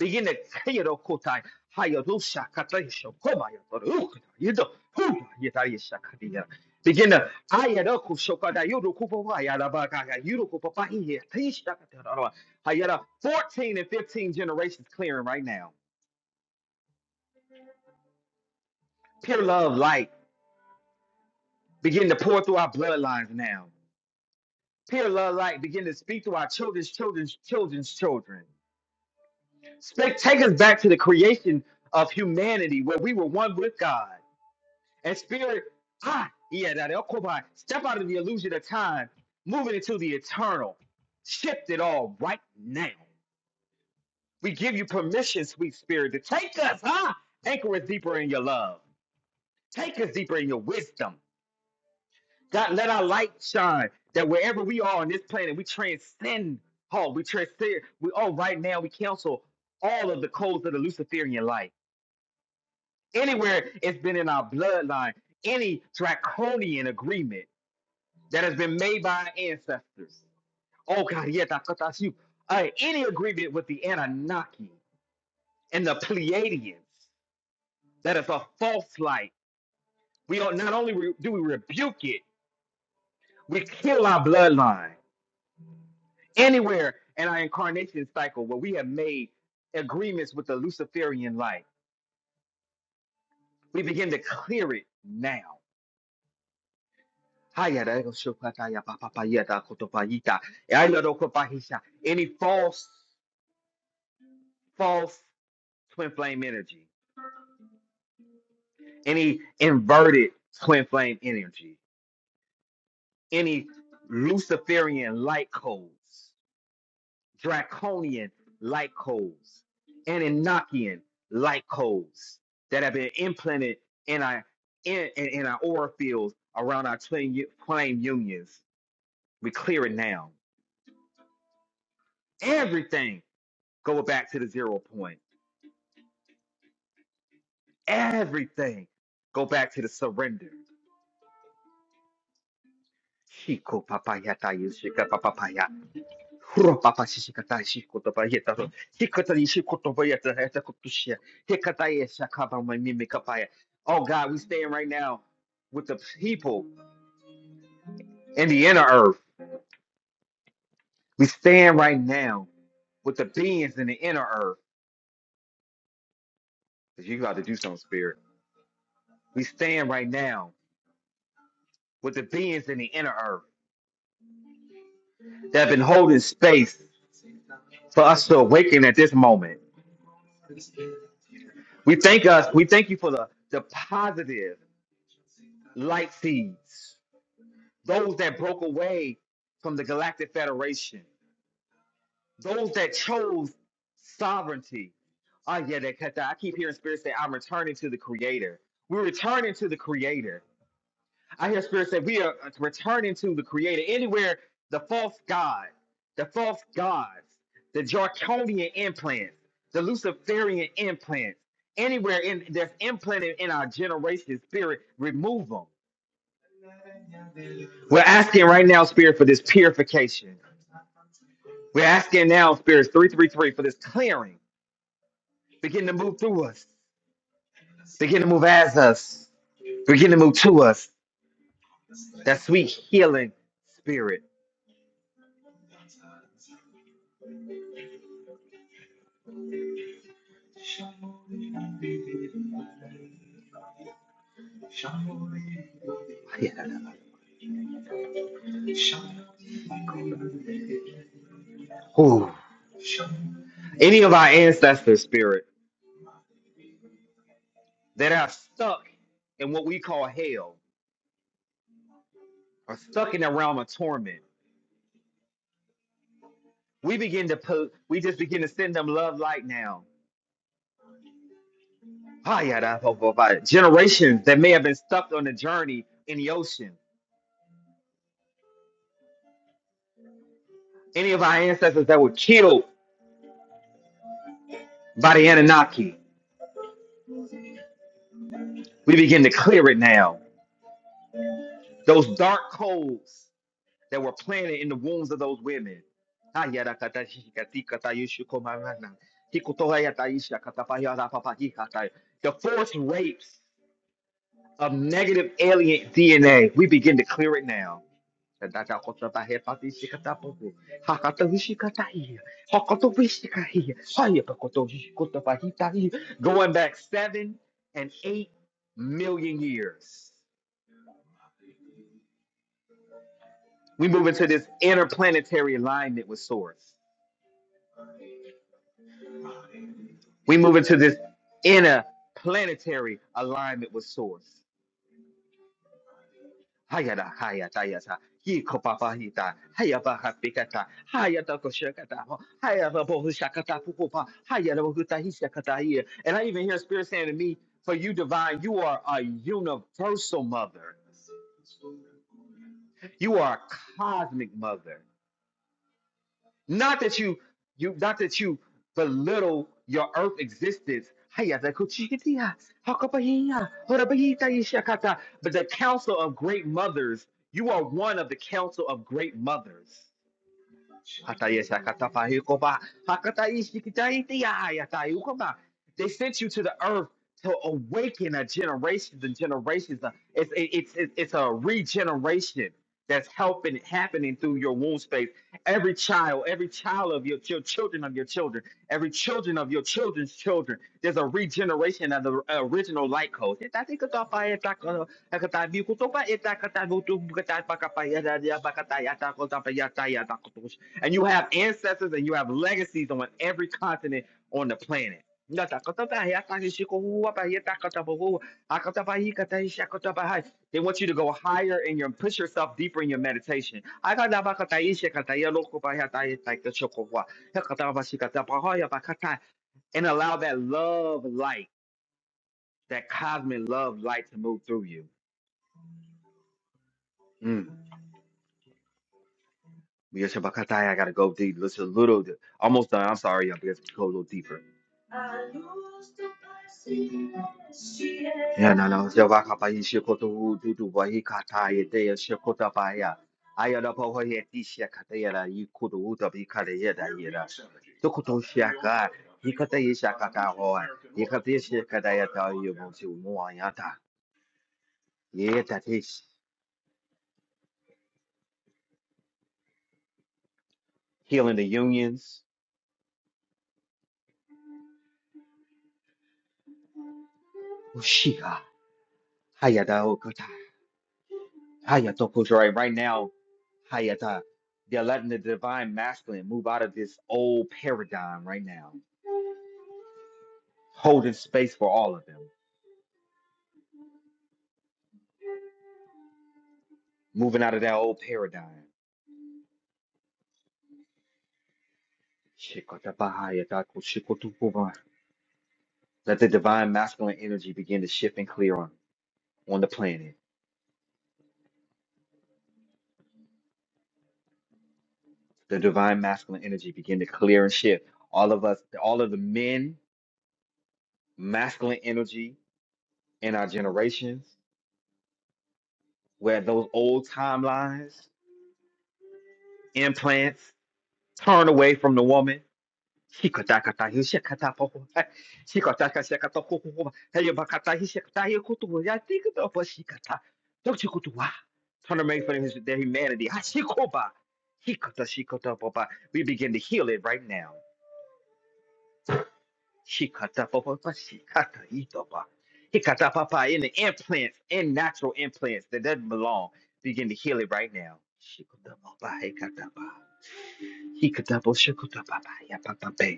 Yine Seyro Kotay Hayadusha Kataysho Komaya Ruka Yido Huba Yitarisha Kadia. Begin Ayadoku Shokada Yurukupa Yadabaka Yurukupa Tisha Katara Hayada 14 and 15 generations clearing right now. Pure love light begin to pour through our bloodlines now. Pure love light begin to speak to our children's children's children's children. Spec- Take us back to the creation of humanity where we were one with God. And spirit, ah, yeah, that Okobai, step out of the illusion of time, moving into the eternal. Shift it all right now. We give you permission, sweet spirit, to take us, huh? Anchor us deeper in your love. Take us deeper in your wisdom. God, let our light shine that wherever we are on this planet, we transcend all. We transcend. We all right now, we cancel all of the codes of the Luciferian light. Anywhere it's been in our bloodline, any draconian agreement that has been made by our ancestors. Oh God, yeah, that's what that's you. Uh, any agreement with the Anunnaki and the Pleiadians that is a false light. We don't, not only re- do we rebuke it, we kill our bloodline anywhere in our incarnation cycle where we have made agreements with the Luciferian light. We begin to clear it now. Any false, false twin flame energy any inverted twin flame energy, any Luciferian light codes, draconian light codes, Anunnaki light codes that have been implanted in our in, in, in our aura fields around our twin u- flame unions. We clear it now. Everything go back to the zero point. Everything go back to the surrender. Хуропапа сисикатай сикутопаета, сикатari sikutopoeta, etakutushia, hikataya sakabama mimikapaya. Oh God, we stand right now with the people in the inner earth. We stand right now with the beings in the inner earth. 'Cause you got to do something, spirit. We stand right now with the beings in the inner earth that have been holding space for us to awaken at this moment. We thank us. We thank you for the, the positive light seeds those that broke away from the Galactic Federation, those that chose sovereignty. Oh yeah, that cut that. I keep hearing spirits say, I'm returning to the Creator. We're returning to the Creator. I hear spirits say, We are uh, returning to the Creator. Anywhere the false God, the false gods, the Jarkonian implants, the Luciferian implants, anywhere in that's implanted in our generation spirit, remove them. We're asking right now, spirit, for this purification. We're asking now, spirits 333, for this clearing, Begin to move through us, begin to move as us, begin to move to us. That sweet healing spirit. Yeah. Ooh. Any of our ancestors, spirit, that are stuck in what we call hell, are stuck in the realm of torment. We begin to put, we just begin to send them love light now. Ah, yeah, that- oh, oh, oh. Generations that may have been stuck on the journey in the ocean. Any of our ancestors that were killed by the Anunnaki, We begin to clear it now. Those dark codes that were planted in the wombs of those women. The forced rapes of negative alien DNA. We begin to clear it now. Going back seven and eight million years. We move into this interplanetary alignment with source. We move into this interplanetary alignment with source. Hayata hayata yata. Yiko papa hita. Hayaba hapikata. Hayata koshakata. Hayaba bohushakata pupupa. Hayata bohuta hishakata here. And I even hear spirit saying to me, for you divine, you are a universal mother. You are a cosmic mother. Not that you you not that you belittle your earth existence. Hiya, the kuchikitiya, hakapahiya, horabahiya yishakata. But the council of great mothers, you are one of the council of great mothers. Hatayes hakatapahi koba, hakatais dikitaitiya They sent you to the earth to awaken a generations and generations. It's it's it's, it's a regeneration that's helping happening through your womb space. Every child, every child of your, your children of your children, every children of your children's children. There's a regeneration of the original light code and you have ancestors and you have legacies on every continent on the planet. They want you to go higher in your push yourself deeper in your meditation. And allow that love light, that cosmic love light to move through you. Mm. I gotta go deep. It's a little, almost done. I'm sorry, y'all. Because we go a little deeper. Yanana Zavaka Paisha Koto Dudu Wahikata Dea Shakota Baya. Ayana Pawaya Tisha Katayana Yikudu Uta Bikada Yeda Yeda. Tokuto Shaka Hikata Yishakata Hoa Yikatisha Kadayata Yumonsi Muayata Yeta Tish Ushika Hayato Kojirai, right now, Hayata, they're letting the divine masculine move out of this old paradigm right now, holding space for all of them, moving out of that old paradigm. Shikotaba Hayata Koshikotukuba. Let the divine masculine energy begin to shift and clear on, on the planet. The divine masculine energy begin to clear and shift. All of us, all of the men, masculine energy in our generations, where those old timelines, implants, turn away from the woman Hikatakatai shakatapa. Hikataka shakata hoho. Hey, Bakatai shakatai kutu. I think it up a shikata. Don't you kutuwa? Trying to make for his, their humanity. Hashikoba. Hikata shikata papa. We begin to heal it right now. Shikata papa shikata itoba. Hikata papa in the implants, in natural implants that doesn't belong. Begin to heal it right now. Shikata papa hikata pa. Hikata po shikata papa ya papa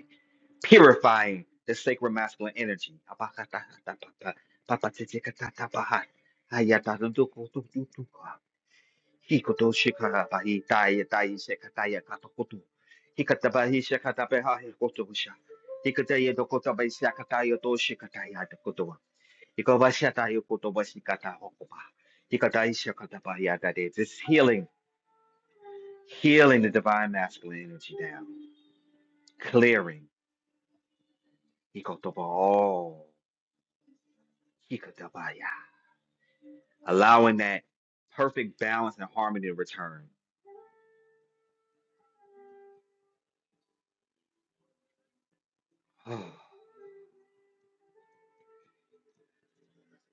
purifying the sacral masculine energy. Apakatakatapaka, papatitikatapaha, ayatadudukutututuka, hikotoshikarabahi, taiyataishekatayakatokotu, hikatabahishakatapehahikotosha, hikatayedokotabaishakatayotoshikatayatakotowa, hikobashatayokotobashikatahokoba, hikataishakatabayadade. This healing, healing the divine masculine energy down, clearing. hikotoba all. allowing that perfect balance and harmony to return.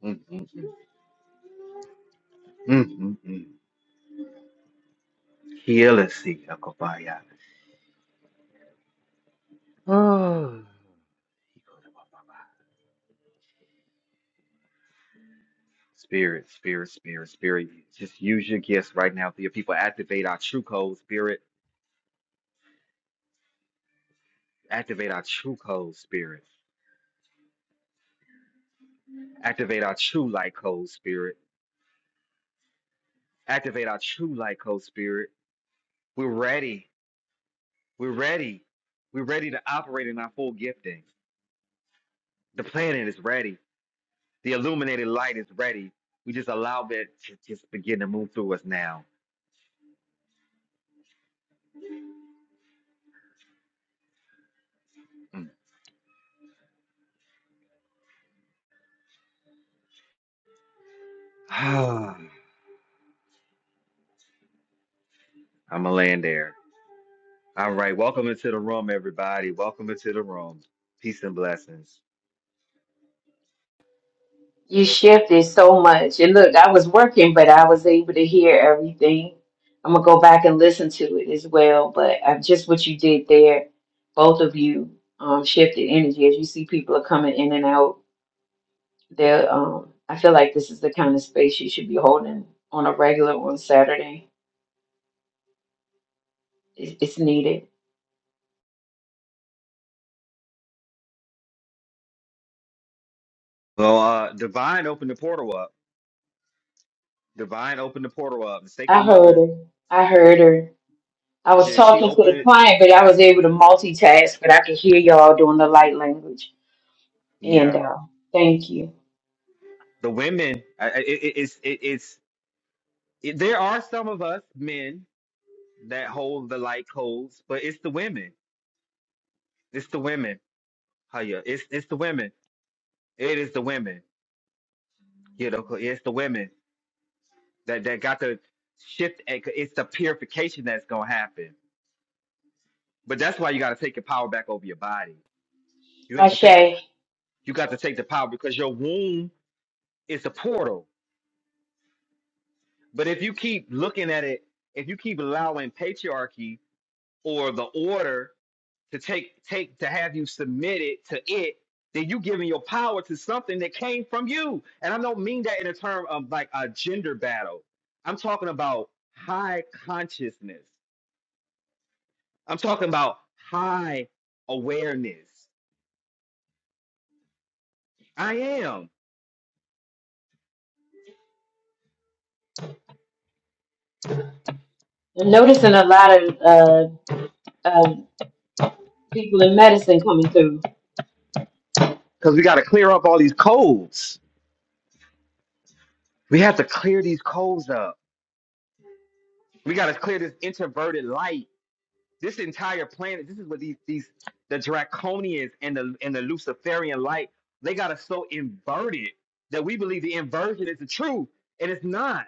Mm, mm, mm, mm, mm. Healer seek Akabaya. Oh. Spirit, spirit, spirit, spirit. Just use your gifts right now for your people. Activate our true code, spirit. Activate our true code, spirit. Activate our true light code, spirit. Activate our true light code, spirit. We're ready. We're ready. We're ready to operate in our full gifting. The planet is ready. The illuminated light is ready. We just allow that to just begin to move through us now. Mm. I'm gonna land there. All right, welcome into the room, everybody. Welcome into the room. Peace and blessings.
You shifted so much. And look, I was working, but I was able to hear everything. I'm gonna go back and listen to it as well, but uh, just what you did there, both of you um, shifted energy as you see people are coming in and out There, um, I feel like this is the kind of space you should be holding on a regular on Saturday. It, it's needed.
Well, uh, Divine opened the portal up. Divine opened the portal up. The
I
Sacred
heard
Mother,
her. I heard her. I was
yeah, she
talking to the
opened.
client, but I was able to multitask. But I could hear y'all doing the light language. And
Yeah,
uh, thank you,
the women. I, I- it, it- it's it, it's it, there are some of us men that hold the light codes, but it's the women. It's the women. Haya. It's it's the women. It is the women. You know, 'cause it's the women that, that got to shift. and 'cause It's the purification that's gonna happen. But that's why you got to take your power back over your body. You have to
Ashe.
take the
I'm
you got to take the power because your womb is a portal. But if you keep looking at it, if you keep allowing patriarchy or the order to take take to have you submitted to it, then you giving your power to something that came from you. And I don't mean that in a term of like a gender battle. I'm talking about high consciousness. I'm talking about high awareness. I am.
noticing a lot of uh, um people in medicine coming through.
Because we got to clear up all these codes. We have to clear these codes up. We got to clear this introverted light. This entire planet, this is what these, these the draconians and the and the Luciferian light, they got us so inverted that we believe the inversion is the truth, and it's not.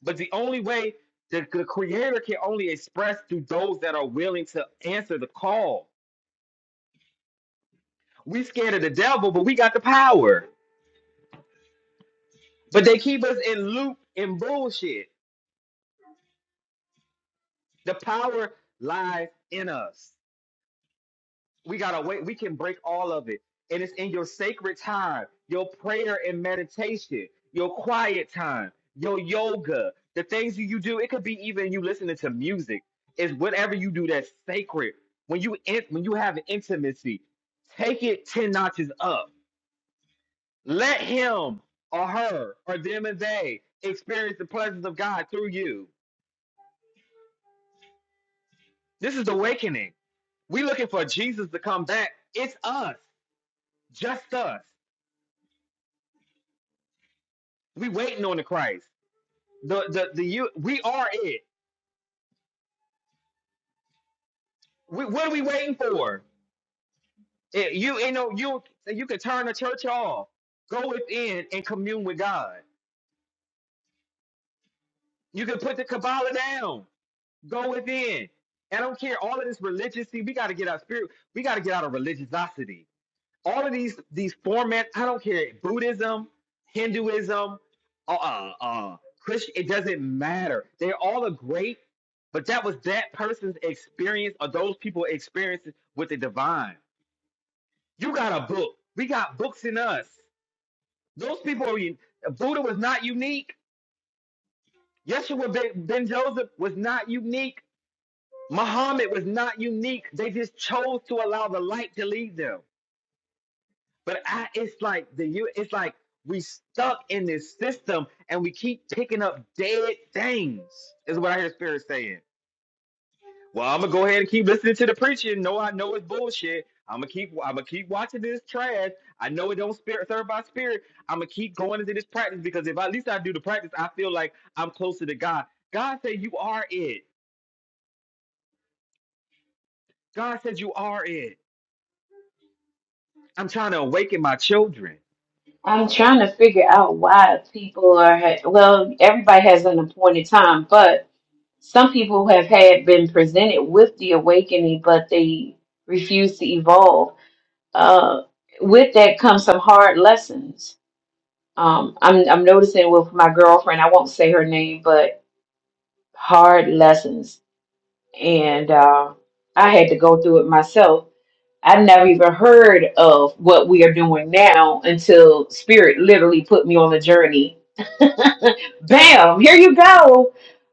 But the only way the, the creator can only express through those that are willing to answer the call. We scared of the devil, but we got the power. But they keep us in loop and bullshit. The power lies in us. We gotta wait. We can break all of it. And it's in your sacred time, your prayer and meditation, your quiet time, your yoga, the things that you do. It could be even you listening to music. It's whatever you do that's sacred. When you in, when you have intimacy, take it 10 notches up. Let him or her or them and they experience the presence of God through you. This is awakening. We looking for Jesus to come back. It's us, just us. We waiting on the Christ. The the the you we are it. We, what are we waiting for? It, you you know you you can turn the church off. Go within and commune with God. You can put the Kabbalah down. Go within. I don't care all of this religiosity. we got to get our spirit. We got to get out of religiosity all of these these formats, i don't care buddhism hinduism uh uh, uh christian it doesn't matter they're all a great but that was that person's experience or those people experiences with the divine you got a book we got books in us those people are un- buddha was not unique yeshua ben, ben joseph was not unique muhammad was not unique they just chose to allow the light to lead them But I, it's like the you, it's like we stuck in this system and we keep picking up dead things. Is what I hear Spirit saying. Well, I'm gonna go ahead and keep listening to the preaching. No, I know it's bullshit. I'm gonna keep, I'm gonna keep watching this trash. I know it don't spirit serve my spirit. I'm gonna keep going into this practice because if at least I do the practice, I feel like I'm closer to God. God said you are it. God says you are it. I'm trying to awaken my children.
I'm trying to figure out why people are. Well, everybody has an appointed time, but some people have had been presented with the awakening, but they refuse to evolve. Uh, with that comes some hard lessons. Um, I'm I'm noticing with my girlfriend. I won't say her name, but hard lessons, and uh, I had to go through it myself I never even heard of what we are doing now until Spirit literally put me on a journey. Bam, here you go.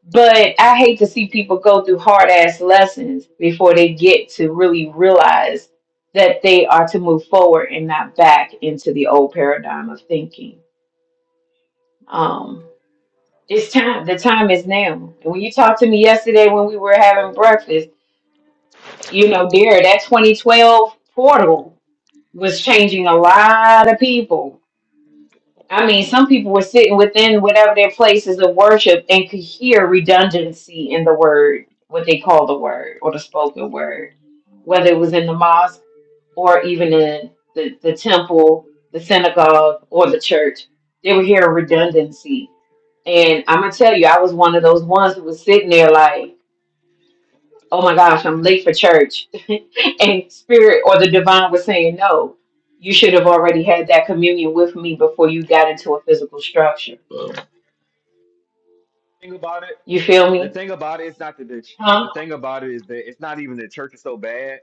But I hate to see people go through hard ass lessons before they get to really realize that they are to move forward and not back into the old paradigm of thinking. Um, it's time. The time is now. And when you talked to me yesterday when we were having breakfast, you know, dear, that 2012 portal. was changing a lot of people. I mean, some people were sitting within whatever their places of worship and could hear redundancy in the word, what they call the word or the spoken word, whether it was in the mosque or even in the, the temple, the synagogue, or the church. They were hearing redundancy. And I'm going to tell you, I was one of those ones who was sitting there like, oh my gosh, I'm late for church. and spirit or the divine was saying, no, you should have already had that communion with me before you got into a physical structure. You feel
The
me?
thing about it's not that the
Huh?
the thing about it is that it's not even the church is so bad.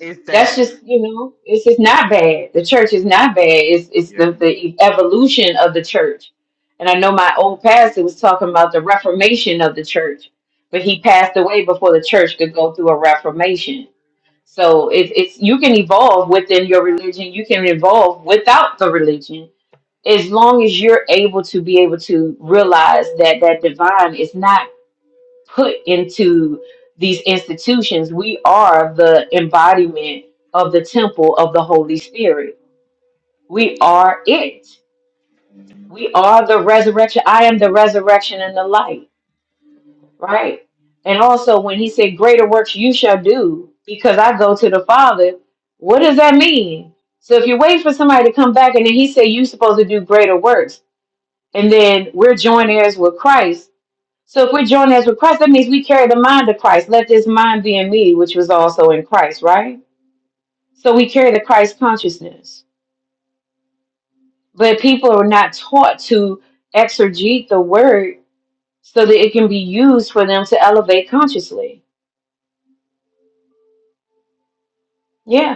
It's
That's
that
just, you know, it's, it's not bad. The church is not bad. It's, it's
yeah,
the, the evolution of the church. And I know my old pastor was talking about the reformation of the church, but he passed away before the church could go through a reformation. So it's it's you can evolve within your religion. You can evolve without the religion as long as you're able to be able to realize that that divine is not put into these institutions. We are the embodiment of the temple of the Holy Spirit. We are it. We are the resurrection. I am the resurrection and the life. Right. And also, when he said, Greater works you shall do because I go to the Father, what does that mean? So, if you wait for somebody to come back and then he said, You're supposed to do greater works, and then we're joint heirs with Christ. So, if we're joint heirs with Christ, that means we carry the mind of Christ. Let this mind be in me, which was also in Christ, right? So, we carry the Christ consciousness. But people are not taught to exegete the word so that it can be used for them to elevate consciously. Yeah.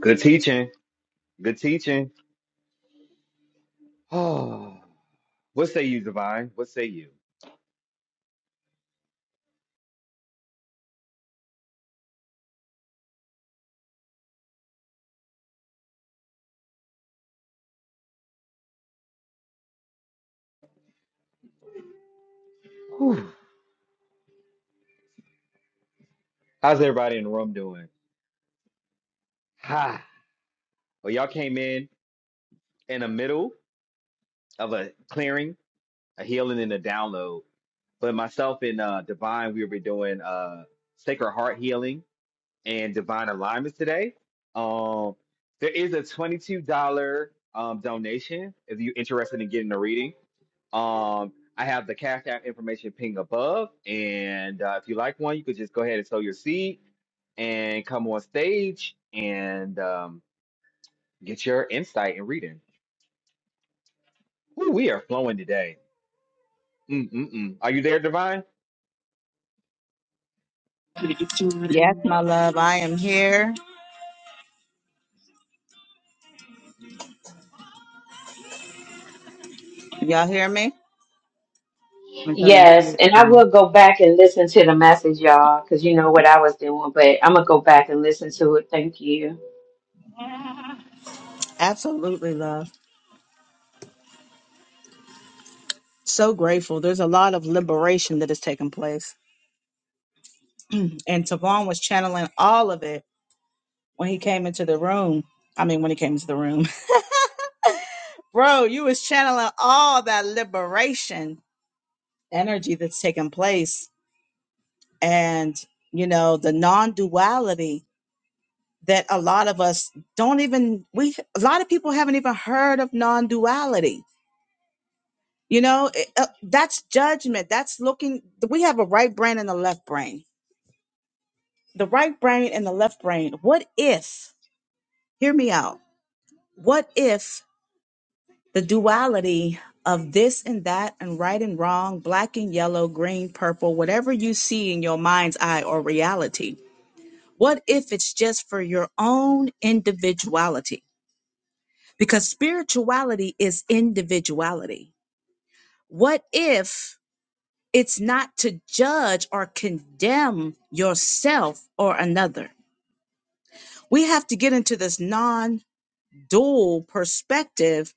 good teaching, good teaching. Oh, what say you, Divine? What say you? Whew. How's everybody in the room doing? Ha. Well, y'all came in in the middle of a clearing, a healing, and a download. But myself and uh, Divine, we were doing uh, Sacred Heart healing and divine alignments today. Um, there is a twenty-two dollar um, donation if you're interested in getting a reading. Um, I have the cash app information ping above, and uh, if you like one, you could just go ahead and sow your seed and come on stage and um, get your insight and reading. Ooh, we are flowing today. Mm-mm-mm. Are you there, Divine?
Yes, my love, I am here. Y'all hear me? I'm gonna turn this
Yes,
music
and I
down.
will go back and listen to the message, y'all, because you know what I was doing, but I'm gonna go back and listen to it. Thank you.
Absolutely, love. So grateful. There's a lot of liberation that has taken place. And Tavon was channeling all of it when he came into the room. I mean, when he came into the room. Bro, you was channeling all that liberation energy that's taken place. And, you know, the non-duality that a lot of us don't even we a lot of people haven't even heard of non-duality You know, it- uh, that's judgment. That's looking, we have a right brain and a left brain. The right brain and the left brain. What if, hear me out, what if the duality of this and that and right and wrong, black and yellow, green, purple, whatever you see in your mind's eye or reality, what if it's just for your own individuality? Because spirituality is individuality. What if It's not to judge or condemn yourself or another. We have to get into this non dual perspective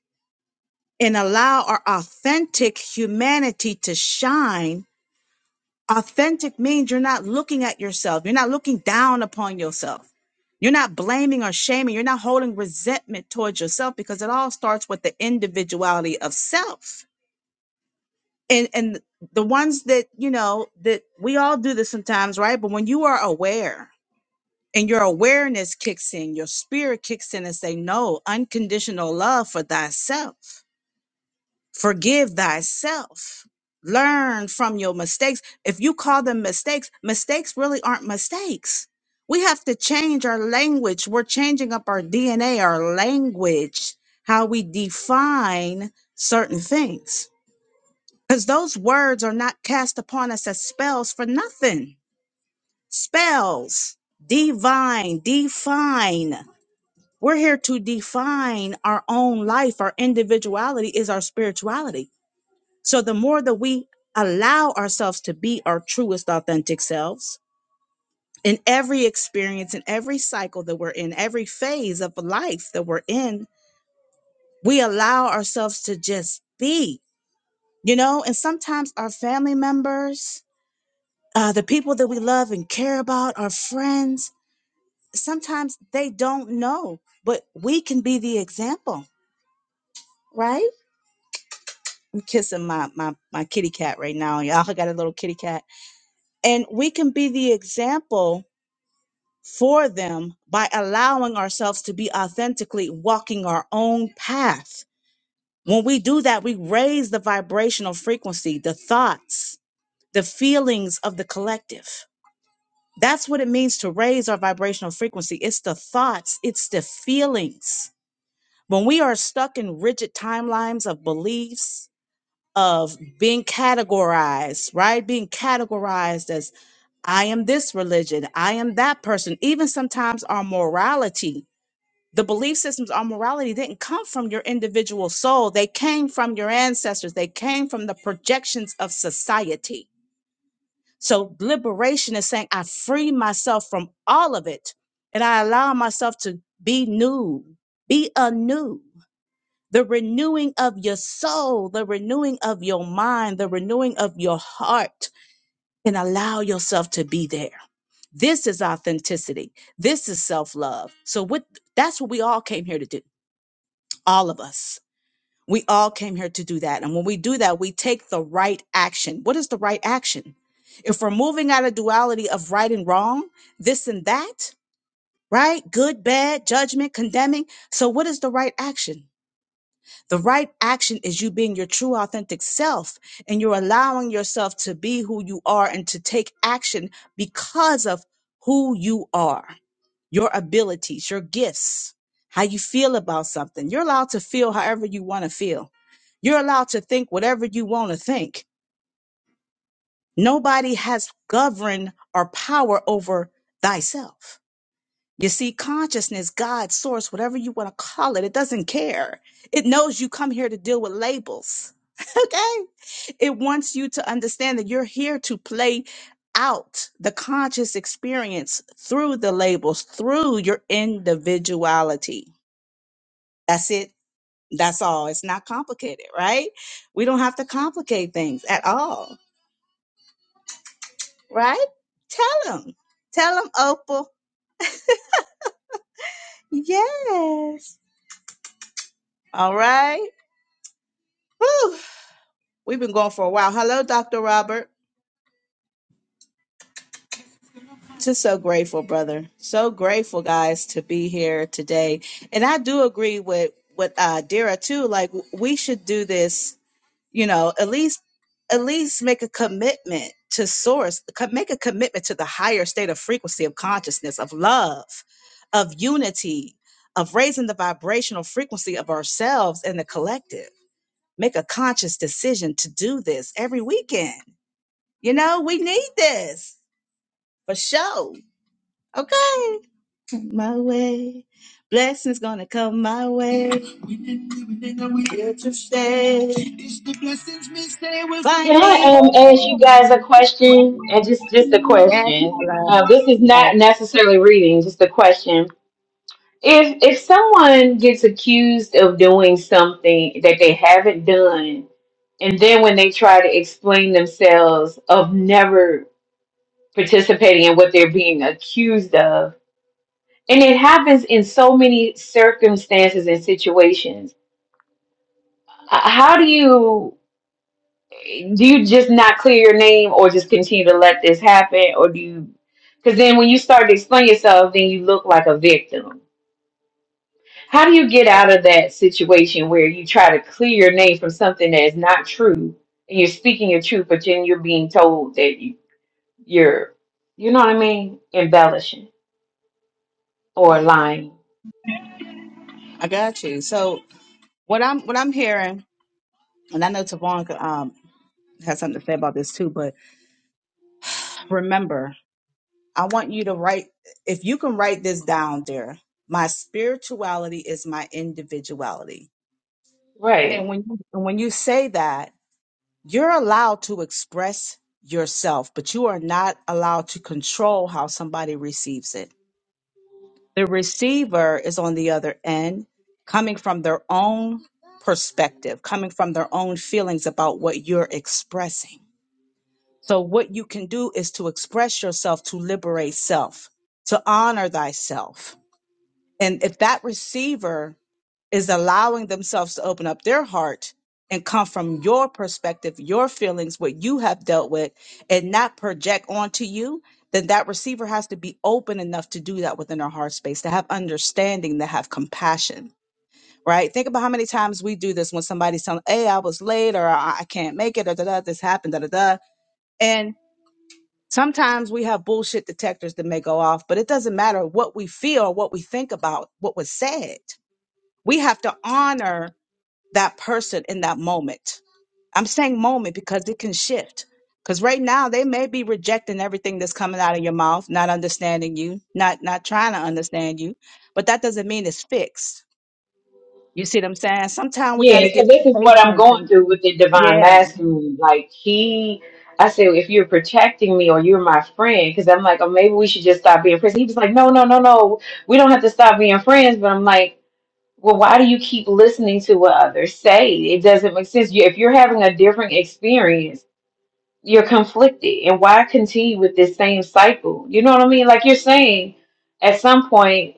and allow our authentic humanity to shine. Authentic means you're not looking at yourself, you're not looking down upon yourself. You're not blaming or shaming. You're not holding resentment towards yourself because it all starts with the individuality of self and and the ones that you know that we all do this sometimes right but when you are aware and your awareness kicks in your spirit kicks in and say no unconditional love for thyself forgive thyself learn from your mistakes if you call them mistakes mistakes really aren't mistakes we have to change our language we're changing up our dna our language how we define certain things because those words are not cast upon us as spells for nothing. Spells, divine, define. We're here to define our own life. Our individuality is our spirituality. So the more that we allow ourselves to be our truest, authentic selves in every experience, in every cycle that we're in, every phase of life that we're in, we allow ourselves to just be, you know, and sometimes our family members, uh, the people that we love and care about, our friends, sometimes they don't know, but we can be the example, right? I'm kissing my my my kitty cat right now, y'all. I got a little kitty cat, and we can be the example for them by allowing ourselves to be authentically walking our own path. When we do that, we raise the vibrational frequency, the thoughts, the feelings of the collective. That's what it means to raise our vibrational frequency. It's the thoughts, it's the feelings. When we are stuck in rigid timelines of beliefs, of being categorized, right? Being categorized as I am this religion, I am that person, even sometimes our morality. The belief systems, our morality didn't come from your individual soul. They came from your ancestors. They came from the projections of society so liberation is saying I free myself from all of it and I allow myself to be new, be anew. The renewing of your soul, the renewing of your mind, the renewing of your heart, and allow yourself to be there. This is authenticity. This is self love. So, what that's what we all came here to do. All of us. We all came here to do that. And when we do that, we take the right action. What is the right action? if we're moving out of duality of right and wrong, this and that, right? Good, bad, judgment, condemning. So what is the right action? The right is you being your true self and you're take action because you are yours. How you, you're whatever you want to feel. You're allowed to think whatever you want to think. Nobody has govern or power over thyself. You see, consciousness, God, source, whatever you want to call it, it doesn't care. It knows you come here to deal with labels. Okay. It wants you to understand that you're here to play out the conscious experience through the labels, through your individuality. That's it. That's all. It's not complicated, right? We don't have to complicate things at all, right? Tell them. Tell them, Opal. Yes. All right. Whew. We've been going for a while. Hello, Dr. Robert. Just so grateful, brother. So grateful, guys, to be here today. And I do agree with with uh, Dira too. Like w- we should do this. You know, at least at least make a commitment to source. co- Make a commitment to the higher state of frequency of consciousness, of love, of unity, of raising the vibrational frequency of ourselves and the collective. Make a conscious decision to do this every weekend. You know, we need this for sure. Okay, my way. Blessings gonna come my way. Here to stay. It's the blessings me stay will
Can
find me. Yes,
I um ask you guys a question? And just just a
I
question.
love.
Uh, this is
love.
not necessarily reading, just a question. If if someone gets accused of doing something that they haven't done, and then when they try to explain themselves of never participating in what they're being accused of And it happens in so many circumstances and situations. H- How do you do you just not clear your name or just continue to let this happen or do you because then when you start to explain yourself, then you look like a victim. How do you get out of that situation where you try to clear your name from something that is not true and you're speaking your truth, but then you're being told that you, you're, you know what I mean, embellishing or lying?
I got you. So what I'm what I'm hearing, and I know Tavon could, um has something to say about this too, but remember, I want you to write if you can write this down there. My spirituality is my individuality.
Right.
And when you, and when you say that You're allowed to express yourself, but you are not allowed to control how somebody receives it. The receiver is on the other end, coming from their own perspective, coming from their own feelings about what you're expressing. So, what you can do is to express yourself to liberate self, to honor thyself. And if that receiver is allowing themselves to open up their heart and come from your perspective, your feelings, what you have dealt with, and not project onto you, then that receiver has to be open enough to do that within their heart space, to have understanding, to have compassion, right? Think about how many times we do this when somebody's telling, hey, I was late or I I can't make it or da da, this happened, da da da. And sometimes we have bullshit detectors that may go off, but it doesn't matter what we feel or what we think about what was said. We have to honor that person in that moment. I'm saying moment because it can shift. Because right now they may be rejecting everything that's coming out of your mouth, not understanding you, not not trying to understand you, but that doesn't mean it's fixed. You see what I'm saying? Sometimes we got
Yeah,
to
so
get
this is what I'm
patient
going
and
through with the divine
yeah,
masculine. Like he, I said, if you're protecting me or you're my friend, because I'm like, oh, maybe we should just stop being friends. He was like, no, no, no, no, we don't have to stop being friends. But I'm like, well, why do you keep listening to what others say? It doesn't make sense. You, if you're having a different experience, you're conflicted, and why continue with this same cycle? You know what I mean? Like you're saying, at some point,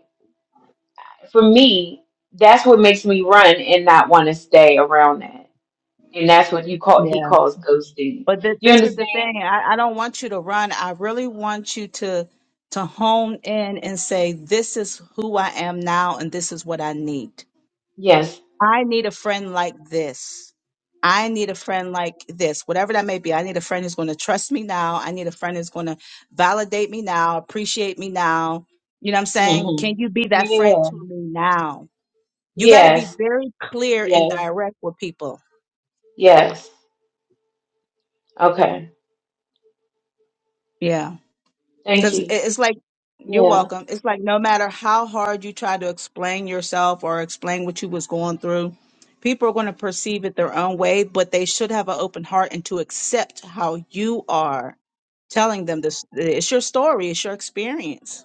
for me, that's what makes me run and not want to stay around that and that's what you call he
yeah.
calls ghosting.
But th-
You
this is the
understand?
thing. I, I don't want you to run. I really want you to to hone in and say, "This is who I am now, and this is what I need."
Yes.
I need a friend like this. I need a friend like this, whatever that may be. I need a friend who's going to trust me now. I need a friend who's going to validate me now, appreciate me now. You know what I'm saying? Can
hmm
you be that friend
Yeah.
to me now? You got to be
Yes.
very clear and
Yes.
direct with people.
Yes. Okay.
Yeah.
Thank
because
you.
it's like you're
Yeah.
welcome it's like no matter how hard you try to explain yourself or explain what you was going through people are going to perceive it their own way but they should have an open heart and to accept how you are telling them this it's your story it's your experience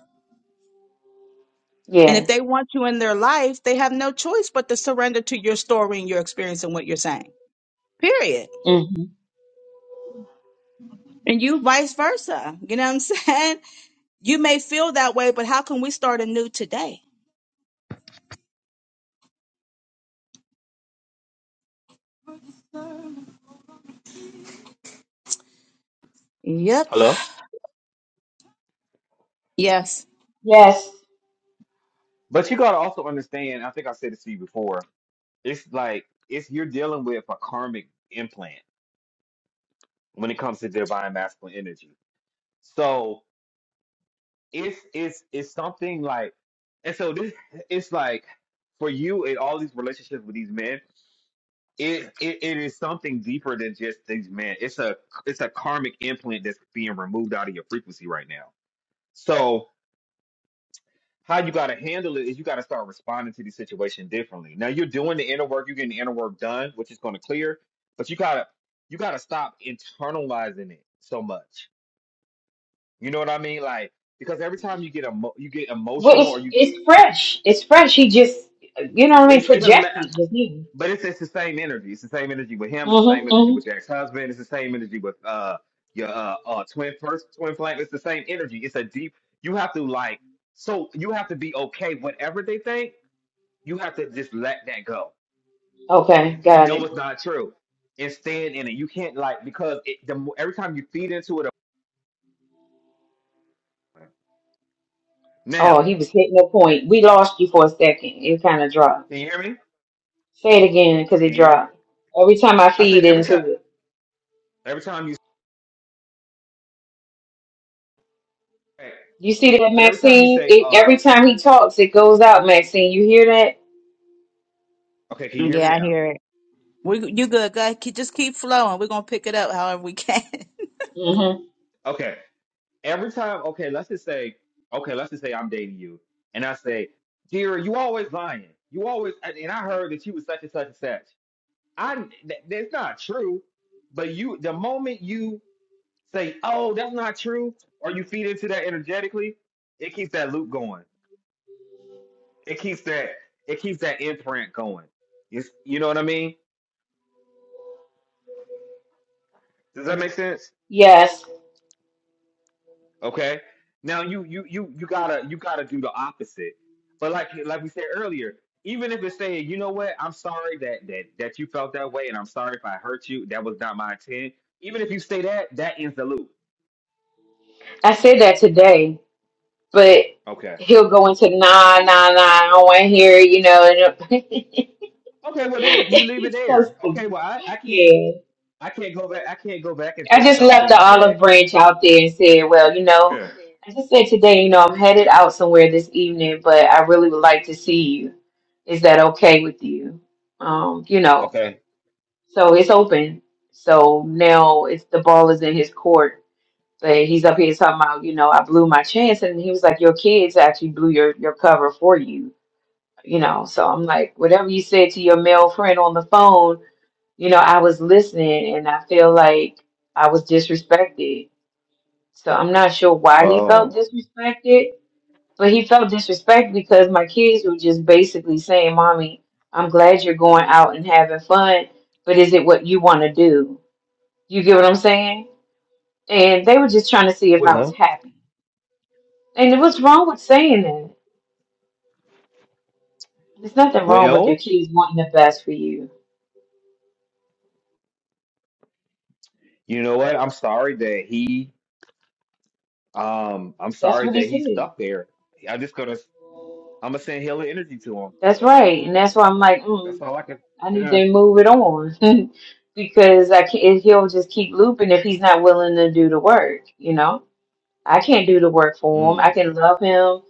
and if
Yeah.
they want you in their life they have no choice but to surrender to your story and your experience and what you're saying period
hmm
and you vice versa you know what i'm saying you may feel that way but how can we start anew today yep
Hello?
yes
Yes.
But you gotta also understand. I think I said this to you before. It's like it's you're dealing with a karmic implant when it comes to divine masculine energy. So it's it's it's something like, and so this it's like for you in all these relationships with these men, it, it it is something deeper than just these men. It's a it's a karmic implant that's being removed out of your frequency right now. So how you got to handle it is you got to start responding to the situation differently. Now you're doing the inner work, you're getting the inner work done, which is going to clear, but you gotta you gotta stop internalizing it so much You know what I mean? Like because every time you get emo- you get
Well,
emotional
it's
or you get
it's fresh. It's fresh. He just you know what I mean
it's it don't ma-
projected just me.
but it's, it's the same energy. It's the same energy with him. It's the same
Mm-hmm.
energy
hmm
with your ex husband. It's the same energy with uh your uh, uh twin first twin flame. It's the same energy. It's a deep. You have to like so you have to be okay. Whatever they think, you have to just let that go
Okay.
and
Got
know
it.
it's not true and stand in it. You can't like because it, the mo- every time you feed into it.
Oh,
Now,
he was hitting a
eh,
point. We lost you for a second. It kind of dropped.
can you hear me?
Say it again because it
Can you hear me?
dropped. Every time I
I
feed
said every
into it.
time. Every time you.
You see that,
But every time you
Maxine?
say,
It,
uh,
every time he talks, it goes out, Maxine. You hear that?
okay, can you hear me
Yeah, I
now?
hear it. We, you good, guys? Keep, just keep flowing. We're gonna pick it up however we can.
hmm
Okay. Every time, okay, let's just say, okay, let's just say I'm dating you. And I say, dear, you always lying. You always, and and I heard that you was such and such and such. I, th- that's not true. But you, the moment you say, oh, that's not true, or you feed into that energetically, it keeps that loop going. It keeps that, it keeps that imprint going. It's, you know what I mean? Does that make sense?
Yes.
Okay. Now you you you you gotta you gotta do the opposite. But like like we said earlier, even if it's saying, you know what, I'm sorry that that that you felt that way, and I'm sorry if I hurt you. That was not my intent. Even if you say that, that ends the loop.
I said that today, but
Okay.
he'll go into, nah, nah, nah, I don't want to hear it, you know. And it-
Okay. Well, then you leave it
he's so
there. Okay.
stupid.
Well, I I can't
Yeah.
I can't go back I can't go back and
I
fix
just left the
something
olive
that.
branch out there and said, well, you know,
Yeah.
I just said today, you know, I'm headed out somewhere this evening, but I really would like to see you. Is that okay with you? Um, you know, So it's open. So now it's the ball is in his court. But he's up here talking about, you know, I blew my chance, and he was like, your kids actually blew your your cover for you, you know. So I'm like, whatever you said to your male friend on the phone, you know, I was listening, and I feel like I was disrespected. So I'm not sure why he felt
Oh.
disrespected, but he felt disrespected because my kids were just basically saying, "Mommy, I'm glad you're going out and having fun, but is it what you want to do?" You get what I'm saying? And they were just trying to see if I was happy. And what's wrong with saying that? There's nothing wrong with your
Well,
kids wanting the best for you.
you know what? I'm sorry that he um I'm
That's
sorry
what he
that he's
said.
stuck there. I'm just gonna I'm gonna send hella energy to him.
That's right. And that's why I'm like, mm,
That's all I can.
I need
Yeah.
to move it on. because I can't, he'll just keep looping if he's not willing to do the work, you know? I can't do the work for him. I
Mm.
can love him,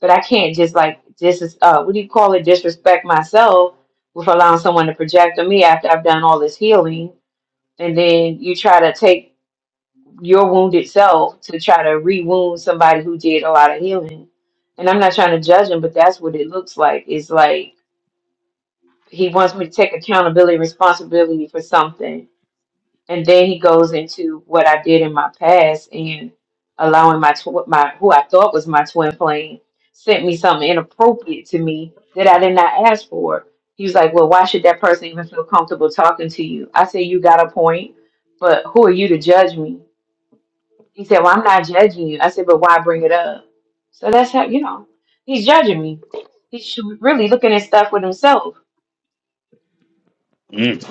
but I can't just like, dis uh, what do you call it, disrespect myself with allowing someone to project on me after I've done all this healing and then you try to take your wounded self to try to re-wound somebody who did a lot of healing. And I'm not trying to judge him, but that's what it looks like. It's like he wants me to take accountability, responsibility for something, and then he goes into what I did in my past and allowing my tw- my who I thought was my twin flame sent me something inappropriate to me that I did not ask for. He was like, "Well, why should that person even feel comfortable talking to you?" I say, "You got a point, but who are you to judge me?" He said, Well, I'm not judging you. I said, But why bring it up? So that's how, you know, he's judging me. He's really looking at stuff with himself.
Mm.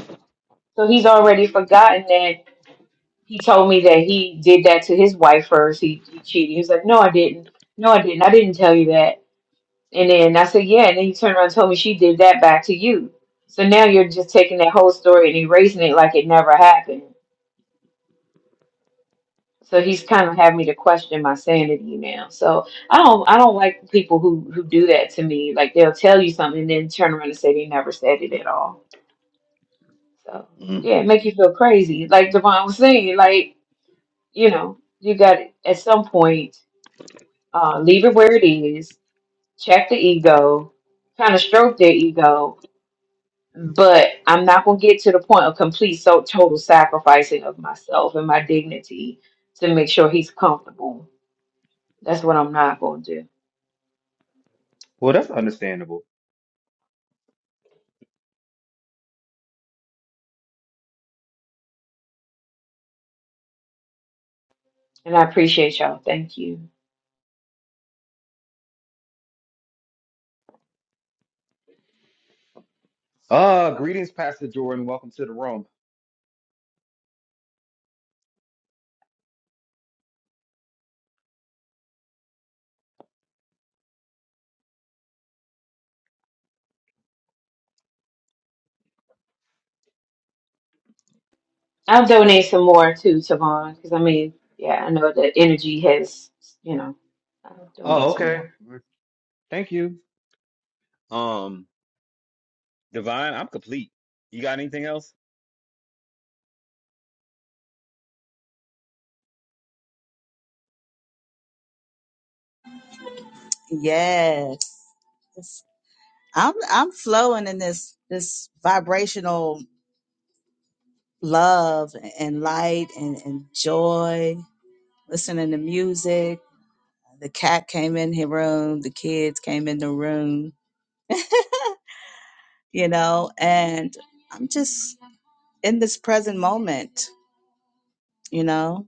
So he's already forgotten that he told me that he did that to his wife first. He, he cheated. He was like, No, I didn't. No, I didn't. I didn't tell you that. And then I said, Yeah. And then he turned around and told me she did that back to you. So now you're just taking that whole story and erasing it like it never happened. So he's kind of having me to question my sanity now. So I don't I don't like people who who do that to me. Like they'll tell you something and then turn around and say they never said it at all. So yeah, it make you feel crazy. Like Devon was saying, like you know, you got at some point uh, leave it where it is. Check the ego, kind of stroke their ego. But I'm not gonna get to the point of complete so total sacrificing of myself and my dignity to make sure he's comfortable. That's what I'm not gonna do.
Well, that's understandable.
And I appreciate y'all. Thank you.
Uh, greetings, Pastor Jordan. Welcome to the room.
I'll donate some more to Savon because I mean, yeah, I know the energy has, you know, I'll donate
Oh,
some
okay.
more.
Thank you. Um, Divine, I'm complete. You got anything else?
yes, I'm I'm flowing in this this vibrational love and light and, and joy. Listening to music. The cat came in the room. The kids came in the room. You know, and I'm just in this present moment. You know.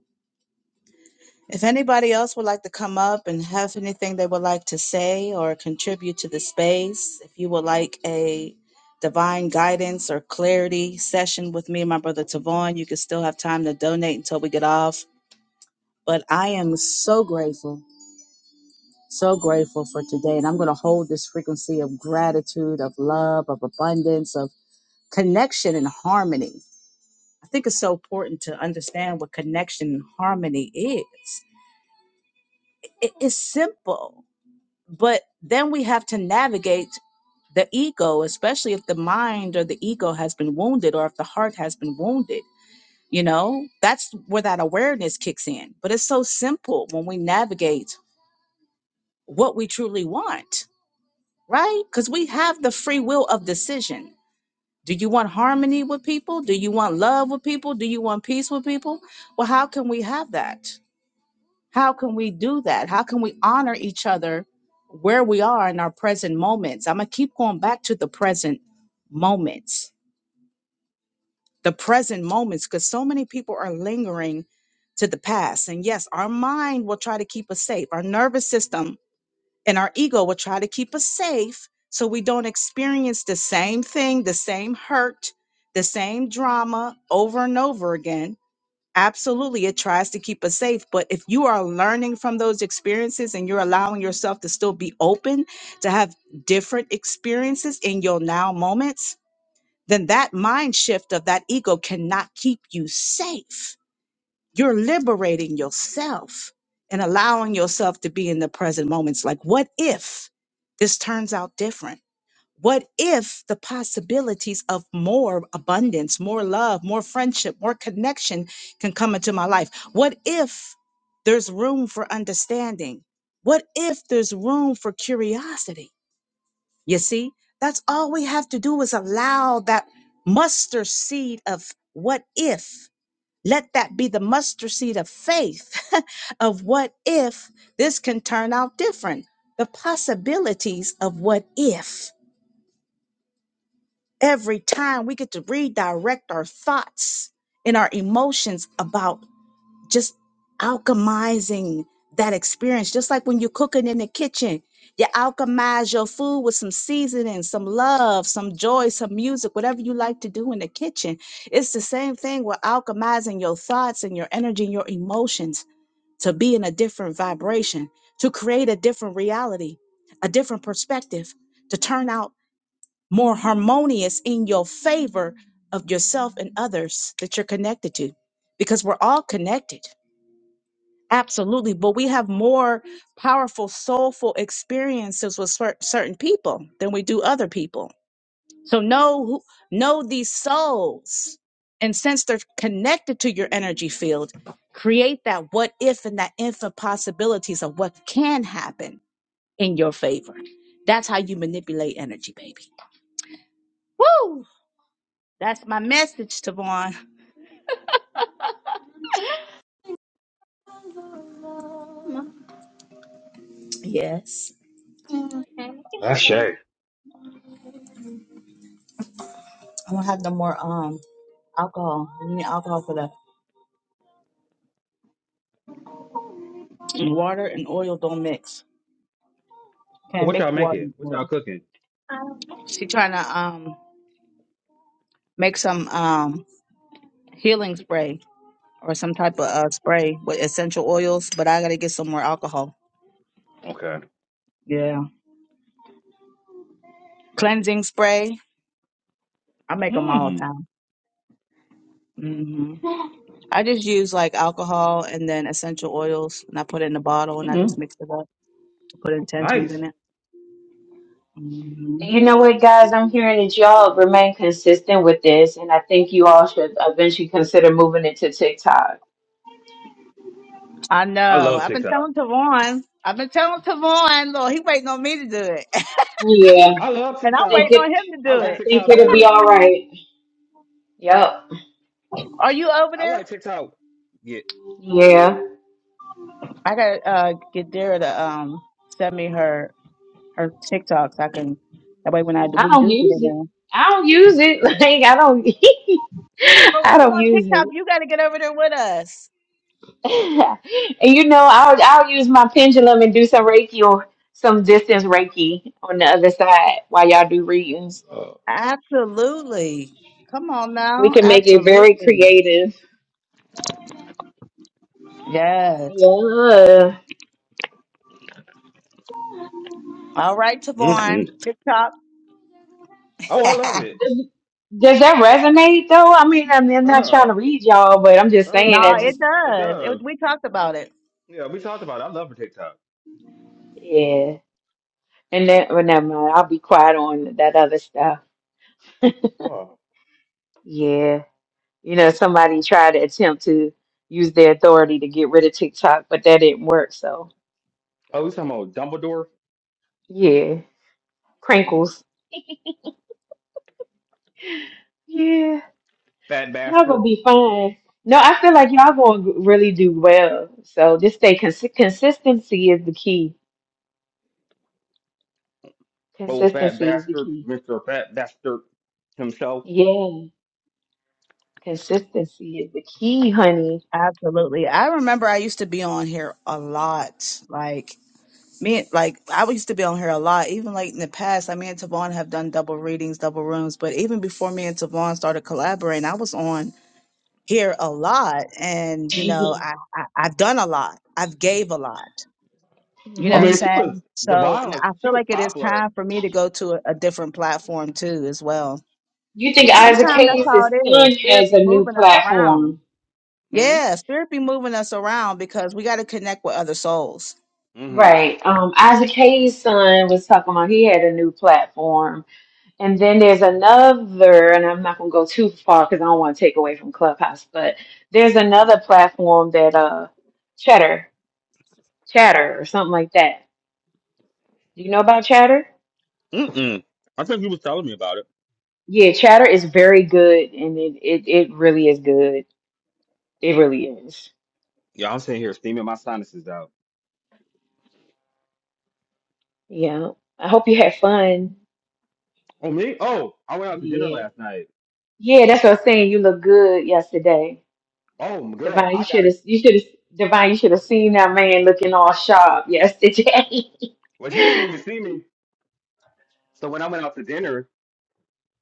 If anybody else would like to come up and have anything they would like to say or contribute to the space, if you would like a divine guidance or clarity session with me and my brother Tavon, you can still have time to donate until we get off. But I am so grateful, so grateful for today. And I'm going to hold this frequency of gratitude, of love, of abundance, of connection and harmony. I think it's so important to understand what connection and harmony is. It is simple but then we have to navigate the ego especially if the mind or the ego has been wounded or if the heart has been wounded you know that's where that awareness kicks in but it's so simple when we navigate what we truly want right because we have the free will of decision do you want harmony with people do you want love with people do you want peace with people well how can we have that How can we do that? How can we honor each other where we are in our present moments? I'm going to keep going back to the present moments, the present moments, because so many people are lingering to the past. And yes, our mind will try to keep us safe, our nervous system and our ego will try to keep us safe so we don't experience the same thing, the same hurt, the same drama over and over again Absolutely, it tries to keep us safe. But if you are learning from those experiences and you're allowing yourself to still be open to have different experiences in your now moments, then that mind shift of that ego cannot keep you safe. You're liberating yourself and allowing yourself to be in the present moments. Like, what if this turns out different? What if the possibilities of more abundance, more love, more friendship, more connection can come into my life? What if there's room for understanding? What if there's room for curiosity? You see, that's all we have to do is allow that mustard seed of what if. Let that be the mustard seed of faith of what if this can turn out different. The possibilities of what if. Every time we get to redirect our thoughts and our emotions about just alchemizing that experience, just like when you're cooking in the kitchen. You alchemize your food with some seasoning, some love, some joy, some music, whatever you like to do in the kitchen. It's the same thing with alchemizing your thoughts and your energy and your emotions to be in a different vibration, to create a different reality, a different perspective, to turn out more harmonious in your favor of yourself and others that you're connected to because we're all connected absolutely but we have more powerful soulful experiences with cer- certain people than we do other people so know who, know these souls and since they're connected to your energy field create that what if and that infinite possibilities of what can happen in your favor that's how you manipulate energy baby that's my message to Yes. I don't have no more um alcohol. You need alcohol for that. And water and oil don't mix.
Oh,
Can't
what
mix
y'all
water
making?
and
What
oil.
y'all cooking?
She trying to um make some um healing spray or some type of uh, spray with essential oils, but I gotta get some more alcohol.
Okay.
Yeah. Cleansing spray. I make them all the
Mm.
time. hmm I just use like alcohol and then essential oils, and I put it in a bottle, and I just
Mm.
mix it up. to Put intentions
Nice.
in it. hmm
And you know what, guys? I'm hearing that y'all remain consistent with this, and I think you all should eventually consider moving it to TikTok.
I
I
know.
love
I've been
TikTok.
telling Tavon. I've been telling Tavon, Lord, he waiting on me to do it.
Yeah,
I love
And
I
I'm
think
waiting
TikTok.
on
it.
him to
I
do
I
like
it.
think
TikTok
it'll be
better.
all right. Yep.
Are you over
I
there?
like TikTok. Yeah.
Yeah.
I gotta uh get Dara to um send me her her TikToks. I can that way when I
I
we
don't
do get in
use it.
there.
I don't use it. Like I don't.
Well we
I
get
don't
on
use
TikTok,
it.
you gotta get over there with us.
and you know, I'll I'll use my pendulum and do some Reiki or some distance Reiki on the other side while y'all do readings.
Uh,
Absolutely. Come on
We
now.
can make it very
Absolutely.
creative.
Yes.
Yeah.
All right, Tavon.
mhm.
TikTok.
Oh, I love it.
Does, does that resonate though? I mean, I mean, I'm not trying
Uh,
to read y'all, but I'm just
no,
saying that
uh,
it
just
it
does. It,
does.
we talked about it.
Yeah, we talked about it. I love TikTok.
yeah. And then, well, never mind. I'll be quiet on that other stuff.
Uh,
Yeah. You know, somebody tried to attempt to use their authority to get rid of TikTok, but that didn't work. So,
Oh, we talking about Dumbledore,
yeah.
mm,
Crinkles. Yeah,
fat
y'all gonna
bastard,
be fine. No, I feel like y'all gonna really do well. So just stay consi- consistency is the key.
old fat
Consistency is the
bastard,
key.
Mister Fat Bastard himself.
Yeah, consistency is the key, honey.
Absolutely. I remember I used to be on here a lot. Like me, like I used to be on here a lot. Even like in the past, I me and Tavon have done double readings, double rooms. But even before me and Tavon started collaborating, I was on here a lot, and you know,
hmm
I, I I've done a lot. I've gave a lot. You know
I
what
hmm
I'm
mean, she
saying?
was the
So n-
violence.
I
She
feel
was
like it is
popular.
time for me to go to a, a different platform too, as well.
You think
Yeah, you was
Isaac
Sometimes that's
popular.
how
Hayes'
it
son
is. Spirit
has
be
a new
moving us around.
platform?
Hmm.
Yeah, spirit be moving us around because we got to connect with other souls.
Mm-hmm.
Right. Um, Isaac Hayes' son was talking about he had a new platform And then there's another, and I'm not gonna go too far because I don't want to take away from Clubhouse, but there's another platform that uh Chatter, Chatter or something like that. Do you know about Chatter?
Mm-mm. I think you was telling me about it.
Yeah, Chatter is very good and it it, it really is good. It really is.
Yeah, I'm sitting here steaming my sinuses out.
Yeah. I hope you had fun.
Oh me? Oh, I went out to dinner
Yeah.
last night.
Yeah, that's what I was saying. You look good yesterday.
Oh, my girl,
Divine, you
I
should
got
have
it.
you should have Divine, you should have seen that man looking all sharp yesterday.
Well, you didn't even see me. So when I went out to dinner,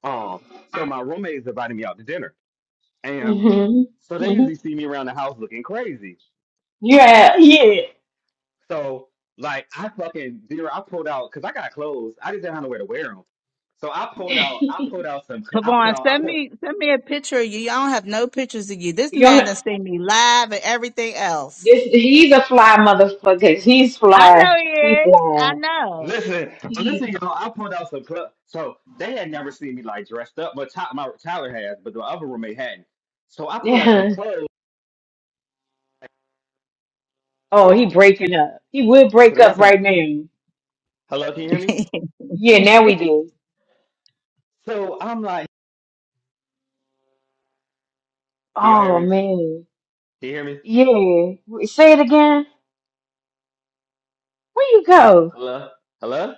um, so my roommates invited me out to dinner, and
hmm
so they usually see me around the house looking crazy.
Yeah, yeah.
So like I fucking zero. I pulled out because I got clothes. I just didn't have nowhere to wear them. So I pulled out. I pulled out some. cl- I pulled
Tavon,
out. I
send
pulled.
me send me a picture of you. I don't have no pictures of you. This
Young,
man done seen me live and everything else.
this, he's a fly motherfucker. He's
I know
fly.
he
He
is. I
fly.
know.
Listen, listen,
He,
y'all. I pulled out some clothes. So they had never seen me like dressed up, but Ty- my Tyler has, but the other roommate hadn't. So I pulled out some
yeah.
clothes
Oh, he breaking up. He would
to
break
the
up
restaurant.
right now.
Hello, can you hear me?
Yeah, now we do.
So I'm like, can y'all hear
Oh
me?
man.
Can you hear me?
Yeah. Wait, Say it again. Where you go?
Hello, hello?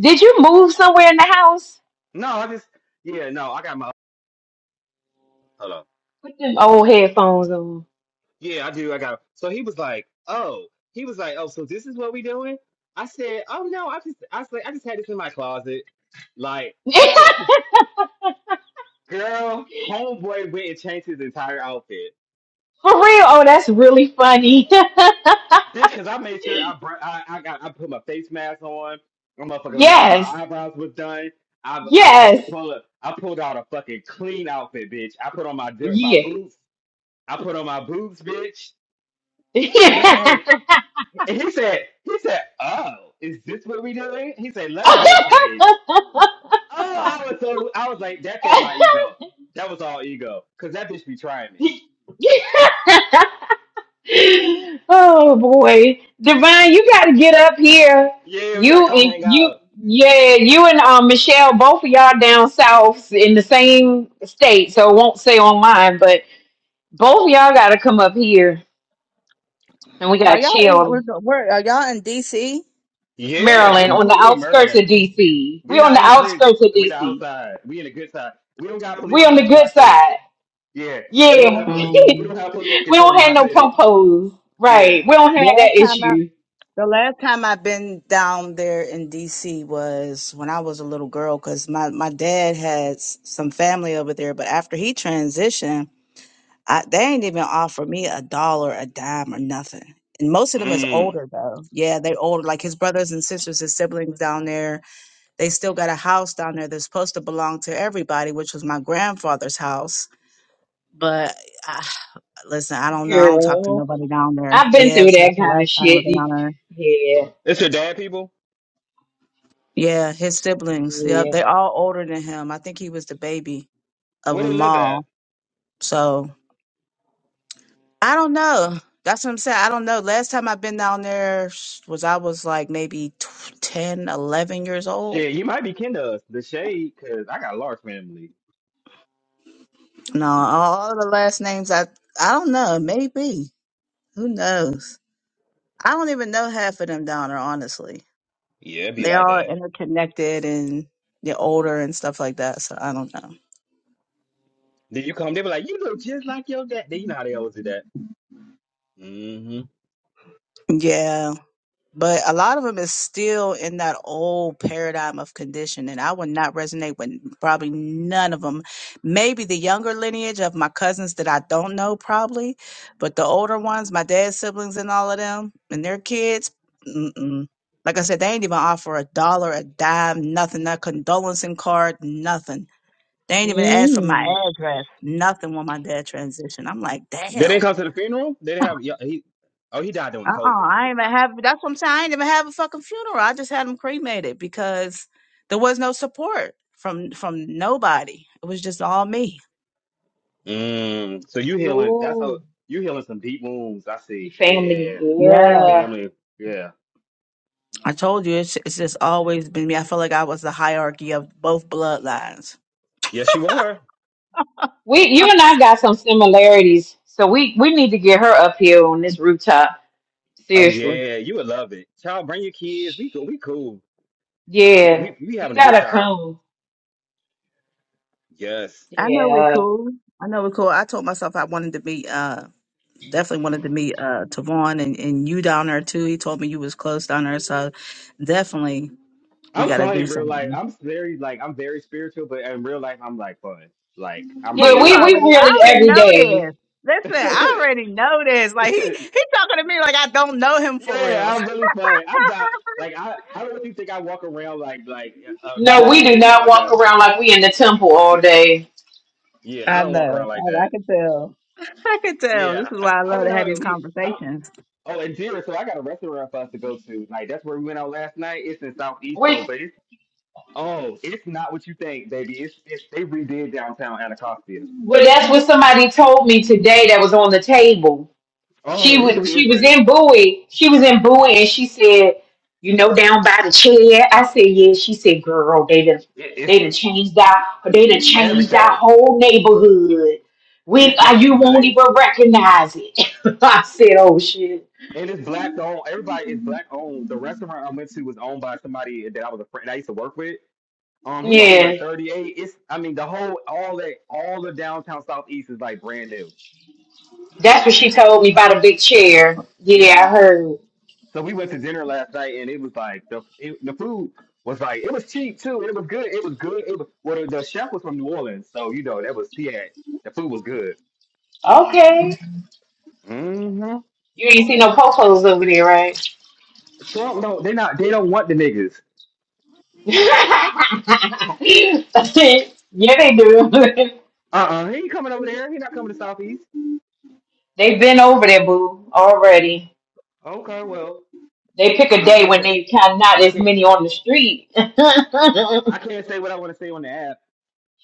Did you move somewhere in the house?
No, I just yeah, no, I got my hello.
Put them old headphones on.
Yeah, I do. I got. So he was like, "Oh," he was like, "Oh, so this is what we doing?" I said, "Oh no, I just, I said, I just had this in my closet." Like,
For
oh, girl, homeboy went and changed his entire outfit,
real? Oh, that's really funny.
bitch. Because I made sure I, br- I, I got, I put my face mask on. I'm motherfucking made sure my
yes.
eyebrows was done. I, I
Yes.
fucking pulled up. I pulled out a fucking clean outfit, bitch. I put on my dir- my boots. I put on my boots, bitch. And I
Yeah.
came. And he said, he said, "Oh, is this what we doing?" He said, "Let me go change." Oh, I was so I was like, that fed my ego. That was all ego, cause that bitch be trying me.
oh boy, Divine, you got to get up here.
Yeah, we gotta
You
come
and
hang
you,
out.
yeah, you and um, Michelle, both of y'all down south in the same state, so it won't say on mine, but both of y'all got to come up here, and we
Are
got to
y'all in
chill
was the- where, are y'all in DC?
Yeah, we
Maryland on
we,
the
we in
outskirts of
Maryland. We
DC.
we
We on
not
the
in the crib.
outskirts of
We the
DC.
outside. We in the good side. We don't got police
We on
running
the
through
good
our streets.
side.
Yeah, we don't have poli-
Yeah.
we
Mm.
don't have police
We don't
controlling
have
our
no
city.
popos.
Yeah.
Right. We don't have
Last
that
time I
issue,
the last time I've been down there in DC was when I was a little girl because my, my dad had s- some family over there, but after he transitioned I, they ain't even offer me a dollar, a dime, or nothing. And most of them is
Mm.
older though. Yeah, they older. Like his brothers and sisters, his siblings down there. They still got a house down there that's supposed to belong to everybody, which was my grandfather's house. But I, listen, I don't know. I don't talk to
girl.
nobody down there.
I've been
Yeah,
through
so
that
that's the
kind
last
of
time I was
shit. You-
down there.
Yeah.
It's your dad, people.
Yeah, his siblings. Yep,
Yeah.
they're all older than him. I think he was the baby of
Where they
them
live at?
all. So I don't know. That's what I'm saying. I don't know. Last time I've been down there was I was like maybe tw- 10, eleven years old.
Shit, you might be kin to us, the shade, cause I got a large family.
No, all the last names I I don't know. Maybe who knows? I don't even know half of them down there. Honestly,
Yeah, it'd be
they
like
all
that.
interconnected and they're older and stuff like that. So I don't know.
Then you come, they be like, you look just like your dad. Then you know how they always do that. hmm
Yeah. But a lot of them is still in that old paradigm of conditioning. I would not resonate with probably none of them. Maybe the younger lineage of my cousins that I don't know, probably, but the older ones, my dad's siblings and all of them, and their kids, mm-mm. like I said, they ain't even offer a dollar, a dime, nothing, a condolencing card, nothing. They ain't even ask for my
Mm.
address, nothing when my dad transitioned. I'm like,
They
damn.
didn't come to the funeral. They didn't have yeah, he. Oh, he died
Uh
during
uh
COVID. I
I ain't even
forgot.
have. That's what I'm saying. I ain't even have a fucking funeral. I just had them cremated because there was no support from from nobody. It was just all me.
Mm. So you healing? That's
Ooh.
how you healing some deep wounds. I see.
Your family.
Yeah, yeah,
Yeah,
Yeah.
family. Yeah.
I told you, it's it's just always been me. I felt like I was the hierarchy of both bloodlines.
Yes, you are.
We you and I got some similarities. So we we need to get her up here on this rooftop.
Oh
Seriously.
yeah, you would love it. Child, bring your kids. We go. We cool. We
Yeah.
we we
You
having a good
gotta
time.
come.
Yes.
I know we're
Yeah.
cool. I know we're cool. I told myself I wanted to meet. Uh, definitely wanted to meet uh Tavon and and you down there too. He told me you was close down there, so definitely we
I'm
got to
fun
do
in real
something.
life. I'm very like I'm very spiritual, but in real life I'm like fun. Like I'm
Bro,
Yeah,
you
real
we, we
fun.
already, I
really
already
every
know
day.
this. Listen, I already know this. Like he, he talking to me like I don't know him for
yeah,
real.
I'm really fine. I'm not like I. I don't really think I walk around like like uh, um,
No, we do
levitating
not
all
walk
that.
around like we in the temple all day.
Yeah, I
I
don't walk around
know.
like
I, I
that.
can tell. I can tell. This
Yeah,
is
I,
why I
I
love
went
to have
out.
these
We, I,
conversations.
oh, and dear, so I got a restaurant for us to go to. Like that's where we went out last night. It's in Southeast though,
We.
but it's oh, it's not what you think, baby. It's, it's they redid downtown Anacostia.
Well, that's what somebody told me today that was on the table. She
Oh, it's
was she was
different.
in Bowie. She was in Bowie and she said, you know, down by the chair. I said, yeah. She said, girl, they done
It,
they
it's
done changed our they done changed our
everything.
whole neighborhood. We
It's
uh,
like
you won't
nice.
even recognize it. I said, oh shit.
And it's black owned. Everybody is black owned. The restaurant I went to was owned by somebody that I was a friend that I used to work with. Um, he only
Yeah.
like thirty eight. It's I mean the whole all that all the downtown southeast is like brand new.
That's what she told me about a big chair. Yeah,
Yeah.
I heard.
So we went to dinner last night and it was like the it, the food was like it was cheap too. and It was good. It was good. It was well the, the chef was from New Orleans, so you know that was he had the food was good.
Okay.
Mm-hmm.
You ain't see no popos over there, right?
Trump don't they not they don't want the niggas.
yeah, they do.
Uh uh he ain't coming over there. He not coming to southeast.
They've been over there, boo, already.
Okay, well
They pick a
I, I
day
can't
when
say.
they kind of not
I
as
can't
many on the street.
I can't say what I want to say on the app,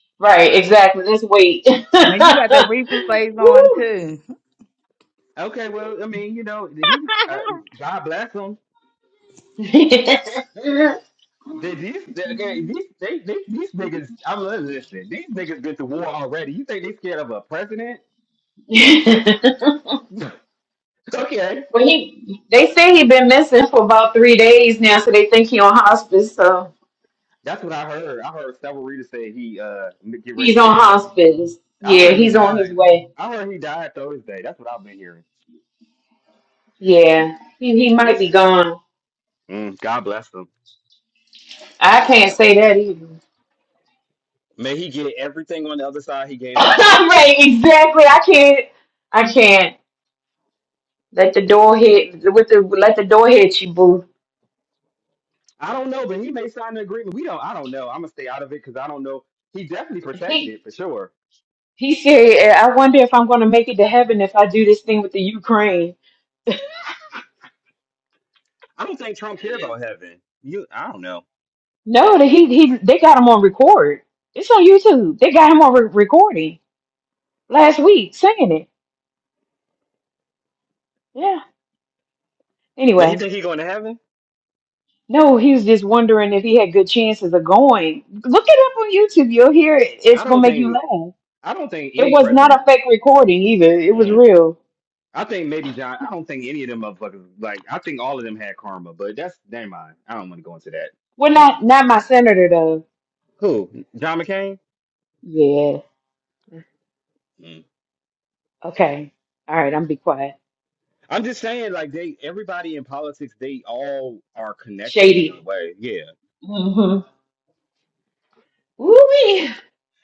right,
but
exactly. Let's wait.
Now you got the replays on
Woo.
too.
okay. Well, I mean, you know, he uh, God bless him. They, these okay, these they, they, these niggas. I'm listening. These niggas been to war already. You think they scared of a president? okay,
well, he they say he been missing for about three days now, so they think he on hospice. So
that's what I heard. I heard several readers say he uh get
he's
ready.
on
They let him.
hospice.
I
Yeah,
heard he
he's on his
died.
way.
I heard he died Thursday. That's what I've been hearing.
Yeah, he he might
What?
be gone.
mm, God bless him.
I can't say that either.
May he get everything on the other side he gave out.
right, exactly. I can't. I can't let the door hit with the let the door hit you, boo.
I don't know, but he may sign an agreement. We don't. I don't know. I'm gonna stay out of it because I don't know. He definitely protected
He
for sure.
he said, "Eh, "I wonder if I'm going to make it to heaven if I do this thing with the Ukraine."
I don't think Trump care about heaven. You, I don't know.
No, that he he they got him on record. It's on YouTube. They got him on re- recording last week singing it. Yeah.
Does he
Anyway,
think he going to heaven?
no, he was just wondering if he had good chances of going. Look it up on YouTube. You'll hear it. It's
I
gonna
don't
make you
think.
laugh.
I don't think
It
any
was not
president.
a fake recording either. It was
Mm.
real.
I think maybe John. I don't think any of them motherfuckers. Like I think all of them had karma, but that's never mind. I don't want to go into that.
Well, not
Mm-mm.
not my senator though.
Who? John McCain.
Yeah.
Mm.
Okay. All right. I'm be quiet.
I'm just saying, like they, everybody in politics, they all are connected in a
Shady.
way. Yeah.
Mm-hmm. Woo-wee.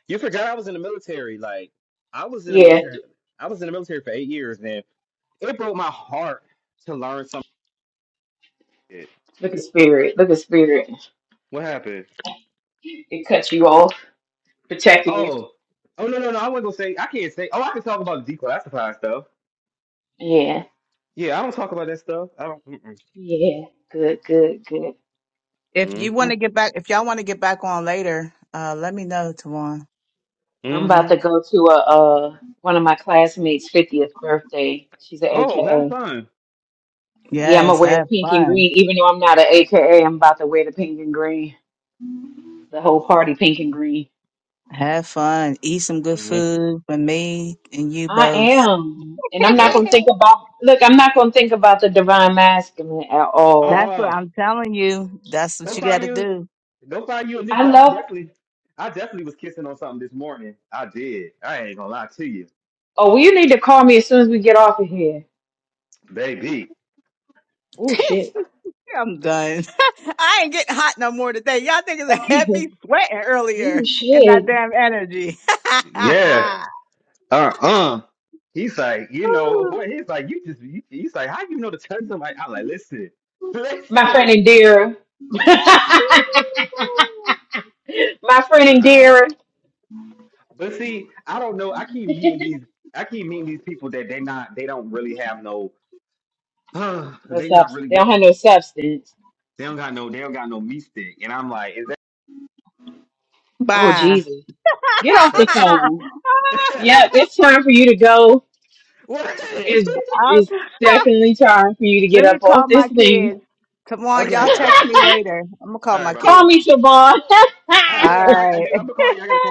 You forgot I was in the military. Like I was in the
Yeah.
military. I was in the military for eight years, man. It broke my heart to learn some shit.
Look at spirit. Look at spirit.
What happened?
It cuts you off, protecting you.
Oh, oh no, no, no. I wasn't gonna say. I can't say. Oh, I can talk about declassified stuff.
Yeah.
Yeah, I don't talk about that stuff. I don't. Mm-mm.
Yeah. Good. Good. Good.
If you
Mm-hmm.
want to get back, if y'all want to get back on later, uh, let me know, Tawan.
I'm about
Mm-hmm.
to go to a uh one of my classmates' fiftieth birthday. She's an
Oh, have
AKA.
fun.
Yeah, I'm
Yes,
gonna wear
have
pink and
fun.
green, even though I'm not an AKA. I'm about to wear the pink and green. The whole party pink and green.
Have fun. Eat some good
Mm-hmm.
food for me and you
I
both.
am. And I'm not going to
Yep.
think about, look, I'm not going to think about the divine masculine at
Uh,
all.
That's what
uh,
I'm telling you. That's what
go
you got
find
to
you.
do.
Go find you a new.
I
Cause I
love,
definitely, I definitely was kissing on something this morning. I did. I ain't gonna lie to you,
oh, well, you need to call me as soon as we get off of here.
baby.
Oh, shit.
I'm done. I ain't getting hot no more today. Y'all niggas had
Okay.
me sweating
Oh,
earlier in that
shit.
damn energy.
Yeah. uh-uh. He's like, you know,
Woo.
boy, he's like, you just, you, he's like, how you know to touch somebody? I'm like, listen,
My friend
listen.
Indira. My friend
uh-uh.
Indira.
But see, I don't know. I keep meeting these, I keep meeting these people that they not, they don't really have no, uh,
No
they not
substance.
really
They don't
well,
have no substance.
they don't got no, they don't got no meat stick. And I'm like, is that,
Oh,
Bye.
Jesus. Get off the phone. Yep, it's time for you to go.
what?
It's,
I'll,
it's definitely time for you to get
let me
up
call
off this
my
thing.
kids. Come on, y'all
okay, all right,
text me later. I'm gonna call
all
my
right, bye bye.
call
kids.
me, Siobhan.
All
I, I gotta, I, I do,
right.
I'm gonna call you, I gotta call my